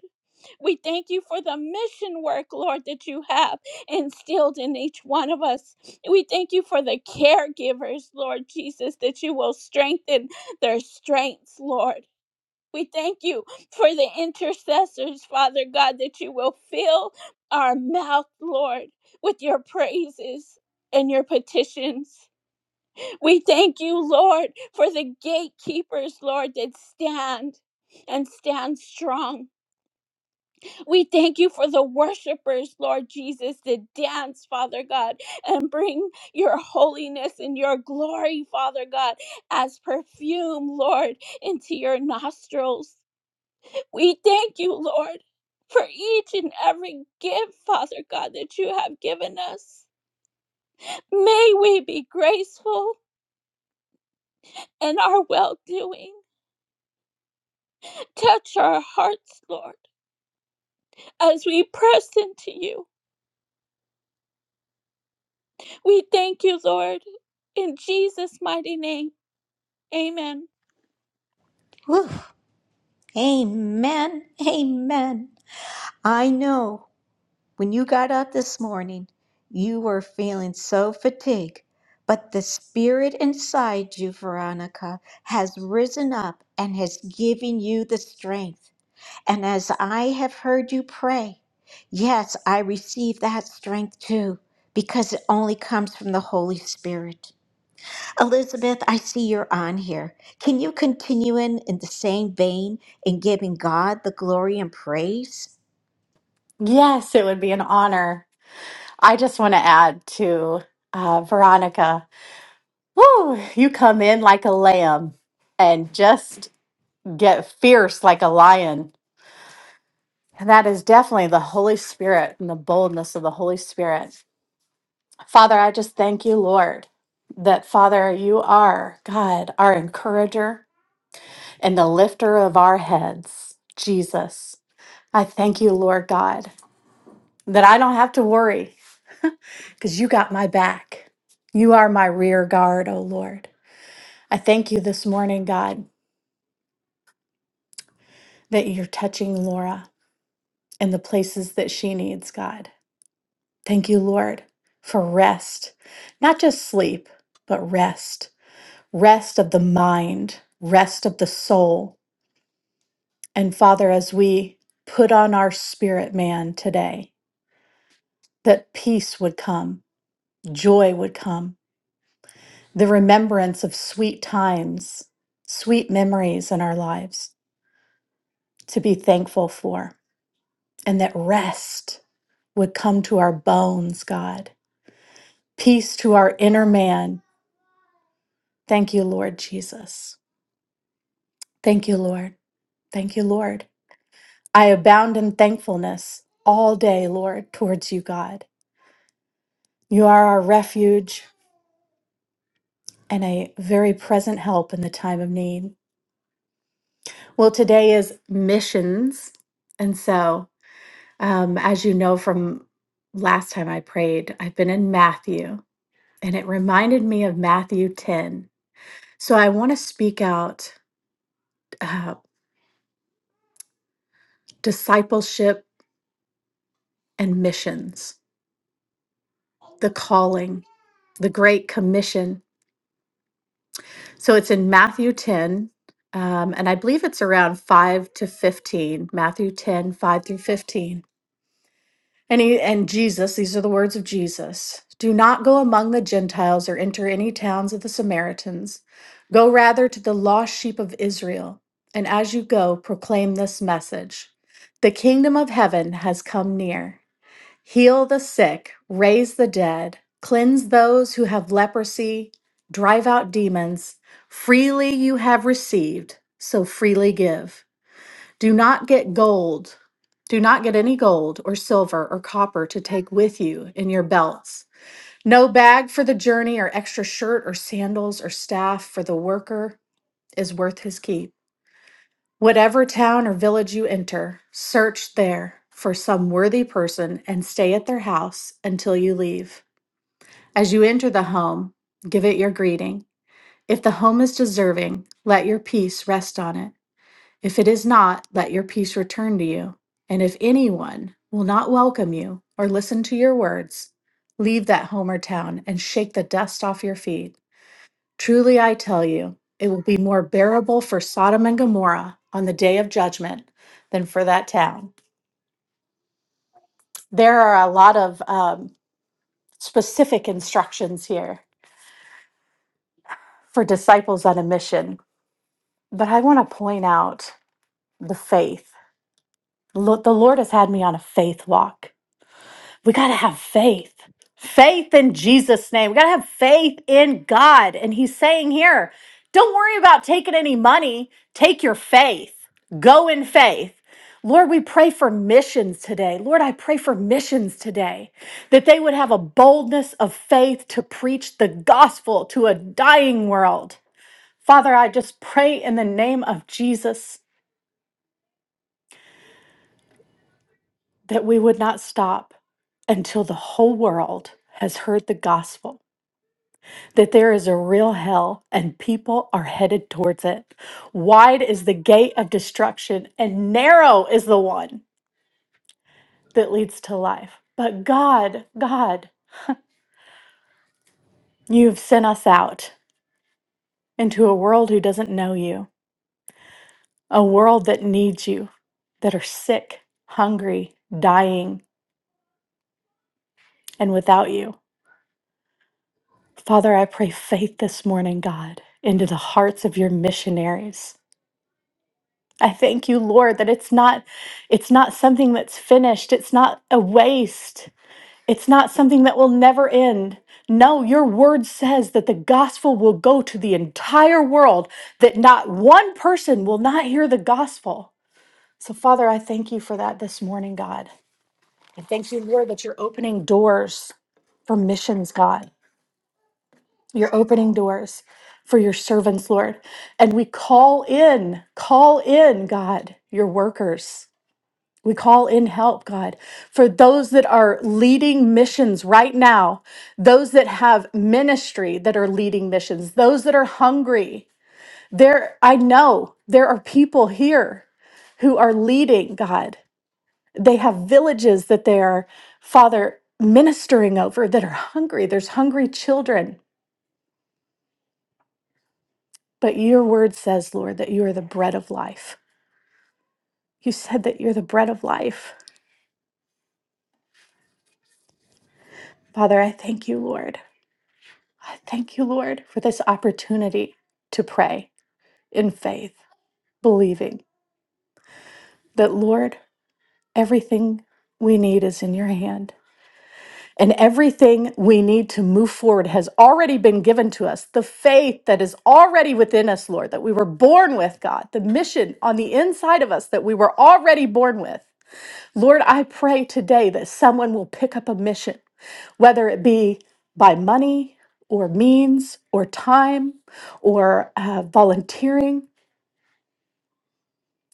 Speaker 5: We thank you for the mission work, Lord, that you have instilled in each one of us. We thank you for the caregivers, Lord Jesus, that you will strengthen their strengths, Lord. We thank you for the intercessors, Father God, that you will fill our mouth, Lord, with your praises and your petitions. We thank you, Lord, for the gatekeepers, Lord, that stand and stand strong. We thank you for the worshipers, Lord Jesus, to dance, Father God, and bring your holiness and your glory, Father God, as perfume, Lord, into your nostrils. We thank you, Lord, for each and every gift, Father God, that you have given us. May we be graceful in our well doing. Touch our hearts, Lord, as we press into you. We thank you, Lord, in Jesus' mighty name. Amen.
Speaker 1: Whew. Amen. Amen. I know. When you got up this morning, you were feeling so fatigued, but the spirit inside you, Veronica, has risen up and has given you the strength. And as I have heard you pray, yes, I receive that strength too, because it only comes from the Holy Spirit. Elizabeth, I see you're on here. Can you continue in, in the same vein in giving God the glory and praise?
Speaker 9: Yes, it would be an honor. I just want to add to uh, Veronica. Woo, you come in like a lamb and just get fierce like a lion. And that is definitely the Holy Spirit and the boldness of the Holy Spirit. Father, I just thank you, Lord, that Father, you are God, our encourager and the lifter of our heads, Jesus. I thank you, Lord God, that I don't have to worry because you got my back. You are my rear guard, O Lord. I thank you this morning, God, that you're touching Laura in the places that she needs, God. Thank you, Lord, for rest, not just sleep, but rest, rest of the mind, rest of the soul. And Father, as we put on our spirit man today, that peace would come, joy would come, the remembrance of sweet times, sweet memories in our lives. to be thankful for, and that rest would come to our bones, God. Peace to our inner man. Thank you, Lord Jesus. Thank you, Lord. Thank you, Lord. I abound in thankfulness all day, Lord, towards you, God. You are our refuge and a very present help in the time of need. Well, today is missions. And so, um, as you know from last time I prayed, I've been in Matthew and it reminded me of Matthew 10. So I want to speak out uh, discipleship and missions, the calling, the Great Commission. So it's in Matthew 10, um, and I believe it's around 5 to 15, Matthew 10, 5 through 15. And he, and Jesus, these are the words of Jesus. Do not go among the Gentiles or enter any towns of the Samaritans. Go rather to the lost sheep of Israel. And as you go, proclaim this message. The kingdom of heaven has come near. Heal the sick, raise the dead, cleanse those who have leprosy, drive out demons. Freely you have received, so freely give. Do not get gold. Do not get any gold or silver or copper to take with you in your belts. No bag for the journey or extra shirt or sandals or staff for the worker is worth his keep. Whatever town or village you enter, search there for some worthy person and stay at their house until you leave. As you enter the home, give it your greeting. If the home is deserving, let your peace rest on it. If it is not, let your peace return to you. And if anyone will not welcome you or listen to your words, leave that home or town and shake the dust off your feet. Truly, I tell you, it will be more bearable for Sodom and Gomorrah on the day of judgment than for that town. There are a lot of um, specific instructions here for disciples on a mission, but I want to point out the faith. Lo- The Lord has had me on a faith walk we got to have faith. Faith in Jesus' name. We got to have faith in God. And he's saying here, don't worry about taking any money. Take your faith. Go in faith. Lord, we pray for missions today. Lord, I pray for missions today that they would have a boldness of faith to preach the gospel to a dying world. Father, I just pray in the name of Jesus that we would not stop until the whole world has heard the gospel that there is a real hell and people are headed towards it. Wide is the gate of destruction, and narrow is the one that leads to life. But God, God, you've sent us out into a world who doesn't know you, a world that needs you, that are sick, hungry, dying, and without you. Father, I pray faith this morning, God, into the hearts of your missionaries I thank you, Lord, that it's not it's not something that's finished. It's not a waste. It's not something that will never end. No, your word says that the gospel will go to the entire world, that not one person will not hear the gospel. So, Father, I thank you for that this morning, God. I thank you, Lord, that you're opening doors for missions, God. You're opening doors for your servants, Lord. And we call in, call in, God, your workers. We call in help, God, for those that are leading missions right now, those that have ministry that are leading missions, those that are hungry. There, I know there are people here who are leading, God. They have villages that they are, Father, ministering over that are hungry. There's hungry children. But your word says, Lord, that you are the bread of life. You said that you're the bread of life. Father, I thank you, Lord. I thank you, Lord, for this opportunity to pray in faith, believing that, Lord, everything we need is in your hand. And everything we need to move forward has already been given to us. The faith that is already within us, Lord, that we were born with, God, the mission on the inside of us that we were already born with. Lord, I pray today that someone will pick up a mission, whether it be by money or means or time or uh, volunteering.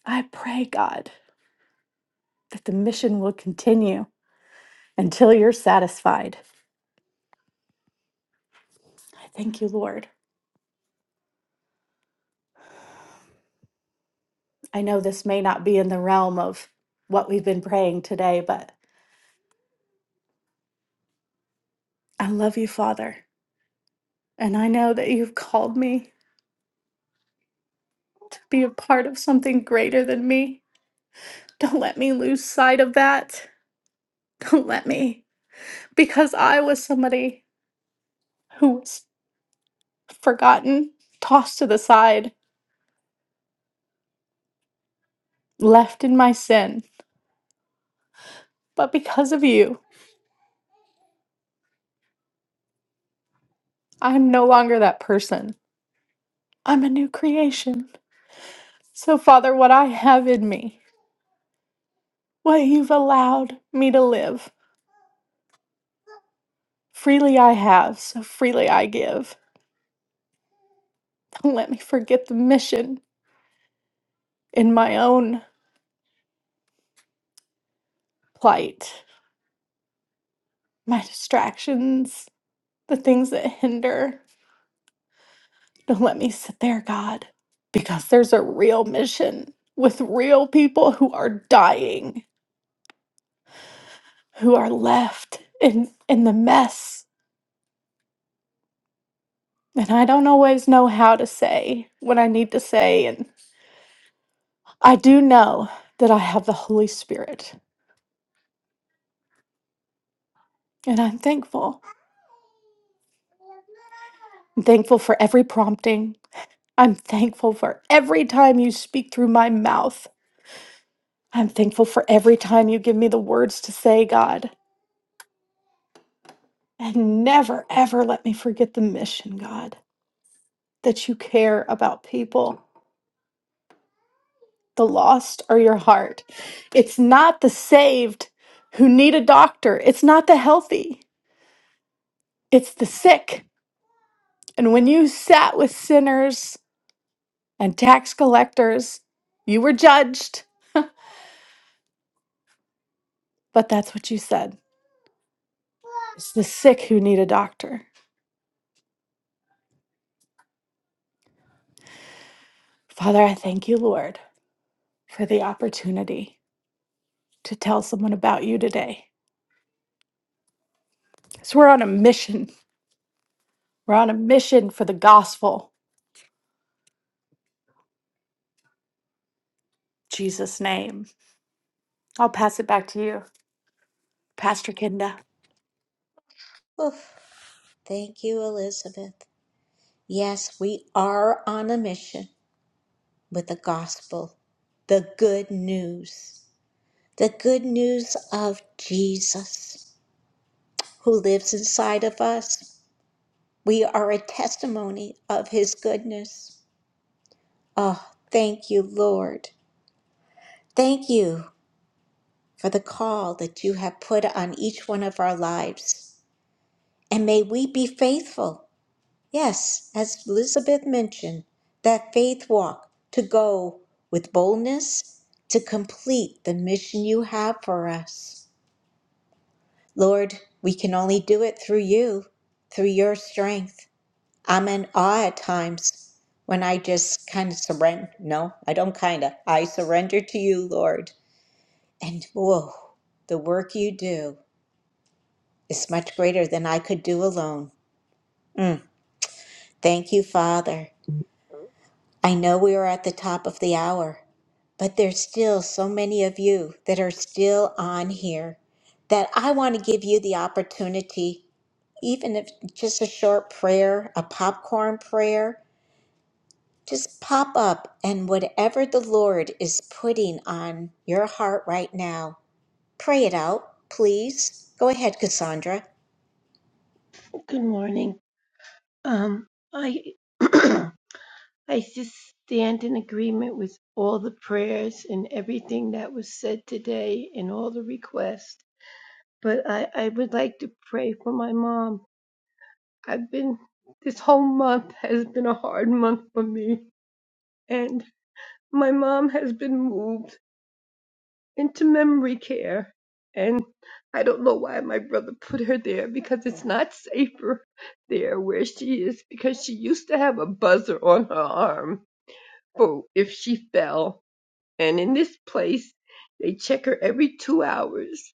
Speaker 9: I pray, God, that the mission will continue until you're satisfied. I thank you, Lord. I know this may not be in the realm of what we've been praying today, but I love you, Father. And I know that you've called me to be a part of something greater than me. Don't let me lose sight of that. Don't let me because I was somebody who was forgotten, tossed to the side, left in my sin. But because of you, I am no longer that person. I'm a new creation. So, Father, what I have in me, what you've allowed me to live, freely I have, so freely I give. Don't let me forget the mission in my own plight, my distractions, the things that hinder. Don't let me sit there, God, because there's a real mission with real people who are dying, who are left in, in the mess. And I don't always know how to say what I need to say. And I do know that I have the Holy Spirit, and I'm thankful. I'm thankful for every prompting. I'm thankful for every time you speak through my mouth. I'm thankful for every time you give me the words to say, God. And never, ever let me forget the mission, God. that you care about people. The lost are your heart. It's not the saved who need a doctor, it's not the healthy, it's the sick. And when you sat with sinners and tax collectors, you were judged, but that's what you said. It's the sick who need a doctor. Father, I thank you, Lord, for the opportunity to tell someone about you today. So we're on a mission. We're on a mission for the gospel. In Jesus' name. I'll pass it back to you. Pastor Kenda.
Speaker 1: Oof, thank you, Elizabeth. Yes, we are on a mission with the gospel, the good news, the good news of Jesus who lives inside of us. We are a testimony of his goodness. Oh, thank you, Lord. Thank you for the call that you have put on each one of our lives. And may we be faithful Yes, as Elizabeth mentioned, that faith walk to go with boldness to complete the mission you have for us. Lord, we can only do it through you, through your strength. I'm in awe at times when I just kind of surrender. No, I don't kind of. I surrender to you, Lord. And whoa, the work you do is much greater than I could do alone. Mm. Thank you, Father. I know we are at the top of the hour, but there's still so many of you that are still on here that I want to give you the opportunity, even if just a short prayer, a popcorn prayer, just pop up and whatever the Lord is putting on your heart right now, pray it out, please. Go ahead, Cassandra.
Speaker 10: Good morning. Um, I I just stand in agreement with all the prayers and everything that was said today and all the requests. But I, I would like to pray for my mom. I've been this whole month has been a hard month for me and my mom has been moved into memory care. And I don't know why my brother put her there because it's not safer there where she is because she used to have a buzzer on her arm for if she fell. And in this place, they check her every two hours.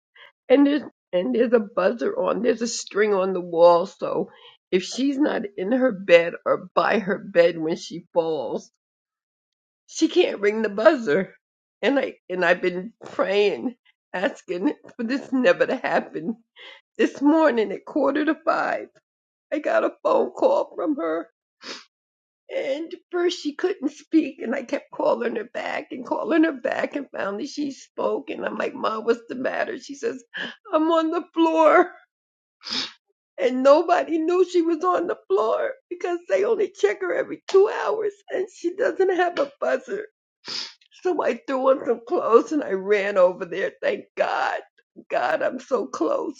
Speaker 10: And there's, and there's a buzzer on, there's a string on the wall. So if she's not in her bed or by her bed when she falls, she can't ring the buzzer. And I and I've been praying, asking for this never to happen. This morning at quarter to five, I got a phone call from her. And first she couldn't speak and I kept calling her back and calling her back and finally she spoke and I'm like, Mom, what's the matter? She says, I'm on the floor and nobody knew she was on the floor because they only check her every two hours and she doesn't have a buzzer. So I threw on some clothes and I ran over there. Thank God. God, I'm so close.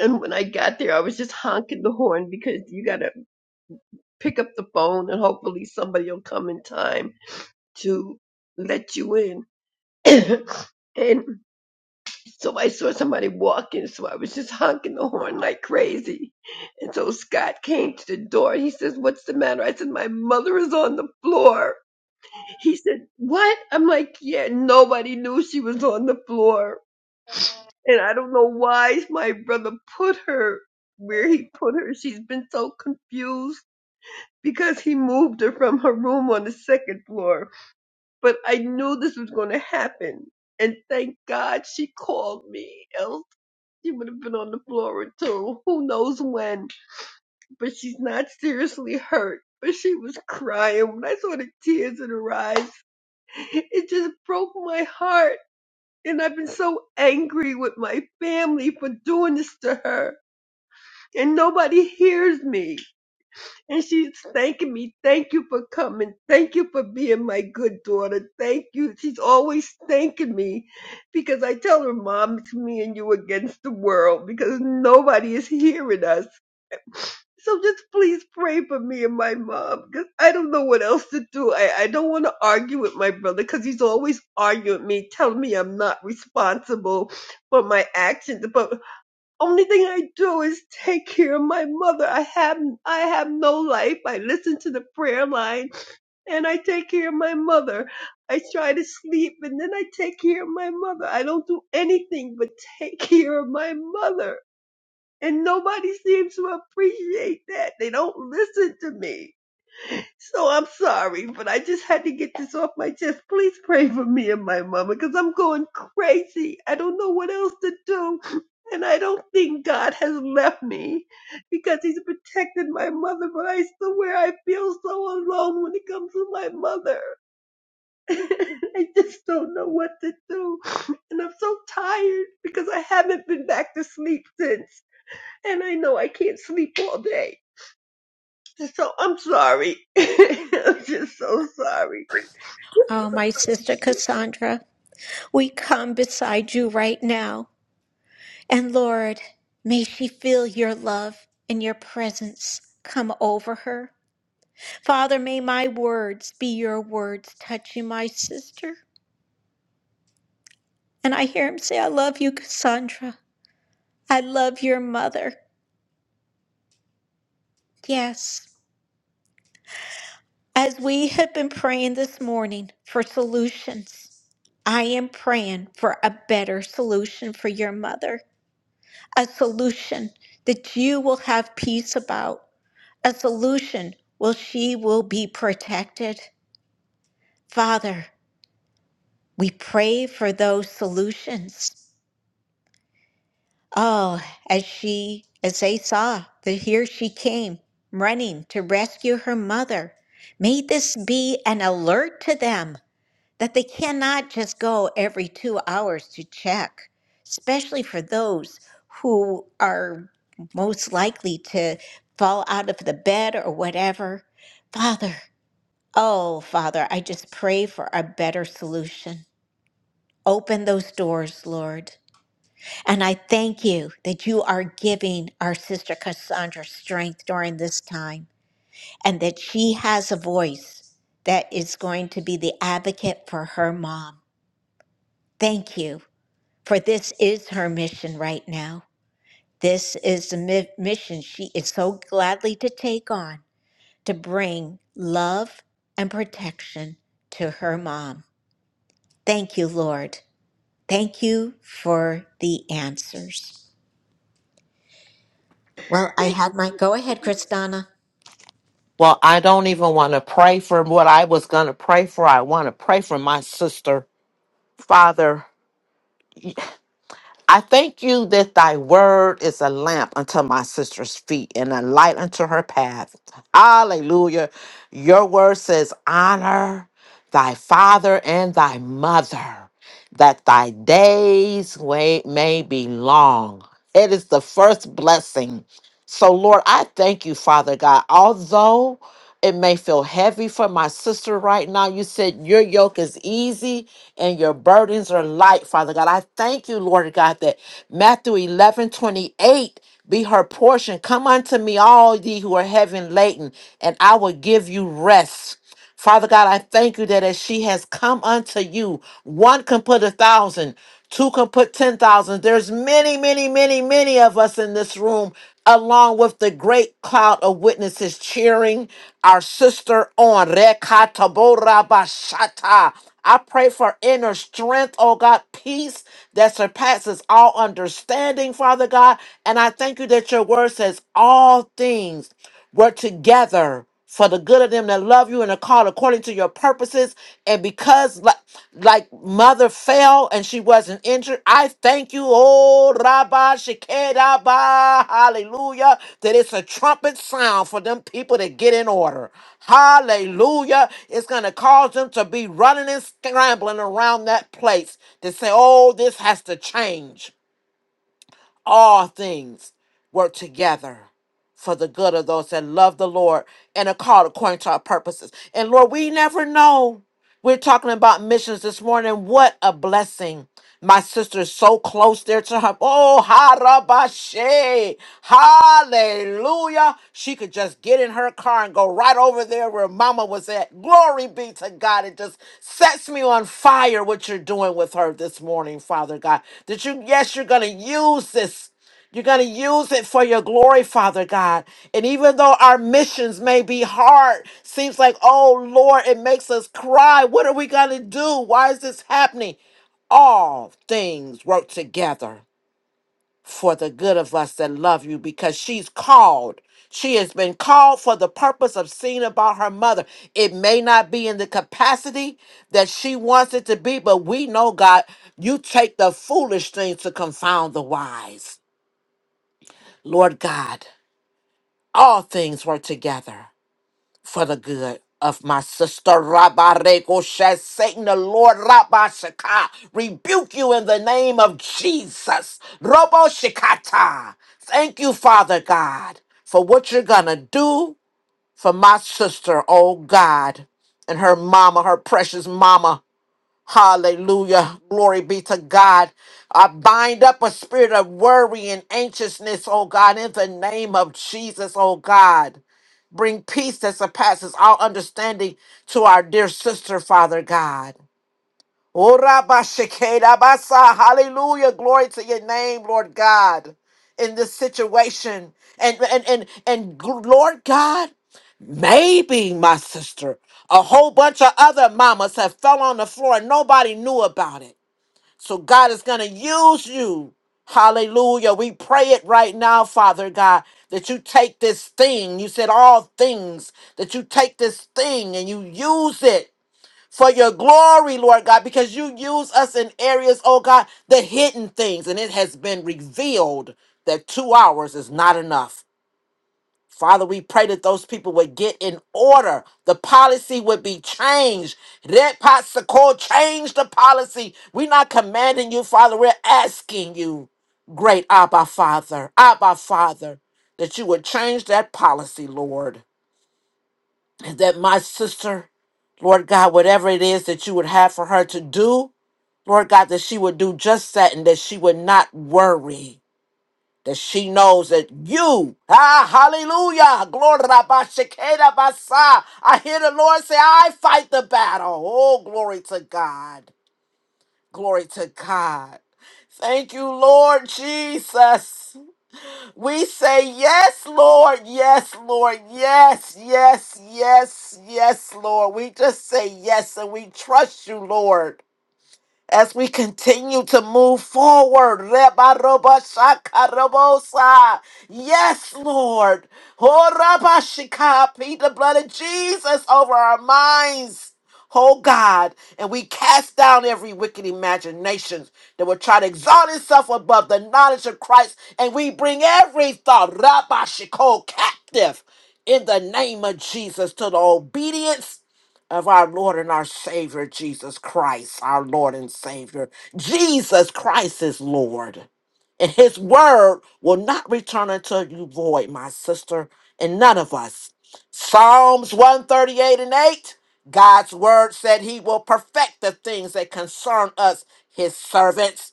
Speaker 10: And when I got there, I was just honking the horn because you got to pick up the phone and hopefully somebody will come in time to let you in. and so I saw somebody walking, so I was just honking the horn like crazy. And so Scott came to the door. He says, What's the matter? I said, My mother is on the floor He said, What? I'm like, Yeah, nobody knew she was on the floor. And I don't know why my brother put her where he put her. She's been so confused because he moved her from her room on the second floor. But I knew this was going to happen. And thank God she called me, else she would have been on the floor too. Who knows when? But she's not seriously hurt. But she was crying when I saw the tears in her eyes. It just broke my heart And I've been so angry with my family for doing this to her. And nobody hears me. And she's thanking me. Thank you for coming. Thank you for being my good daughter. Thank you. She's always thanking me because I tell her, Mom, it's me and you against the world because nobody is hearing us. So just please pray for me and my mom because I don't know what else to do. I, I don't want to argue with my brother because he's always arguing with me, telling me I'm not responsible for my actions. But only thing I do is take care of my mother. I have I have no life. I listen to the prayer line and I take care of my mother. I try to sleep and then I take care of my mother. I don't do anything but take care of my mother and nobody seems to appreciate that. They don't listen to me. So I'm sorry, but I just had to get this off my chest. Please pray for me and my mama because I'm going crazy. I don't know what else to do. And I don't think God has left me because He's protected my mother, but I swear I feel so alone when it comes to my mother. I just don't know what to do. And I'm so tired because I haven't been back to sleep since and I know I can't sleep all day. So I'm sorry. I'm just so sorry.
Speaker 1: Oh, my sister Cassandra, we come beside you right now. And Lord, may she feel your love and your presence come over her. Father, may my words be your words touching my sister. And I hear him say, I love you, Cassandra. I love your mother. Yes. As we have been praying this morning for solutions, I am praying for a better solution for your mother, a solution that you will have peace about, a solution where she will be protected. Father, we pray for those solutions. Oh, as she, as they saw that here she came running to rescue her mother, may this be an alert to them that they cannot just go every two hours to check, especially for those who are most likely to fall out of the bed or whatever. Father, oh, Father, I just pray for a better solution. Open those doors, Lord. And I thank you that you are giving our sister Cassandra strength during this time and that she has a voice that is going to be the advocate for her mom. Thank you, for this is her mission right now. This is the mi- mission she is so gladly to take on to bring love and protection to her mom. Thank you, Lord. Thank you for the answers. Well, I
Speaker 10: Thank you.
Speaker 1: had my go ahead, Kristana.
Speaker 11: Well, I don't even want to pray for what I was going to pray for. I want to pray for my sister. Father, I thank you that thy word is a lamp unto my sister's feet and a light unto her path. Hallelujah. Your word says, Honor thy father and thy mother, that thy days wa- may be long. It is the first blessing. So, Lord, I thank you, Father God. Although it may feel heavy for my sister right now. You said your yoke is easy and your burdens are light, Father God. I thank you, Lord God, that Matthew 11 28 be her portion. Come unto me, all ye who are heavy laden, and I will give you rest. Father God, I thank you that as she has come unto you, one can put a thousand, two can put ten thousand. There's many, many, many, many of us in this room, along with the great cloud of witnesses cheering our sister on. Rekataborabashata. I pray for inner strength, oh God, peace that surpasses all understanding, Father God. And I thank you that your word says all things work together for the good of them that love you and are called according to your purposes. And because like, like mother fell and she wasn't injured, I thank you, oh Rabba Shekedaba, hallelujah, that it's a trumpet sound for them people to get in order. Hallelujah. It's going to cause them to be running and scrambling around that place to say, oh, this has to change all things work together for the good of those that love the Lord and are called according to our purposes. And Lord, we never know. We're talking about missions this morning. What a blessing. My sister's so close there to her. Oh, harabashe. Hallelujah. She could just get in her car and go right over there where mama was at. Glory be to God. It just sets me on fire what you're doing with her this morning, Father God. That you, yes, you're going to use this. You're going to use it for your glory, Father God. And even though our missions may be hard, seems like, oh Lord, it makes us cry. What are we going to do? Why is this happening? All things work together for the good of us that love you because she's called. She has been called for the purpose of seeing about her mother. It may not be in the capacity that she wants it to be, but we know, God, you take the foolish things to confound the wise. Lord God all things work together for the good of my sister Rabareko Shes. Satan, the Lord Rabashaka, rebuke you in the name of Jesus. Robo Shikata. Thank you, Father God, for what you're gonna do for my sister, oh God, and her mama, her precious mama. Hallelujah. Glory be to God. I bind up a spirit of worry and anxiousness, oh God, in the name of Jesus, oh God. Bring peace that surpasses all understanding to our dear sister, Father God. Oh, Rabba Shekeda Basa. Hallelujah. Glory to your name, Lord God, in this situation. And, and, and, and gl- Lord God, maybe my sister, a whole bunch of other mamas have fell on the floor and nobody knew about it. So God is going to use you. Hallelujah. We pray it right now, Father God, that you take this thing. You said all things, that you take this thing and you use it for your glory, Lord God, because you use us in areas, oh God, the hidden things. And it has been revealed that two hours is not enough. Father, we pray that those people would get in order. The policy would be changed. Red Pot Sakor, change the policy. We're not commanding you, Father. We're asking you, great Abba Father, Abba Father, that you would change that policy, Lord. And that my sister, Lord God, whatever it is that you would have for her to do, Lord God, that she would do just that and that she would not worry that she knows that you, ah, hallelujah, glory, Rabba Shekeda Basa. I hear the Lord say, I fight the battle. Oh, glory to God. Glory to God. Thank you, Lord Jesus. We say, Yes, Lord, yes, Lord, yes, yes, yes, yes, Lord. We just say yes and we trust you, Lord as we continue to move forward. Rebarobashakarobosa. Yes, Lord. Horabashika. Plead the blood of Jesus over our minds. Oh God, and we cast down every wicked imagination that will try to exalt itself above the knowledge of Christ, and we bring every thought, Rabashiko, captive in the name of Jesus to the obedience of our Lord and our Savior, Jesus Christ, our Lord and Savior. Jesus Christ is Lord. And his word will not return unto you void, my sister, and none of us. Psalms 138 and 8 God's word said he will perfect the things that concern us, his servants.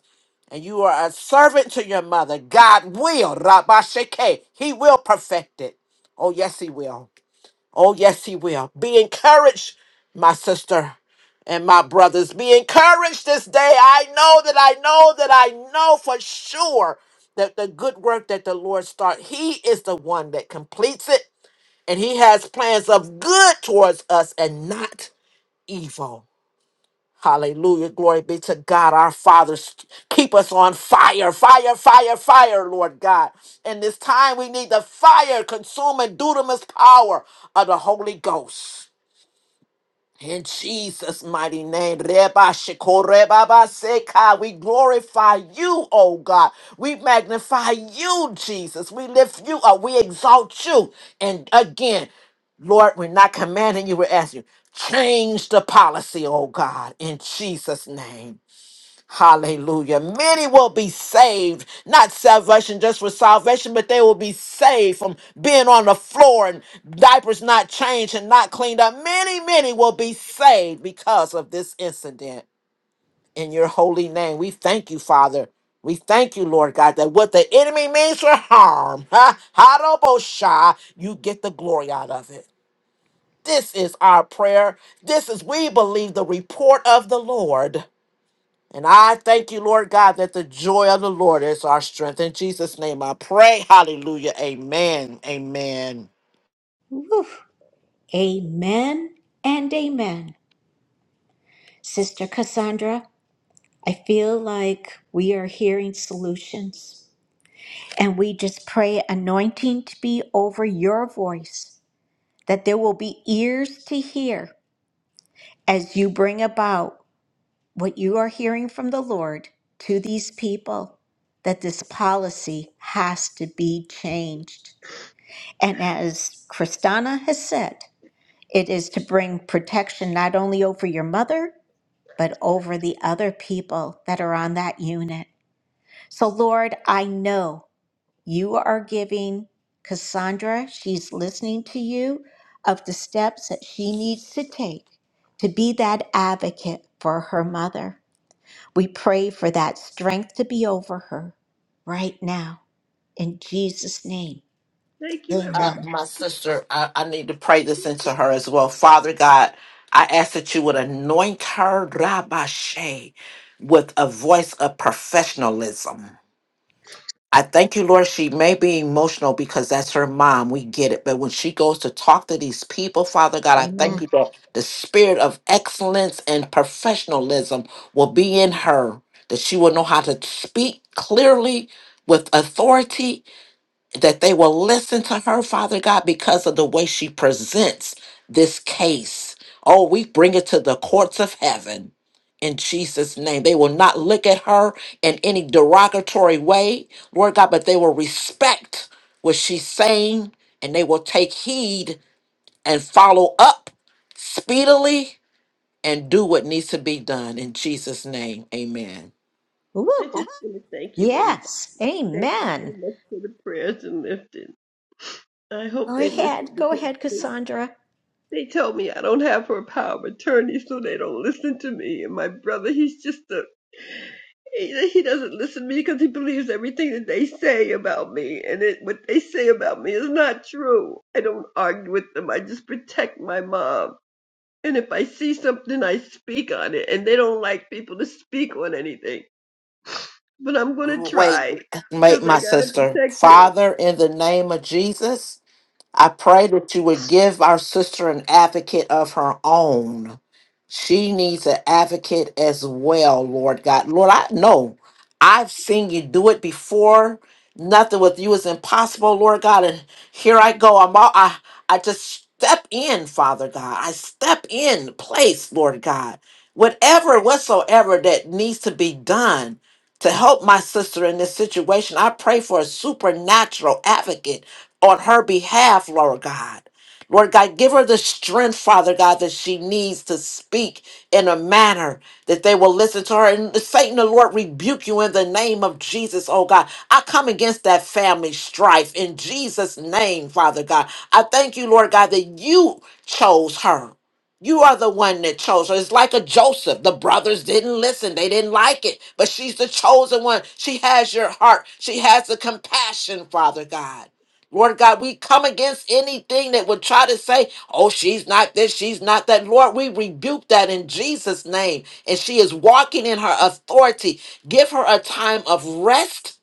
Speaker 11: And you are a servant to your mother. God will, Rabashake, he will perfect it. Oh, yes, he will. Oh, yes, he will. Be encouraged, my sister and my brothers. Be encouraged this day. I know that I know that I know for sure that the good work that the Lord start, he is the one that completes it. And he has plans of good towards us and not evil. Hallelujah. Glory be to God, our Father. St- Keep us on fire, fire, fire, fire, Lord God. In this time, we need the fire, consuming, dunamis power of the Holy Ghost. In Jesus' mighty name, Reba Shekorebaba Seka, we glorify you, oh God. We magnify you, Jesus. We lift you up. We exalt you. And again, Lord, we're not commanding you, we're asking you, change the policy, oh God, in Jesus' name. Hallelujah. Many will be saved, not salvation just for salvation, but they will be saved from being on the floor and diapers not changed and not cleaned up. Many, many will be saved because of this incident. In your holy name, we thank you, Father. We thank you, Lord God, that what the enemy means for harm, ha, Hadobosha, you get the glory out of it. This is our prayer. This is, we believe, the report of the Lord. And I thank you, Lord God, that the joy of the Lord is our strength. In Jesus' name I pray. Hallelujah. Amen. Amen.
Speaker 1: Whew. Amen and amen. Sister Cassandra, I feel like we are hearing solutions. And we just pray anointing to be over your voice, that there will be ears to hear as you bring about what you are hearing from the Lord to these people, that this policy has to be changed. And as Kristana has said, It is to bring protection not only over your mother, but over the other people that are on that unit. So, Lord, I know you are giving Cassandra, she's listening to you, of the steps that she needs to take to be that advocate for her mother. We pray for that strength to be over her right now. In Jesus' name,
Speaker 10: Thank you,
Speaker 11: Uh,
Speaker 10: everybody.
Speaker 1: amen.
Speaker 11: my sister, I, I need to pray this into her as well. Father God, I ask that you would anoint her, Rabbi with a voice of professionalism. I thank you, Lord. She may be emotional because that's her mom. We get it. But when she goes to talk to these people, Father God, I thank you
Speaker 1: Amen.
Speaker 11: that the spirit of excellence and professionalism will be in her, that she will know how to speak clearly with authority that they will listen to her, Father God, because of the way she presents this case. Oh, we bring it to the courts of heaven in Jesus' name. They will not look at her in any derogatory way, Lord God, but they will respect what she's saying and they will take heed and follow up speedily and do what needs to be done in Jesus' name. Amen.
Speaker 1: Woo!
Speaker 10: I just want to thank you, everybody.
Speaker 1: Yes,
Speaker 10: Thank you so
Speaker 1: amen.
Speaker 10: much for the prayers and lifting. I hope
Speaker 1: Go
Speaker 10: they listen
Speaker 1: ahead. Go
Speaker 10: because
Speaker 1: ahead,
Speaker 10: they
Speaker 1: Cassandra.
Speaker 10: They told me I don't have her power of attorney, so they don't listen to me. And my brother, he's just a he, he doesn't listen to me because he believes everything that they say about me, and it, what they say about me is not true. I don't argue with them. I just protect my mom. And if I see something, I speak on it. And they don't like people to speak on anything, but I'm gonna
Speaker 11: Wait,
Speaker 10: try
Speaker 11: make
Speaker 10: because I
Speaker 11: my
Speaker 10: gotta
Speaker 11: sister.
Speaker 10: protect her.
Speaker 11: Father, in the name of Jesus. I pray that you would give our sister an advocate of her own. She needs an advocate as well, Lord God. Lord, I know I've seen you do it before. Nothing with you is impossible, Lord God. And here I go. I'm all I I just step in, Father God. I step in place, Lord God. Whatever, whatsoever that needs to be done to help my sister in this situation. I pray for a supernatural advocate on her behalf, Lord God. Lord God, give her the strength, Father God, that she needs to speak in a manner that they will listen to her. And Satan, the Lord, rebuke you in the name of Jesus, oh God. I come against that family strife in Jesus' name, Father God. I thank you, Lord God, that you chose her. You are the one that chose her. It's like a Joseph. The brothers didn't listen, they didn't like it, but she's the chosen one. She has your heart, she has the compassion, Father God. Lord God, we come against anything that would try to say, oh, she's not this, she's not that. Lord, we rebuke that in Jesus' name. And she is walking in her authority. Give her a time of rest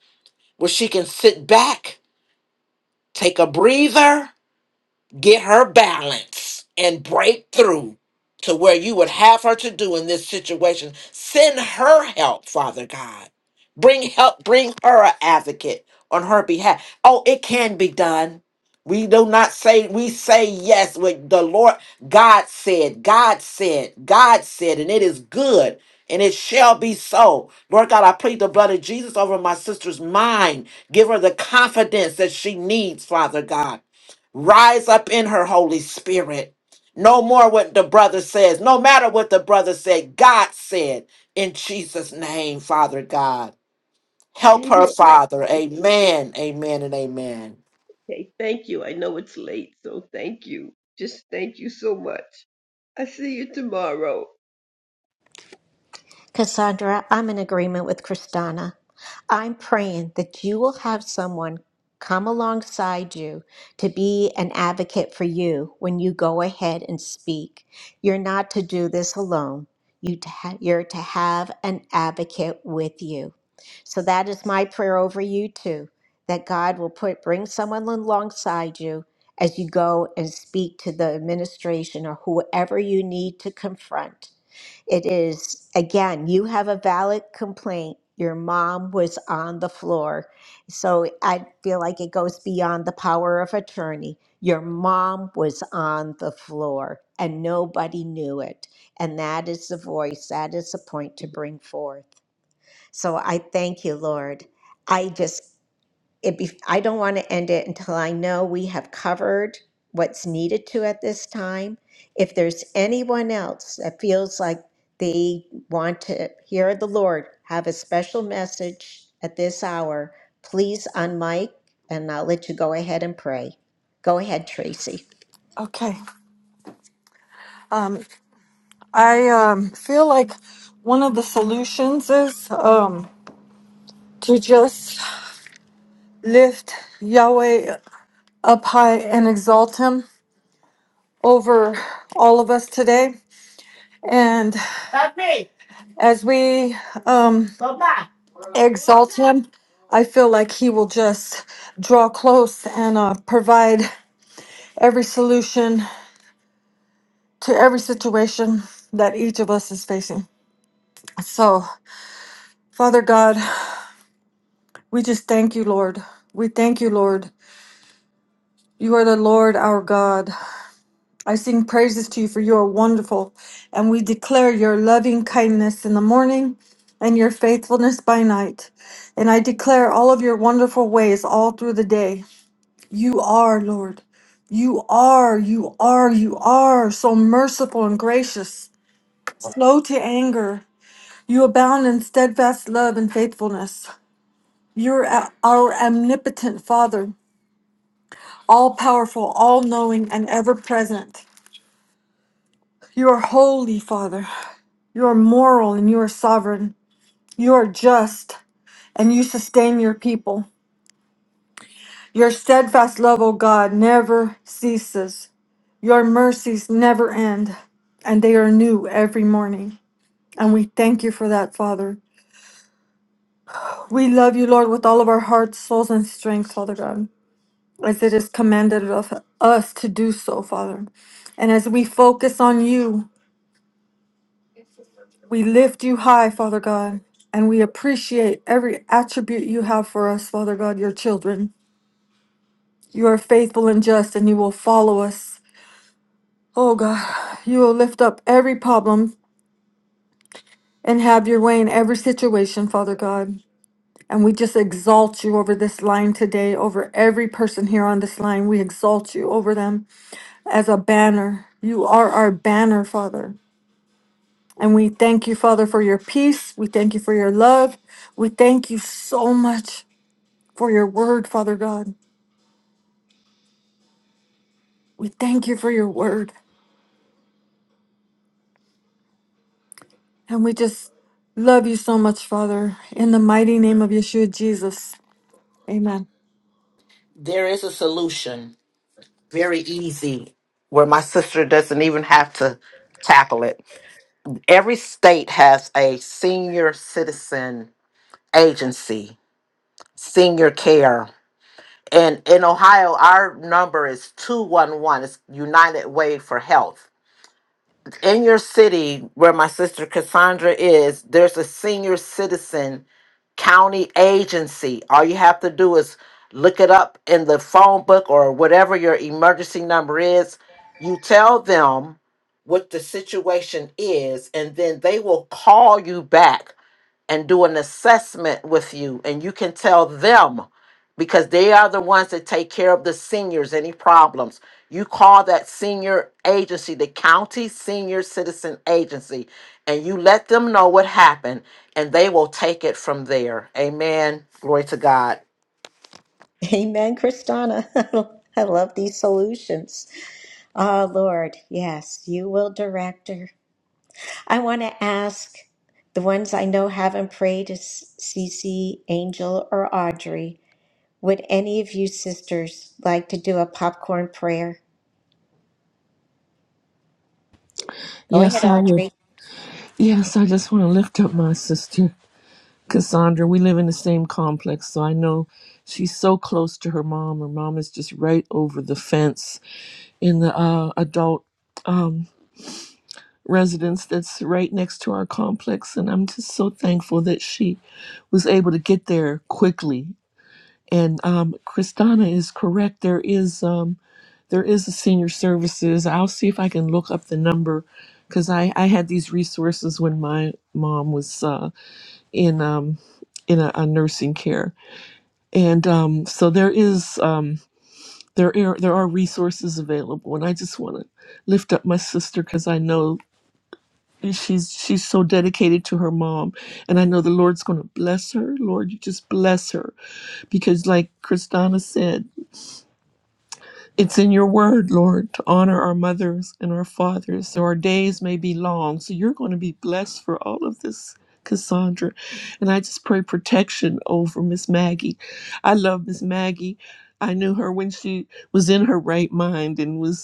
Speaker 11: where she can sit back, take a breather get her balance and break through to where you would have her to do in this situation. Send her help, Father God. Bring help, bring her an advocate on her behalf. Oh, it can be done. We do not say, we say yes with the Lord. God said, God said, God said, and it is good and it shall be so. Lord God, I plead the blood of Jesus over my sister's mind. Give her the confidence that she needs, Father God. Rise up in her, Holy Spirit. No more what the brother says. No matter what the brother said, God said in Jesus' name, Father God. Help her,
Speaker 10: Amen.
Speaker 11: Father.
Speaker 10: Thank you.
Speaker 11: Amen, amen, and amen.
Speaker 10: Hey, thank you. I know it's late, so thank you. Just thank you so much. I see you tomorrow.
Speaker 1: Cassandra, I'm in agreement with Kristana. I'm praying that you will have someone come alongside you to be an advocate for you when you go ahead and speak. You're not to do this alone. You to ha- you're to have an advocate with you. So that is my prayer over you too, that God will put bring someone alongside you as you go and speak to the administration or whoever you need to confront it is, again, you have a valid complaint. Your mom was on the floor. So I feel like it goes beyond the power of attorney. Your mom was on the floor and nobody knew it. And that is the voice, that is the point to bring forth. So I thank you, Lord. I just it be, I don't want to end it until I know we have covered what's needed to at this time. If there's anyone else that feels like they want to hear the Lord have a special message at this hour, please unmic and I'll let you go ahead and pray. Go ahead, Tracy.
Speaker 4: okay um i um feel like one of the solutions is um to just lift yahweh up high and exalt him over all of us today And as we um, exalt him, I feel like he will just draw close and uh, provide every solution to every situation that each of us is facing. So, Father God, we just thank you, Lord. We thank you, Lord. You are the Lord our God. I sing praises to you for you are wonderful, and we declare your loving kindness in the morning and your faithfulness by night. And I declare all of your wonderful ways all through the day. You are, Lord. You are, you are, you are so merciful and gracious, slow to anger. You abound in steadfast love and faithfulness. You're a- our omnipotent Father, all powerful, all knowing, and ever present. You are holy, Father. You are moral and you are sovereign. You are just and you sustain your people. Your steadfast love, O God, never ceases. Your mercies never end, and they are new every morning. And we thank you for that, Father. We love you, Lord, with all of our hearts, souls, and strength, Father God, as it is commanded of us to do so, Father. And as we focus on you, We lift you high, Father God, and we appreciate every attribute you have for us, Father God, your children. You are faithful and just, and you will follow us. Oh God, you will lift up every problem and have your way in every situation, Father God. And we just exalt you over this line today, over every person here on this line. We exalt you over them as a banner. You are our banner, Father. And we thank you, Father, for your peace. We thank you for your love. We thank you so much for your word, Father God. We thank you for your word. And we just love you so much, Father. In the mighty name of Yeshua Jesus. Amen.
Speaker 11: There is a solution, very easy, where my sister doesn't even have to tackle it. Every state has a senior citizen agency, senior care And in Ohio, our number is 211. It's United Way for Health. In your city where my sister Cassandra is, there's a senior citizen county agency. All you have to do is look it up in the phone book or whatever your emergency number is. You tell them what the situation is, and then they will call you back and do an assessment with you and you can tell them because they are the ones that take care of the seniors any problems you call that senior agency the county senior citizen agency and you let them know what happened and they will take it from there amen glory to god
Speaker 1: Amen, Christina. I love these solutions. Oh, Lord, yes, you will direct her. I want to ask the ones I know haven't prayed is Cece, Angel, or Audrey. Would any of you sisters like to do a popcorn prayer? Go
Speaker 12: Yes,
Speaker 1: ahead,
Speaker 12: I would.
Speaker 1: Audrey.
Speaker 12: Yes, I just want to lift up my sister, Cassandra. We live in the same complex, so I know she's so close to her mom. Her mom is just right over the fence in the uh, adult um, residence that's right next to our complex. And I'm just so thankful that she was able to get there quickly. And um, Kristana is correct. There is. Um, there is a senior services. I'll see if I can look up the number because I, I had these resources when my mom was uh, in um, in a, a nursing care, and um, so there is um, there are, there are resources available, and I just want to lift up my sister because I know she's she's so dedicated to her mom and i know the lord's going to bless her lord you just bless her because like christina said It's in your word, Lord, to honor our mothers and our fathers so our days may be long. So you're going to be blessed for all of this, Cassandra. And I just pray protection over Miss Maggie. I love Miss Maggie. I knew her when she was in her right mind and was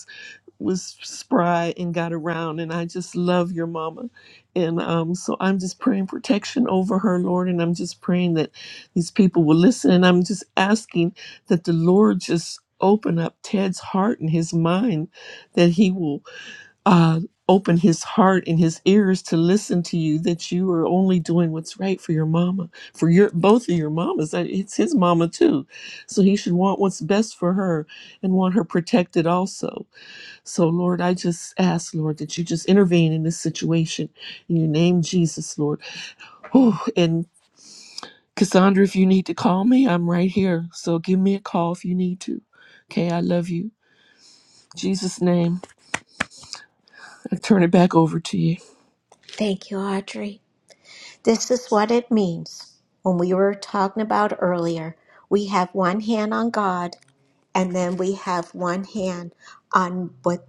Speaker 12: was spry and got around and i just love your mama and um, so i'm just praying protection over her lord and i'm just praying that these people will listen and i'm just asking that the lord just open up ted's heart and his mind that he will uh, open his heart and his ears to listen to you that you are only doing what's right for your mama for your both of your mamas Uh, it's his mama too so he should want what's best for her and want her protected also so, Lord, I just ask, Lord, that you just intervene in this situation in your name, Jesus, Lord. Whew. And Cassandra, if you need to call me, I'm right here. So give me a call if you need to. Okay, I love you. In Jesus' name, I turn it back over to you.
Speaker 1: Thank you, Audrey. This is what it means. When we were talking about earlier, we have one hand on God, and then we have one hand on what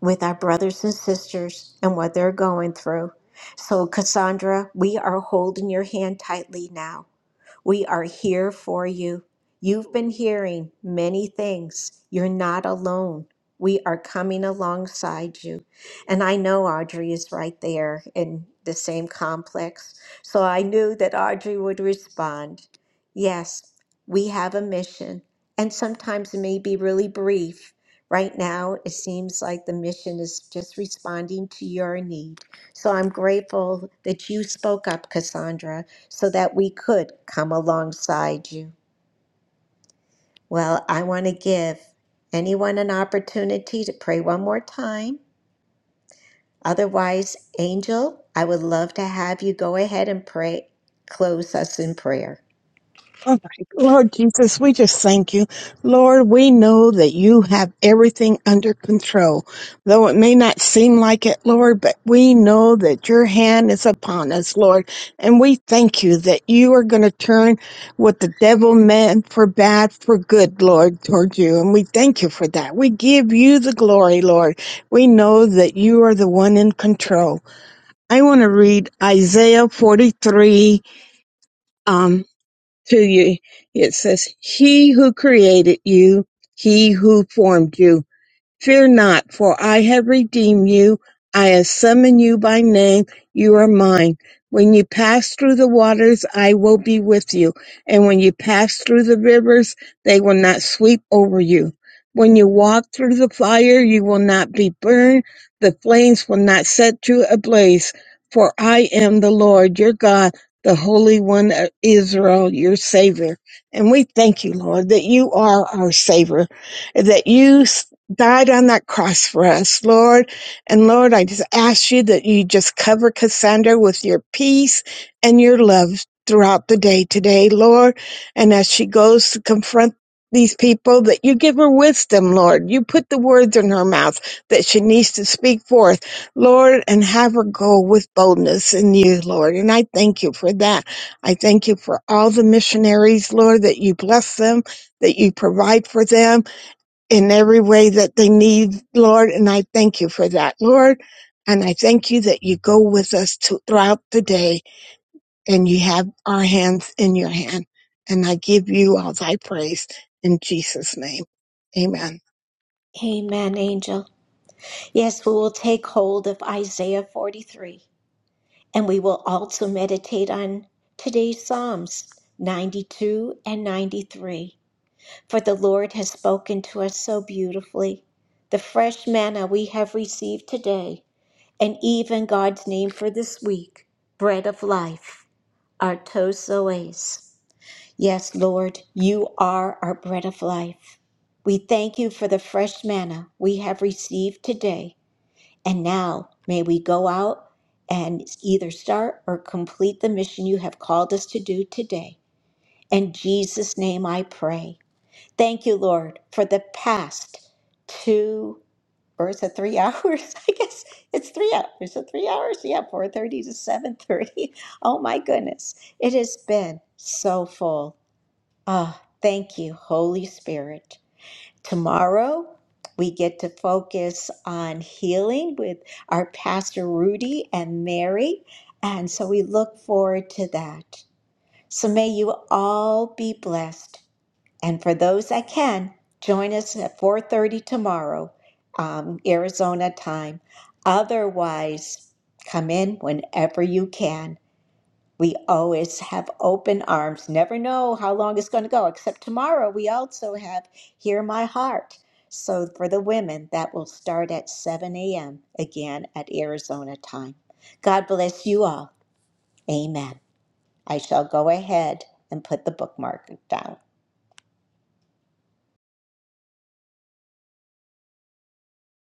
Speaker 1: with our brothers and sisters and what they're going through. So, Cassandra, we are holding your hand tightly now We are here for you. You've been hearing many things. You're not alone. We are coming alongside you. And I know Audrey is right there in the same complex. So I knew that Audrey would respond. Yes, we have a mission. And sometimes it may be really brief. Right now, it seems like the mission is just responding to your need. So I'm grateful that you spoke up, Cassandra, so that we could come alongside you. Well, I want to give anyone an opportunity to pray one more time. Otherwise, Angel, I would love to have you go ahead and pray, close us in prayer.
Speaker 13: All right, Lord Jesus, we just thank you. Lord, we know that you have everything under control. Though it may not seem like it, Lord, but we know that your hand is upon us, Lord. And we thank you that you are going to turn what the devil meant for bad for good, Lord, toward you. And we thank you for that. We give you the glory, Lord. We know that you are the one in control. I want to read Isaiah 43. um, to you. It says, He who created you, He who formed you. Fear not, for I have redeemed you. I have summoned you by name. You are mine. When you pass through the waters, I will be with you. And when you pass through the rivers, they will not sweep over you. When you walk through the fire, you will not be burned. The flames will not set you ablaze. For I am the Lord your God, the Holy One of Israel, your Savior. And we thank you, Lord, that you are our Savior that you died on that cross for us, Lord. And Lord, I just ask you that you just cover Cassandra with your peace and your love throughout the day today, Lord. And as she goes to confront these people, that you give her wisdom, Lord. You put the words in her mouth that she needs to speak forth, Lord, and have her go with boldness in you, Lord. And I thank you for that. I thank you for all the missionaries, Lord, that you bless them, that you provide for them in every way that they need, Lord. And I thank you for that, Lord. And I thank you that you go with us to, throughout the day and you have our hands in your hand. And I give you all thy praise in Jesus' name. Amen.
Speaker 1: Amen, Angel. Yes, we will take hold of Isaiah 43, and we will also meditate on today's Psalms 92 and 93. For the Lord has spoken to us so beautifully. The fresh manna we have received today, and even God's name for this week, bread of life, our tozoes. Yes, Lord, you are our bread of life. We thank you for the fresh manna we have received today. And now may we go out and either start or complete the mission you have called us to do today. In Jesus' name I pray. Thank you, Lord, for the past two or is it three hours? I guess it's three hours. So three hours? Yeah, four thirty to seven thirty. Oh my goodness. It has been so full. Ah, thank you, Holy Spirit. Tomorrow we get to focus on healing with our Pastor Rudy and Mary. And so we look forward to that. So may you all be blessed. And for those that can, join us at 4:30 tomorrow, um, Arizona time. Otherwise, come in whenever you can. We always have open arms. Never know how long it's going to go. Except tomorrow, we also have Hear My Heart. So for the women, that will start at 7 a.m. again at Arizona time. God bless you all. Amen. I shall go ahead and put the bookmark down.